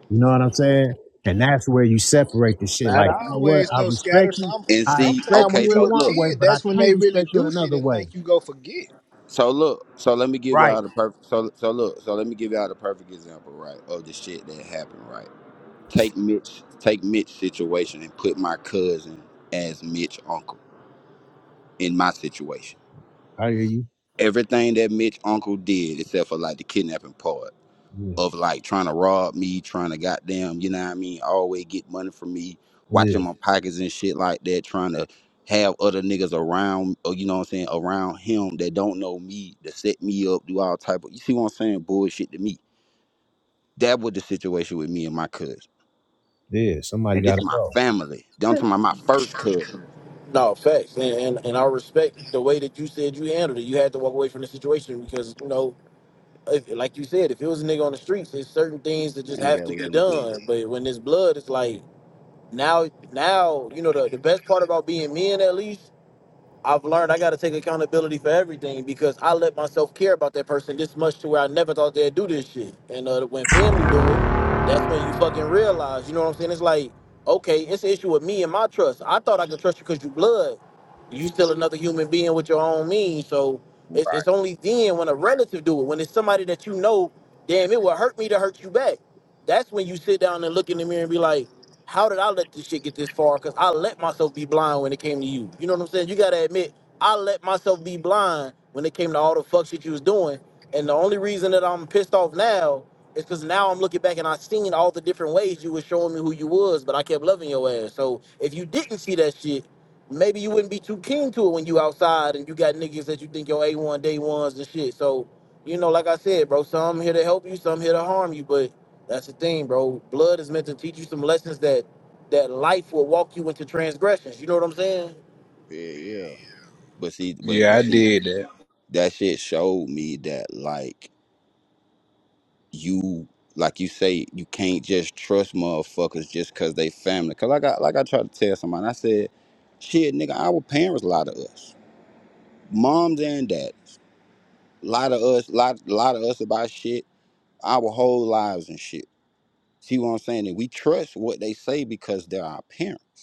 Speaker 15: You know what I'm saying? And that's where you separate the shit.
Speaker 10: Not
Speaker 15: Like, you know what?
Speaker 10: always
Speaker 15: I
Speaker 10: no
Speaker 15: respect
Speaker 10: scatter.
Speaker 15: you.
Speaker 10: Some
Speaker 17: And
Speaker 15: I
Speaker 17: see,
Speaker 15: expect
Speaker 10: sometime when
Speaker 17: okay,
Speaker 15: you
Speaker 10: you
Speaker 15: in
Speaker 17: so
Speaker 10: a
Speaker 15: one
Speaker 17: look.
Speaker 15: way,
Speaker 10: kid,
Speaker 15: but I
Speaker 10: that's when
Speaker 15: can't
Speaker 10: they really
Speaker 15: respect you in
Speaker 10: do shit
Speaker 15: another
Speaker 10: and
Speaker 15: way.
Speaker 10: think you go forget.
Speaker 17: So look, so let me give
Speaker 15: Right.
Speaker 17: y'all the perfect so so look, so let me give y'all the perfect example, right, of the shit that happened, right? take Mitch, take Mitch's situation and put my cousin as Mitch uncle in my situation.
Speaker 15: I hear you.
Speaker 17: Everything that Mitch uncle did, except for like the kidnapping part
Speaker 15: Yeah,
Speaker 17: of like trying to rob me, trying to goddamn, you know what I mean, always get money from me,
Speaker 15: Yeah.
Speaker 17: watching my pockets and shit like that, trying to have other niggas around, or you know what I'm saying, around him that don't know me, that set me up, do all type of, you see what I'm saying, bullshit to me. That was the situation with me and my cousin.
Speaker 15: Yeah, somebody
Speaker 17: And
Speaker 15: got
Speaker 17: this
Speaker 15: to
Speaker 17: my
Speaker 15: go.
Speaker 17: family. Don't talking about my first cousin.
Speaker 12: No facts, and, and and I respect the way that you said you handled it. You had to walk away from the situation because you know, if, like you said, if it was a nigga on the streets, there's certain things that just
Speaker 17: Man, nigga,
Speaker 12: have
Speaker 17: I
Speaker 12: to
Speaker 17: would have
Speaker 12: be
Speaker 17: been dead.
Speaker 12: done. But when there's blood, it's like now now you know the, the best part about being men at least i've learned i got to take accountability for everything because i let myself care about that person this much to where i never thought they'd do this shit and uh, when family do it that's when you fucking realize you know what i'm saying it's like okay it's an issue with me and my trust i thought i could trust you because you blood you still another human being with your own means so it's,
Speaker 17: Right.
Speaker 12: it's only then when a relative do it when it's somebody that you know damn it would hurt me to hurt you back that's when you sit down and look in the mirror and be like how did I let this shit get this far? Because I let myself be blind when it came to you. You know what I'm saying? You gotta admit, I let myself be blind when it came to all the fuck shit you was doing. And the only reason that I'm pissed off now is because now I'm looking back and I seen all the different ways you was showing me who you was, but I kept loving your ass. So if you didn't see that shit, maybe you wouldn't be too keen to it when you outside and you got niggas that you think your A1 day ones and shit. So, you know, like I said, bro, some here to help you, some here to harm you, but that's the thing, bro. Blood is meant to teach you some lessons that that life will walk you into transgressions. You know what I'm saying?
Speaker 17: Yeah, yeah. But see, but
Speaker 10: Yeah,
Speaker 17: but
Speaker 10: I
Speaker 17: see, Yeah.
Speaker 10: did that.
Speaker 17: that shit showed me that like you, like you say, you can't just trust motherfuckers just cause they family. Cause like I like I tried to tell somebody, I said, shit, nigga, our parents lie to us, moms and dads lie to us, lie lie to us about shit, our whole lives and shit. See what I'm saying? And we trust what they say because they're our parents.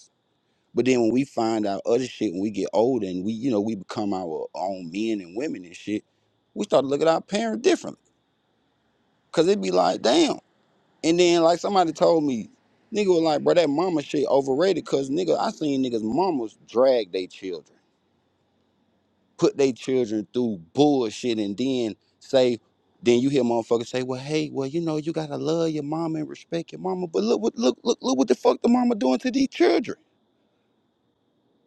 Speaker 17: But then when we find out other shit, when we get older and we, you know, we become our own men and women and shit, we start to look at our parents differently. Cause it be like, damn. And then like somebody told me, nigga was like, bro, that mama shit overrated. Cause nigga, I seen niggas mamas drag their children, put their children through bullshit, and then say, then you hear motherfuckers say, well, hey, well, you know, you gotta love your mama and respect your mama. But look what look look look what the fuck the mama doing to these children.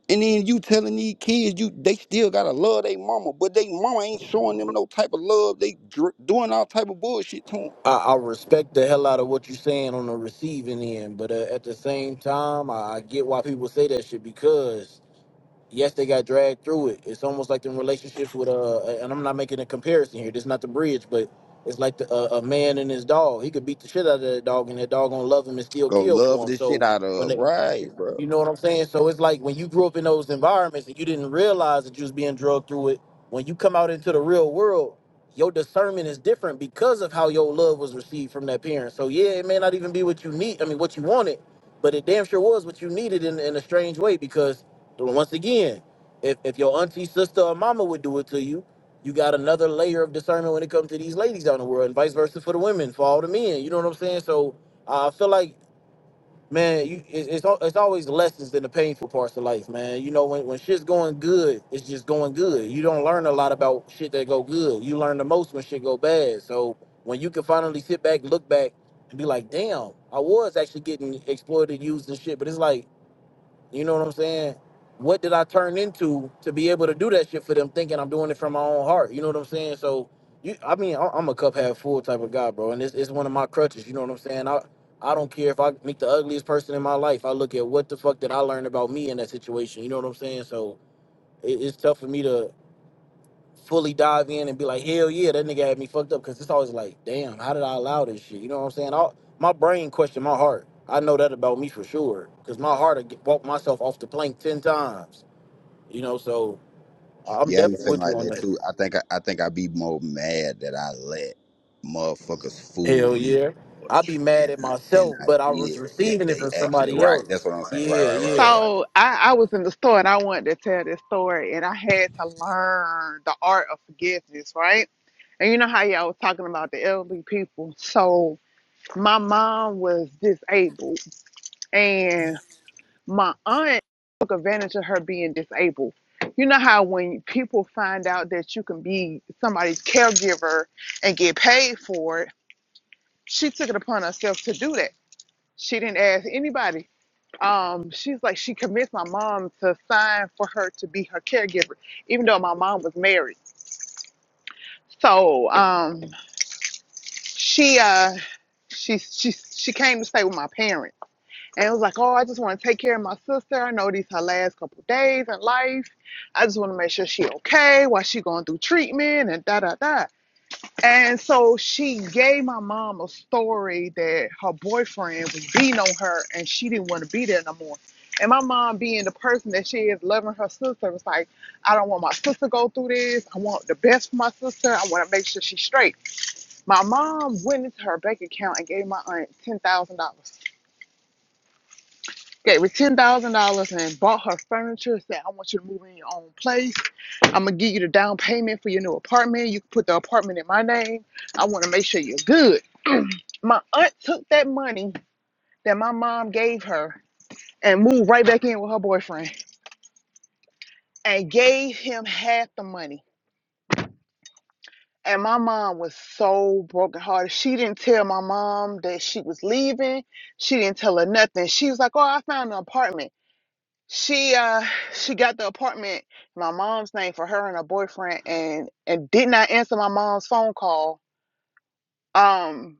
Speaker 17: And then you telling these kids you they still gotta love their mama, but they mama ain't showing them no type of love. They dr- doing all type of bullshit to them.
Speaker 12: I, I respect the hell out of what you're saying on the receiving end, but uh, at the same time, I, I get why people say that shit because yes, they got dragged through it. It's almost like in relationships with uh, a, and I'm not making a comparison here. This is not the bridge, but it's like the, uh, a a man and his dog. He could beat the shit out of that dog, and that dog gonna love him and still
Speaker 17: Go
Speaker 12: kill
Speaker 17: love
Speaker 12: for him.
Speaker 17: the shit
Speaker 12: So
Speaker 17: out
Speaker 12: when
Speaker 17: of
Speaker 12: they,
Speaker 17: right, bro.
Speaker 12: you know what I'm saying? So it's like when you grew up in those environments and you didn't realize that you was being drugged through it. When you come out into the real world, your discernment is different because of how your love was received from that parent. So yeah, it may not even be what you need. I mean, what you wanted, but it damn sure was what you needed in, in a strange way because once again, if, if your auntie, sister, or mama would do it to you, you got another layer of discernment when it comes to these ladies out in the world, and vice versa for the women, for all the men. You know what I'm saying? So I feel like, man, you it, it's al- it's always lessons in the painful parts of life, man. You know, when when shit's going good, it's just going good. You don't learn a lot about shit that go good. You learn the most when shit go bad. So when you can finally sit back, look back, and be like, damn, I was actually getting exploited, used, and shit. But it's like you know what I'm saying? What did I turn into to be able to do that shit for them, thinking I'm doing it from my own heart? You know what I'm saying? So, you, I mean, I- I'm a cup half full type of guy, bro, and it's, it's one of my crutches. You know what I'm saying? I I don't care if I meet the ugliest person in my life. I look at what the fuck did I learn about me in that situation. You know what I'm saying? So it, it's tough for me to fully dive in and be like, hell yeah, that nigga had me fucked up. Because it's always like, damn, how did I allow this shit? You know what I'm saying? i my brain questioned my heart. I know that about me for sure. Because my heart would get- walked myself off the plank 10 times. You know, so uh, I'm
Speaker 17: Yeah, I be
Speaker 12: definitely
Speaker 17: feeling
Speaker 12: with
Speaker 17: like
Speaker 12: you on
Speaker 17: that
Speaker 12: that.
Speaker 17: too. I think I, I think I be more mad that I let motherfuckers fool
Speaker 12: Hell
Speaker 17: me
Speaker 12: yeah.
Speaker 17: or
Speaker 12: i be
Speaker 17: trick
Speaker 12: mad at
Speaker 17: me than
Speaker 12: myself,
Speaker 17: I
Speaker 12: but I
Speaker 17: did
Speaker 12: was
Speaker 17: that
Speaker 12: receiving it
Speaker 17: they
Speaker 12: from
Speaker 17: actually
Speaker 12: somebody
Speaker 17: right. That's
Speaker 12: else.
Speaker 17: what I'm saying.
Speaker 12: Yeah,
Speaker 17: Right, right, right, right,
Speaker 12: yeah.
Speaker 17: right.
Speaker 11: So I, I was in the store and I wanted to tell this story and I had to learn the art of forgiveness, right? And you know how y'all was talking about the elderly people. So my mom was disabled and. my aunt took advantage of her being disabled. You know how when people find out that you can be somebody's caregiver and get paid for it, she took it upon herself to do that. She didn't ask anybody. Um, she's like she convinced my mom to sign for her to be her caregiver, even though my mom was married. So um, she uh, she she she came to stay with my parents And it was like, oh, I just want to take care of my sister. I know these her last couple days in life. I just want to make sure she okay while she going through treatment and da da da. And so she gave my mom a story that her boyfriend was beating on her and she didn't want to be there no more. And my mom, being the person that she is, loving her sister, was like, I don't want my sister to go through this. I want the best for my sister. I want to make sure she's straight. My mom went into her bank account and gave my aunt $10,000 gave her ten thousand dollars and bought her furniture. Said, "I want you to move in your own place. I'm gonna give you the down payment for your new apartment. You can put the apartment in my name. I want to make sure you're good." My aunt took that money that my mom gave her and moved right back in with her boyfriend and gave him half the money. And my mom was so brokenhearted. She didn't tell my mom that she was leaving. She didn't tell her nothing. She was like, "Oh, I found an apartment." she uh she got the apartment in my mom's name for her and her boyfriend and and did not answer my mom's phone call um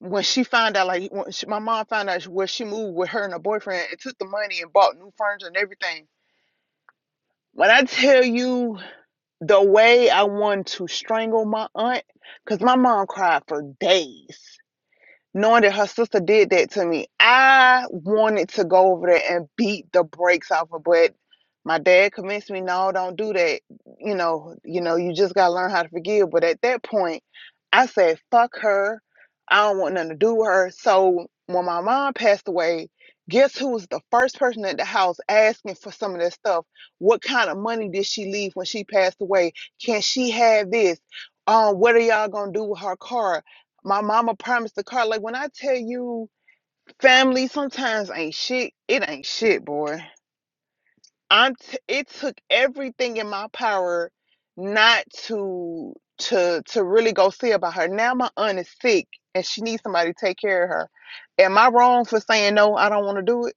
Speaker 11: when she found out like when she, my mom found out where she moved with her and her boyfriend and took the money and bought new furniture and everything when i tell you the way i wanted to strangle my aunt because my mom cried for days knowing that her sister did that to me, I wanted to go over there and beat the brakes off her, but my dad convinced me, no, don't do that. You know, you know, you just gotta learn how to forgive. But at that point, I said, fuck her. I don't want nothing to do with her. So when my mom passed away, guess who was the first person at the house asking for some of that stuff? What kind of money did she leave when she passed away? Can she have this? Um, what are y'all gonna do with her car? My mama promised the car. Like when I tell you, family sometimes ain't shit. It ain't shit, boy. I'm. T- it took everything in my power not to to to really go see about her. Now my aunt is sick and she needs somebody to take care of her. Am I wrong for saying no? I don't want to do it.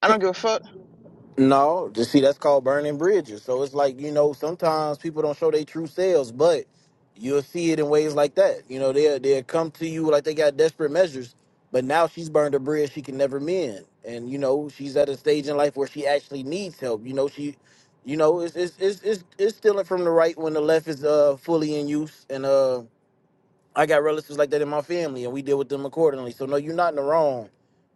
Speaker 11: I don't give a fuck.
Speaker 12: No, just see that's called burning bridges. So it's like you know sometimes people don't show their true selves, but you'll see it in ways like that. You know they'll they'll come to you like they got desperate measures, but now she's burned a bridge she can never mend, and you know she's at a stage in life where she actually needs help. You know she, you know it's it's it's it's, it's stealing from the right when the left is uh fully in use, and uh I got relatives like that in my family, and we deal with them accordingly. So no, you're not in the wrong.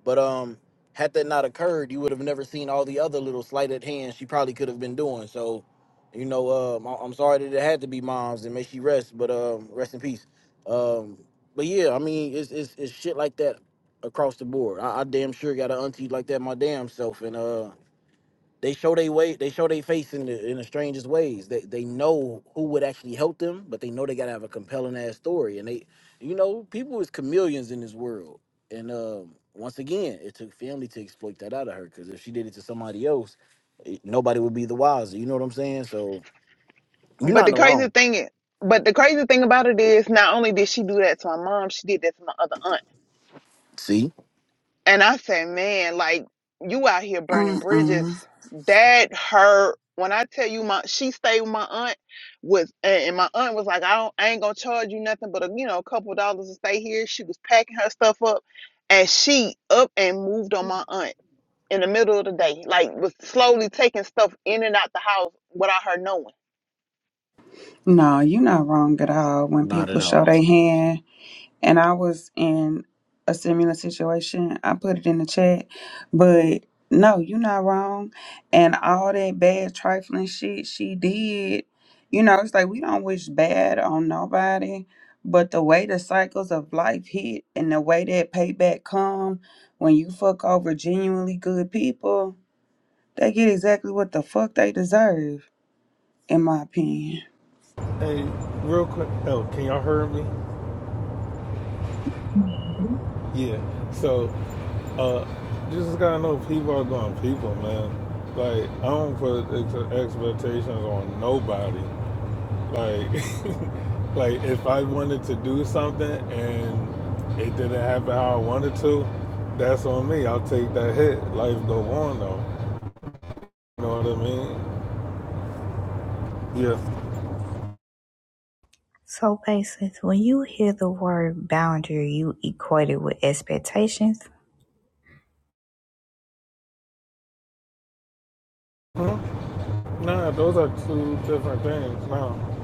Speaker 12: But um, had that not occurred, you would have never seen all the other little slighted hands she probably could have been doing. So, you know, um, I- I'm sorry that it had to be moms, and may she rest. But um, rest in peace. Um, but yeah, I mean, it's it's, it's shit like that across the board. I, I damn sure got an auntie like that my damn self, and uh, they show they way they show their face in the in the strangest ways they they know who would actually help them but they know they gotta have a compelling ass story and they you know people is chameleons in this world and um once again it took family to exploit that out of her because if she did it to somebody else it, nobody would be the wiser you know what i'm saying so you're
Speaker 11: But
Speaker 12: not in
Speaker 11: the
Speaker 12: the
Speaker 11: crazy
Speaker 12: wrong
Speaker 11: thing is, but the crazy thing about it is, not only did she do that to my mom, she did that to my other aunt.
Speaker 12: see
Speaker 11: And I say, man, like you out here burning bridges.
Speaker 4: Mm-mm.
Speaker 11: That hurt. When I tell you, my she stayed with my aunt was, and and my aunt was like, I don't, I ain't gonna charge you nothing but a, you know, a couple of dollars to stay here. She was packing her stuff up, and she up and moved on my aunt in the middle of the day, like was slowly taking stuff in and out the house without her knowing.
Speaker 4: No, you not wrong at all. When
Speaker 12: not at
Speaker 4: people show
Speaker 12: all
Speaker 4: their hand and I was in a similar situation. I put it in the chat, but no, you're not wrong. And all that bad trifling shit she did, you know, it's like we don't wish bad on nobody. But the way the cycles of life hit and the way that payback come when you fuck over genuinely good people, they get exactly what the fuck they deserve, in my opinion.
Speaker 18: Hey, real quick. Oh, can y'all hear me? Yeah. So, uh, you just gotta know people are going people, man. Like, I don't put ex- expectations on nobody. Like, like if I wanted to do something and it didn't happen how I wanted to, that's on me. I'll take that hit. Life go on though. You know what I mean? Yeah.
Speaker 2: So basically, when you hear the word boundary, you equate it with expectations.
Speaker 18: Hmm? Nah, those are two different things. No,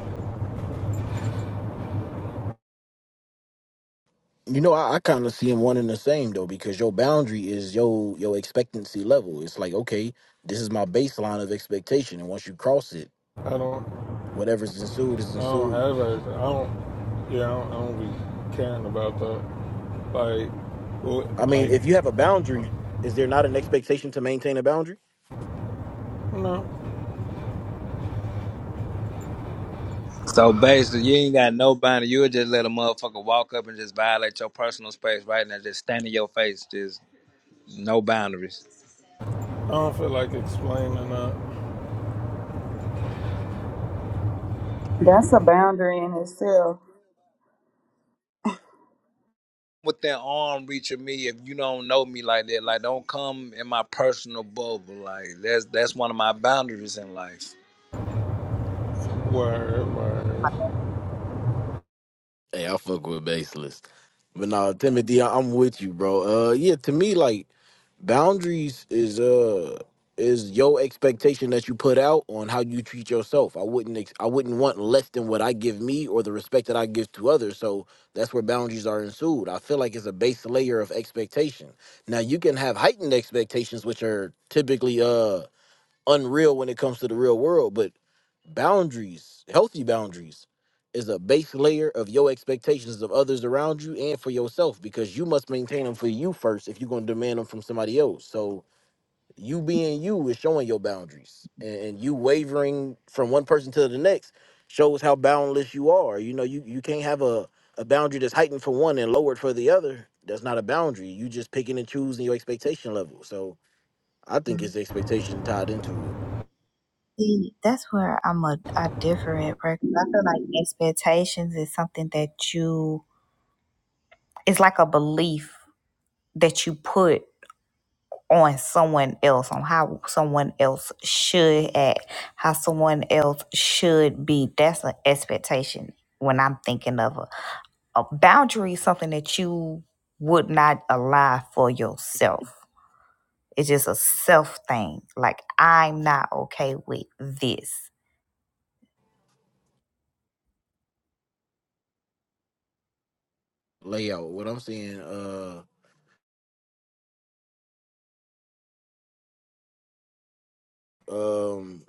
Speaker 12: you know i, I kind of see them one and the same though because your boundary is your your expectancy level it's like okay this is my baseline of expectation and once you cross it
Speaker 18: I don't.
Speaker 12: Whatever's ensued is
Speaker 18: I don't
Speaker 12: ensued.
Speaker 18: have a, I don't. Yeah, I don't, I don't be caring about that. Like, well,
Speaker 12: I mean,
Speaker 18: like,
Speaker 12: if you have a boundary, is there not an expectation to maintain a boundary?
Speaker 18: no,
Speaker 10: So basically, you ain't got nobody. You would just let a motherfucker walk up and just violate your personal space right now, just stand in your face, just no boundaries.
Speaker 18: I don't feel like explaining that.
Speaker 4: That's a boundary in itself.
Speaker 10: Within arm reach of me, if you don't know me like that, like don't come in my personal bubble. Like that's that's one of my boundaries in life.
Speaker 18: Word, word.
Speaker 12: Hey, I fuck with baseless. But no, Timothy, I- I'm with you, bro. Uh yeah, to me like boundaries is uh is your expectation that you put out on how you treat yourself. I wouldn't ex- I wouldn't want less than what I give me or the respect that I give to others. So that's where boundaries are ensued. I feel like it's a base layer of expectation. Now you can have heightened expectations which are typically uh unreal when it comes to the real world, but boundaries, healthy boundaries, is a base layer of your expectations of others around you and for yourself because you must maintain them for you first if you're going to demand them from somebody else. So you being you is showing your boundaries, and, and you wavering from one person to the next shows how boundless you are. You know, you you can't have a a boundary that's heightened for one and lowered for the other. That's not a boundary. You just picking and choosing your expectation level. So I think
Speaker 2: Mm.
Speaker 12: it's expectation tied into it.
Speaker 2: See, that's where I'm a I differ at because I feel like expectations is something that you it's like a belief that you put on someone else on how someone else should act, how someone else should be. That's an expectation when I'm thinking of a a boundary is something that you would not allow for yourself. It's just a self thing. Like I'm not okay with this.
Speaker 12: layout. What I'm saying, uh, um,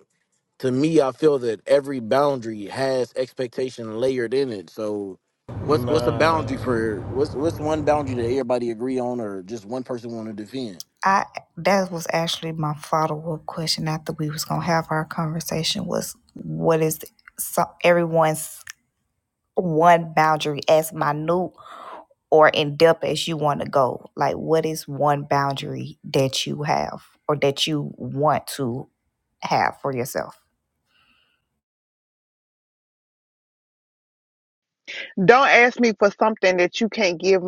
Speaker 12: to me, I feel that every boundary has expectation layered in it. So, what's what's a
Speaker 18: Nah.
Speaker 12: boundary for what's what's one boundary that everybody agree on, or just one person want to defend?
Speaker 2: I that was actually my follow up question after we was gonna have our conversation was what is so, everyone's one boundary as minute or in depth as you want to go? Like what is one boundary that you have or that you want to have for yourself?
Speaker 11: Don't ask me for something that you can't give,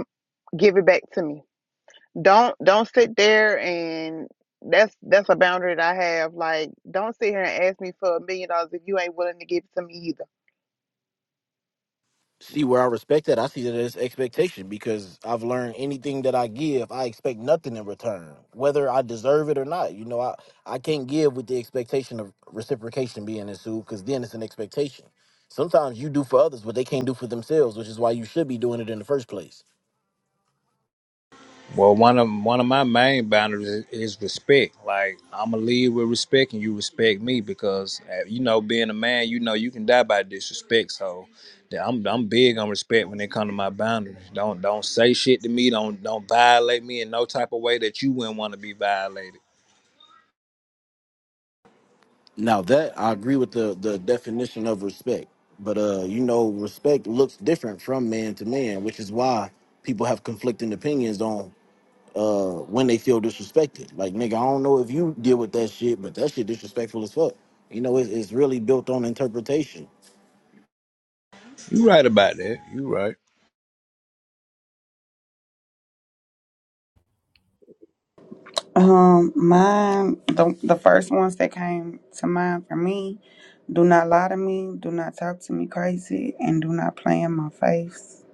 Speaker 11: give it back to me. don't don't sit there and that's that's a boundary that I have. Like, don't sit here and ask me for a million dollars if you ain't willing to give it to me either.
Speaker 12: see where I respect that. I see that as expectation because I've learned anything that I give, I expect nothing in return, whether I deserve it or not. You know, I, I can't give with the expectation of reciprocation being ensued because then it's an expectation. Sometimes you do for others what they can't do for themselves, which is why you should be doing it in the first place.
Speaker 10: Well, one of one of my main boundaries is, is respect. Like I'm gonna lead with respect, and you respect me because uh, you know, being a man, you know, you can die by disrespect. So, yeah, I'm I'm big on respect when it comes to my boundaries. Don't don't say shit to me. Don't don't violate me in no type of way that you wouldn't want to be violated.
Speaker 12: Now that I agree with the the definition of respect, but uh, you know, respect looks different from man to man, which is why people have conflicting opinions on uh when they feel disrespected. Like nigga, I don't know if you deal with that shit, but that shit disrespectful as fuck. You know, it's, it's really built on interpretation.
Speaker 10: You right about that. You right.
Speaker 4: Um, mine the the first ones that came to mind for me, do not lie to me, do not talk to me crazy, and do not play in my face.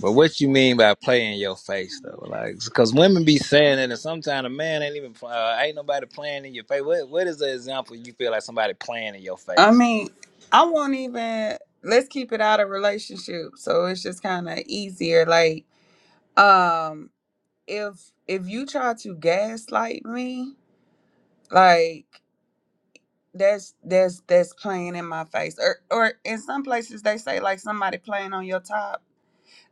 Speaker 10: But what you mean by playing your face though? Like, because women be saying that, and sometimes a man ain't even uh, ain't nobody playing in your face. What what is the example you feel like somebody playing in your
Speaker 4: I
Speaker 10: face?
Speaker 4: mean, I won't even let's keep it out of relationship. So it's just kinda easier. Like, um, if if you try to gaslight me, like that's that's that's playing in my face. Or or in some places they say like somebody playing on your top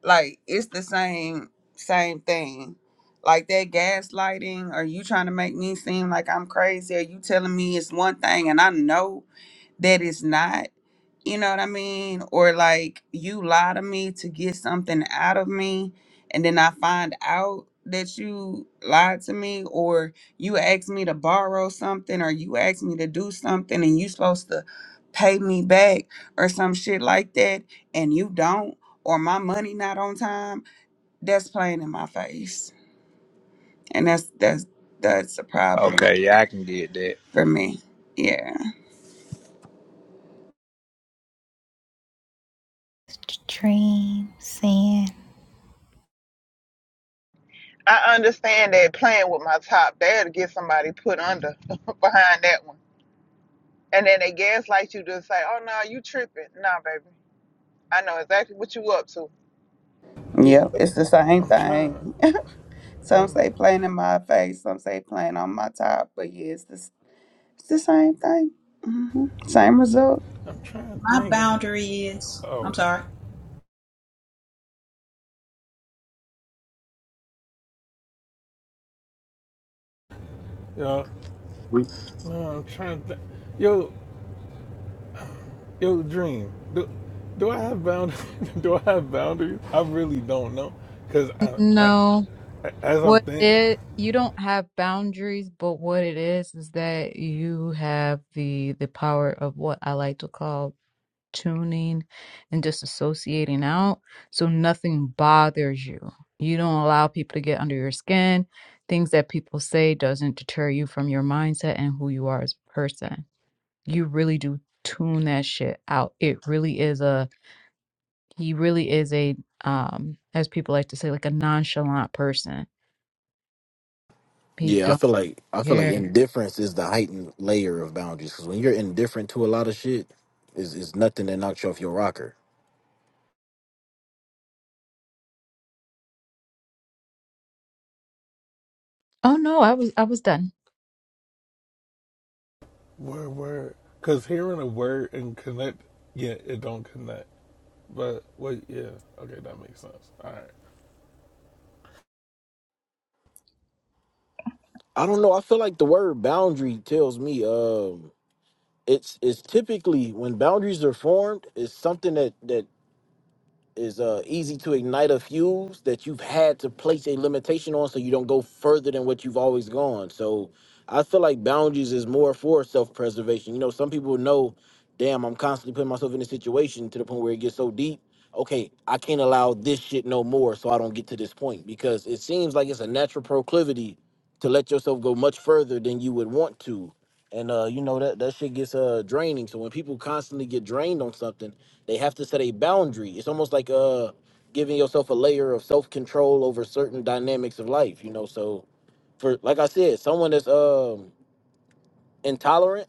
Speaker 4: Like it's the same same thing. Like that gaslighting, are you trying to make me seem like I'm crazy? Are you telling me it's one thing and I know that is not, you know what I mean? Or like you lie to me to get something out of me and then I find out that you lied to me or you asked me to borrow something or you asked me to do something and you supposed to pay me back or some shit like that and you don't or my money not on time that's playing in my face and that's that's that's a problem
Speaker 10: Okay, yeah, I can get that.
Speaker 4: for me yeah
Speaker 11: I understand that playing with my top there to get somebody put under behind that one, and then they gaslight you to say, "Oh no, you tripping." Nah, baby, I know exactly what you up to.
Speaker 18: Yeah,
Speaker 4: yep it's the same
Speaker 18: I'm trying.
Speaker 4: thing Some
Speaker 18: I'm.
Speaker 4: say plain in my face, some say plain on my top, but yeah, it's the, it's the same thing. hmm Same result.
Speaker 18: I'm trying to
Speaker 6: My
Speaker 18: think of.
Speaker 6: boundary is,
Speaker 18: Oh,
Speaker 6: I'm sorry.
Speaker 18: yeah. No, I'm trying to think. Yo, yo, dream. Do, do I have boundaries? do I have boundaries? I really don't know, cause I, I
Speaker 3: No,
Speaker 18: as I'm
Speaker 3: what
Speaker 18: thinking.
Speaker 3: it you don't have boundaries, but what it is is that you have the the power of what I like to call tuning and disassociating out, so nothing bothers you. You don't allow people to get under your skin. Things that people say doesn't deter you from your mindset and who you are as a person. You really do tune that shit out. It really is a he really is a um as people like to say like a nonchalant person he
Speaker 12: Yeah, I
Speaker 3: don't
Speaker 12: feel like I feel like
Speaker 3: care
Speaker 12: indifference is the heightened layer of boundaries because when you're indifferent to a lot of shit, is is nothing that knocks you off your rocker.
Speaker 3: oh no i was i was done
Speaker 18: Word, word. Because hearing a word and connect, yeah, it don't connect. But, wait, yeah. Okay, that makes sense. All right.
Speaker 12: I don't know. I feel like the word boundary tells me um it's it's typically when boundaries are formed, it's something that that is uh, easy to ignite a fuse that you've had to place a limitation on so you don't go further than what you've always gone. So I feel like boundaries is more for self preservation. You know, some people know, damn, I'm constantly putting myself in a situation to the point where it gets so deep. Okay, I can't allow this shit no more so I don't get to this point because it seems like it's a natural proclivity to let yourself go much further than you would want to. And uh, you know that that shit gets uh draining. So when people constantly get drained on something, they have to set a boundary. It's almost like uh giving yourself a layer of self control over certain dynamics of life, you know. So for like I said, someone that's um intolerant,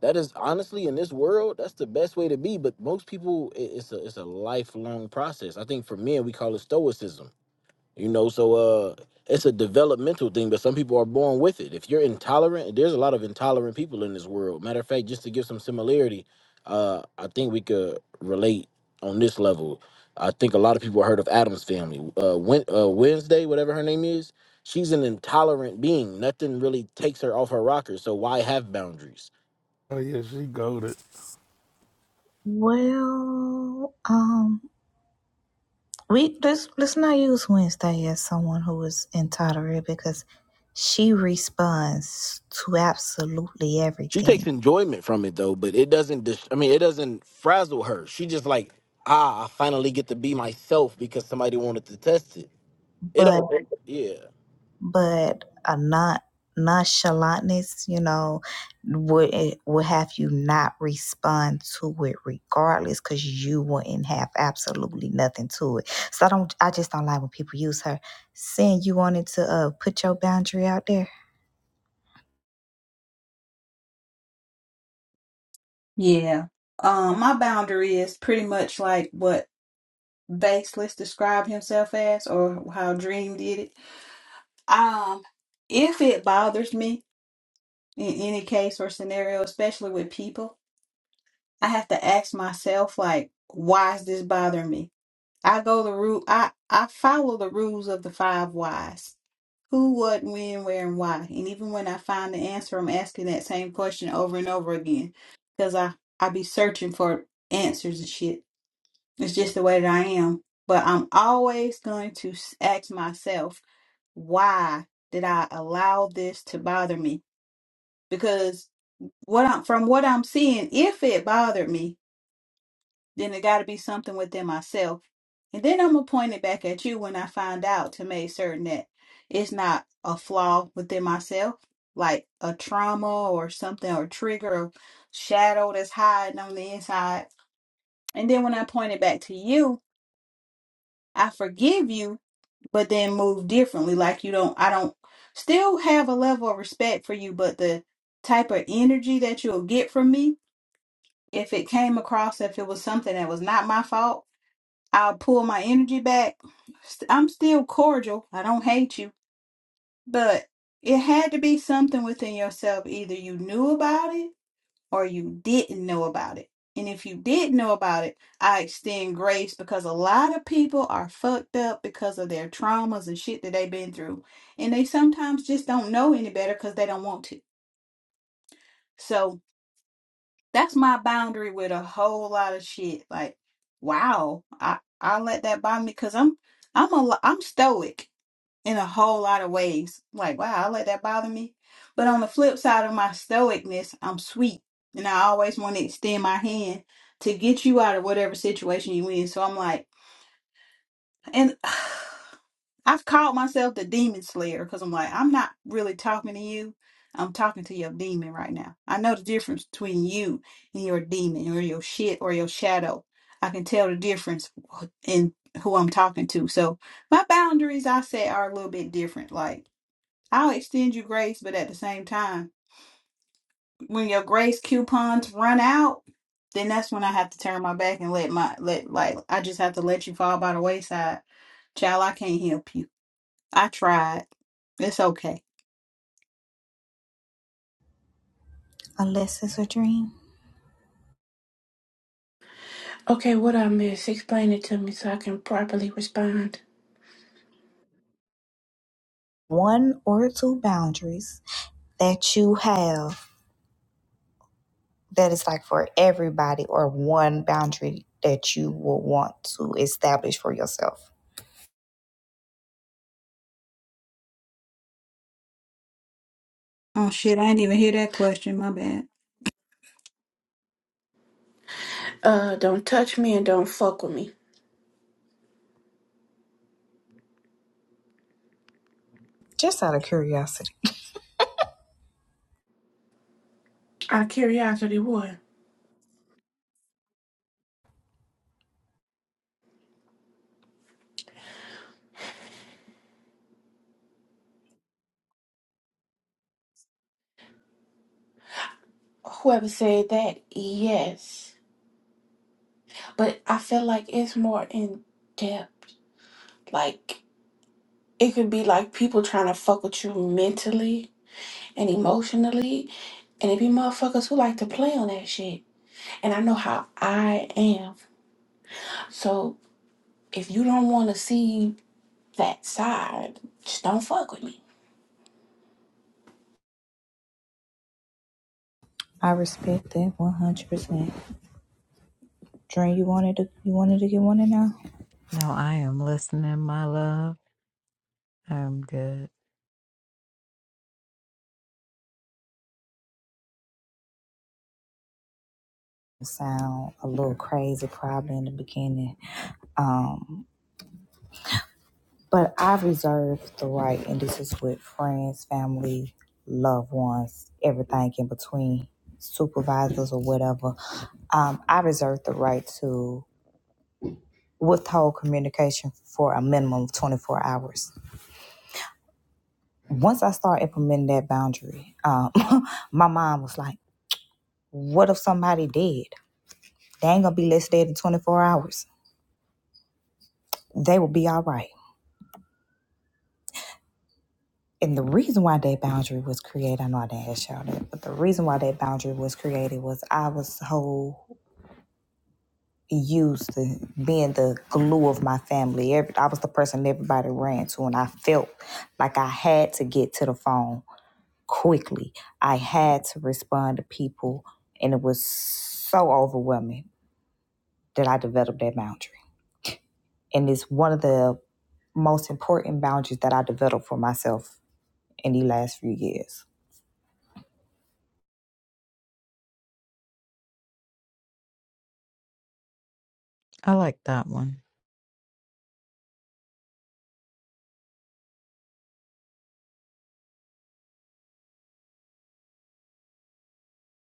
Speaker 12: that is honestly in this world, that's the best way to be. But most people, i- it's a it's a lifelong process. I think for men, we call it stoicism you know, so uh it's a developmental thing, but some people are born with it. If you're intolerant, there's a lot of intolerant people in this world. Matter of fact, just to give some similarity, uh, I think we could relate on this level. I think a lot of people heard of Adam's family. Uh, Wen- uh Wednesday, whatever her name is, she's an intolerant being. Nothing really takes her off her rocker. So why have boundaries?
Speaker 18: Oh, yeah, she goaded.
Speaker 2: Well, um, We let's let's not use Wednesday as someone who is intolerant because she responds to absolutely
Speaker 12: She takes
Speaker 2: everything.
Speaker 12: enjoyment from it though, but it doesn't. Dis- I mean, it doesn't frazzle her. She just like, ah, I finally get to be myself because somebody wanted to test it. It
Speaker 2: But
Speaker 12: don't. Yeah.
Speaker 2: but a not nonchalantness, you know, would eh, would have you not respond to it regardless because you wouldn't have absolutely nothing to it. So I don't I just don't like when people use her saying you wanted to uh put your boundary out there.
Speaker 6: Yeah. Um, my boundary is pretty much like what Baseless described himself as or how Dream did it. Um, if it bothers me in any case or scenario, especially with people, I have to ask myself like, why is this bothering me? I go the route I I follow the rules of the five whys. Who, what, when, where, and why. And even when I find the answer, I'm asking that same question over and over again. Because I, I be searching for answers and shit. It's just the way that I am. But I'm always going to s- ask myself, why did I allow this to bother me? Because what I'm, from what I'm seeing, if it bothered me, then it got to be something within myself. And then I'm going to point it back at you when I find out to make certain that it's not a flaw within myself, like a trauma or something or trigger or shadow that's hiding on the inside. And then when I point it back to you, I forgive you, but then move differently. Like you don't, I don't still have a level of respect for you, but the type of energy that you'll get from me, if it came across, if it was something that was not my fault I'll pull my energy back. St- I'm still cordial. I don't hate you, but it had to be something within yourself. Either you knew about it or you didn't know about it. And if you did know about it, I extend grace because a lot of people are fucked up because of their traumas and shit that they've been through. And they sometimes just don't know any better because they don't want to. So that's my boundary with a whole lot of shit. Like, wow, I I let that bother me because I'm I'm a lo- I'm stoic in a whole lot of ways. Like, wow, I let that bother me. But on the flip side of my stoicness, I'm sweet, and I always want to extend my hand to get you out of whatever situation you in. So I'm like, and I've called myself the demon slayer because I'm like, I'm not really talking to you. I'm talking to your demon right now. I know the difference between you and your demon or your shit or your shadow. I can tell the difference in who I'm talking to. So my boundaries I say, are a little bit different. Like I'll extend you grace, but at the same time, when your grace coupons run out, then that's when I have to turn my back and let my let like I just have to let you fall by the wayside. Child, I can't help you. I tried. It's okay.
Speaker 19: Okay, what I miss, explain it to me so I can properly respond.
Speaker 2: One or two boundaries that you have that is like for everybody or one boundary that you will want to establish for yourself.
Speaker 6: Oh shit, I didn't even hear that question. My bad.
Speaker 19: Uh, don't touch me and don't fuck with me.
Speaker 2: Just out of curiosity.
Speaker 19: Out of curiosity, what? Whoever said that, yes. But I feel like it's more in depth. Like, it could be like people trying to fuck with you mentally and emotionally. And it be motherfuckers who like to play on that shit. And I know how I am. So if you don't want to see that side, just don't fuck with me.
Speaker 2: I respect that one hundred percent. Dream you wanted to you wanted to get one in now?
Speaker 3: No, I am listening, my love. I'm good.
Speaker 2: Sound a little crazy probably in the beginning. But I've reserved the right and this is with friends, family, loved ones, everything in between, supervisors or whatever. Um, I reserve the right to withhold communication for a minimum of 24 hours. Once I started implementing that boundary, um, my mom was like, What if somebody did? They ain't gonna be less dead in 24 hours. They will be all right. And the reason why that boundary was created, I know I didn't ask y'all that, but the reason why that boundary was created was I was so used to being the glue of my family. Every, I was the person everybody ran to, and I felt like I had to get to the phone quickly. I had to respond to people, and it was so overwhelming that I developed that boundary. And it's one of the most important boundaries that I developed for myself in the last few years.
Speaker 3: I like that one.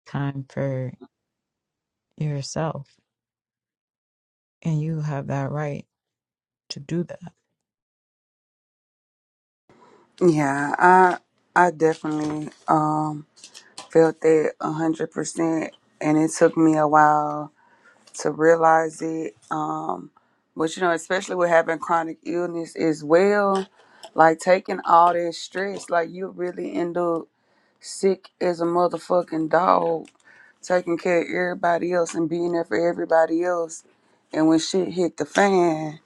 Speaker 3: Time for yourself. And you have that right to do that.
Speaker 4: Yeah, I I definitely um felt that a hundred percent, and it took me a while to realize it. Um, but you know, especially with having chronic illness as well, like taking all that stress, like you really end up sick as a motherfucking dog taking care of everybody else and being there for everybody else. And when shit hit the fan,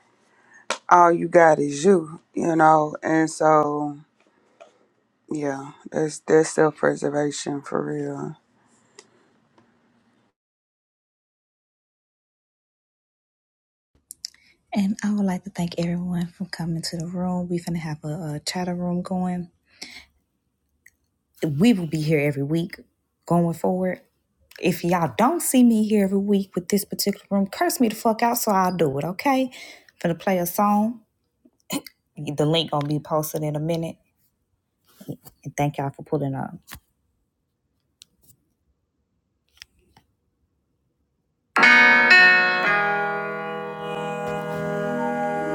Speaker 4: all you got is you, you know. And so, yeah, that's that's self preservation for real.
Speaker 2: And I would like to thank everyone for coming to the room. We're going to have a, a chatter room going. We will be here every week going forward. If y'all don't see me here every week with this particular room, curse me the fuck out so I'll do it, okay? Gonna play a song. The link gonna be posted in a minute. And thank y'all for pulling up.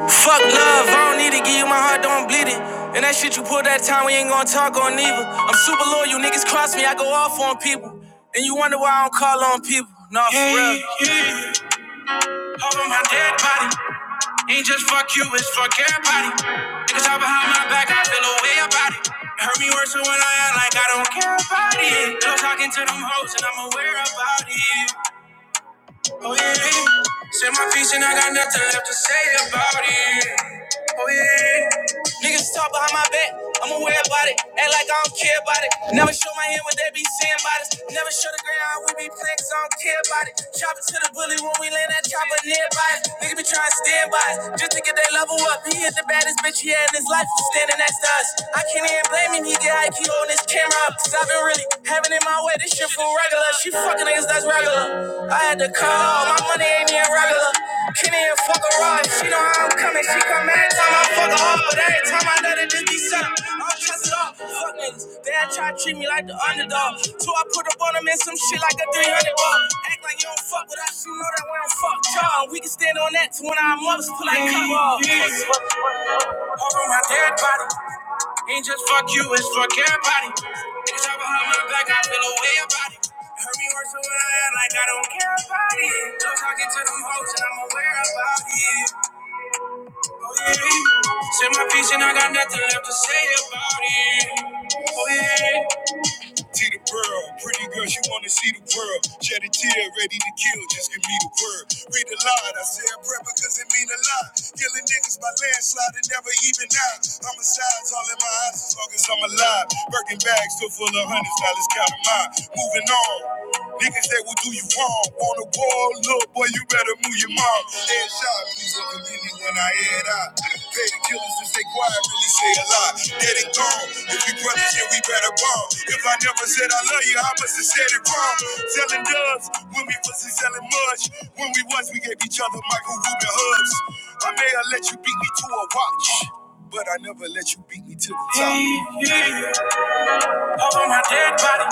Speaker 2: Fuck love, I don't need to give you my heart, don't bleed it. And that shit you pulled that time, we ain't gonna talk on either. I'm super loyal, you niggas cross me, I go off on people. And you wonder why I don't call on people. No, for yeah, real. Yeah, yeah. my dead body. Ain't just fuck you, it's fuck everybody. Niggas talk behind my back, I feel away about it. It Hurt me worse than when I act like I don't care about it. No talking to them hoes, and I'm aware about it. Oh yeah. Said my piece and I got nothing left to say about it. Oh yeah. Niggas talk behind my back. I'm aware about it. Act like I don't care about it. Never show my hand what they be saying about us. Never show the ground we be playing 'cause I don't care about it. Chop it to the bully when we land that chopper nearby. Niggas be trying to stand by us just to get their level up. He is the baddest bitch he had in his life. Standing next to us. I can't even blame him. He get IQ on his camera up. Cause I've been really having it my way. This shit for regular. She fucking niggas that's regular. I had to call. My money ain't even regular. Kenny and fuck a rod. She know how I'm coming. She come every time I fuck her off. But every time I let it just be set up. I'm tested up. Fuck niggas. They had tried to treat me like the underdog. So I put up on them in some shit like a 300 ball. Act like you don't fuck with us. You know that we don't fuck y'all. We can stand on that to when our mothers pull like cover off. All around everybody. Ain't just fuck you, it's fuck everybody. Niggas talk behind my back, I feel a way about it. Hurt me worse than when I act like I don't care about it. No talking to them hoes, and I'm aware about it. Oh yeah, said my piece and I got nothing left to say about it. Oh yeah. T the pearl, pretty girl, she wanna see the world. Shed a tear, ready to kill, just give me the word. Read aloud, I said prayer because it mean a lot. Killing niggas by landslide and never even out. Homicides all in my eyes as long as I'm alive. Birkin bags still full of hundreds, dollars, let's count 'em out. Moving on. Niggas that will do you wrong. On the wall, little boy, you better move your mom. Hey, headshot. Please don't forgive me when I head out. Pay the killers to stay quiet, really say a lot. Dead and gone. If we brothers, then we better bond. If I never said I love you, I must have said it wrong. Selling doves when we wasn't selling much. When we was, we gave each other Michael Rubin hugs. I may have let you beat me to a watch, but I never let you beat me to the top. Over my dead body.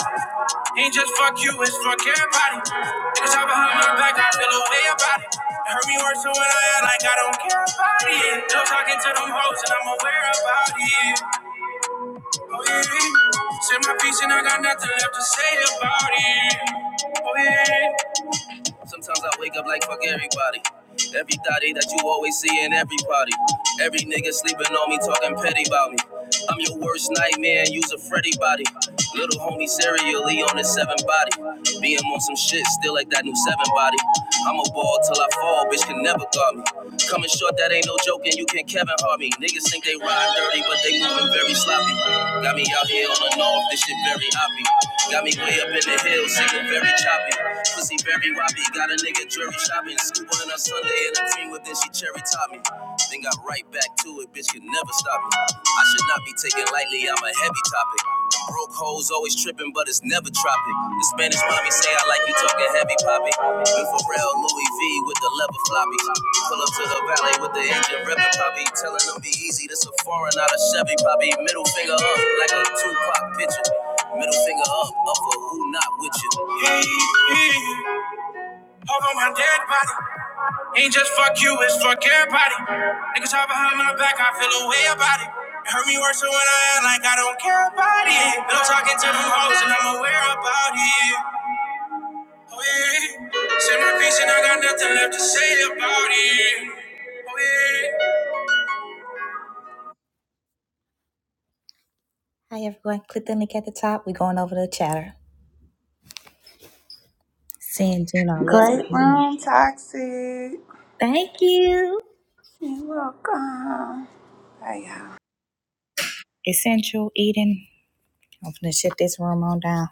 Speaker 2: Ain't just fuck you, it's fuck everybody. Niggas talk behind my back, I feel a way about it. It hurt me worse than when I act like I don't care about it. No talking to them hoes and I'm aware about it. Oh yeah. Said my piece and I got nothing left to say about it. Oh yeah. Sometimes I wake up like fuck everybody. Every thotty that you always see in every party. Every nigga sleeping on me, talking petty about me. I'm your worst nightmare, use a Freddy body. Little homie serially on his seven body. Being on some shit, still like that new seven body. I'm a ball till I fall, bitch can never guard me. Coming short, that ain't no joking. you can not Kevin Hart me. Niggas think they ride dirty, but they moving very sloppy. Got me out here on the north, this shit very hoppy. Got me way up in the hills, single very choppy. Pussy very Robbie got a nigga jury shopping. Scoop on a Sunday and a cream whip, then she cherry top me. Then got right back to it, bitch could never stop me. I should not be taken lightly, I'm a heavy topic. Broke hoes always tripping, but it's never tropic. The Spanish mommy say I like you talking heavy poppy. New Pharrell, Louis V with the leather floppy. Pull up to the valley with the engine revving poppy. Telling them be easy, this a foreign, not a Chevy poppy. Middle finger up like a Tupac picture. Middle finger up, up for who not with you. Hey, hey. Over my dead body. Ain't just fuck you, it's fuck everybody. Niggas all behind my back, I feel a way about it. It hurt me worse than when I act like I don't care about it. Been talking to them hoes and I'm aware about it. Oh yeah. Say my piece and I got nothing left to say about it. Oh yeah. Hi everyone, click the link at the top. We're going over to chatter. Seeing Gina, I Love
Speaker 4: Great
Speaker 2: you.
Speaker 4: room, toxic.
Speaker 2: Thank you.
Speaker 4: You're welcome. Bye, y'all.
Speaker 2: Essential eating. I'm gonna shut this room on down.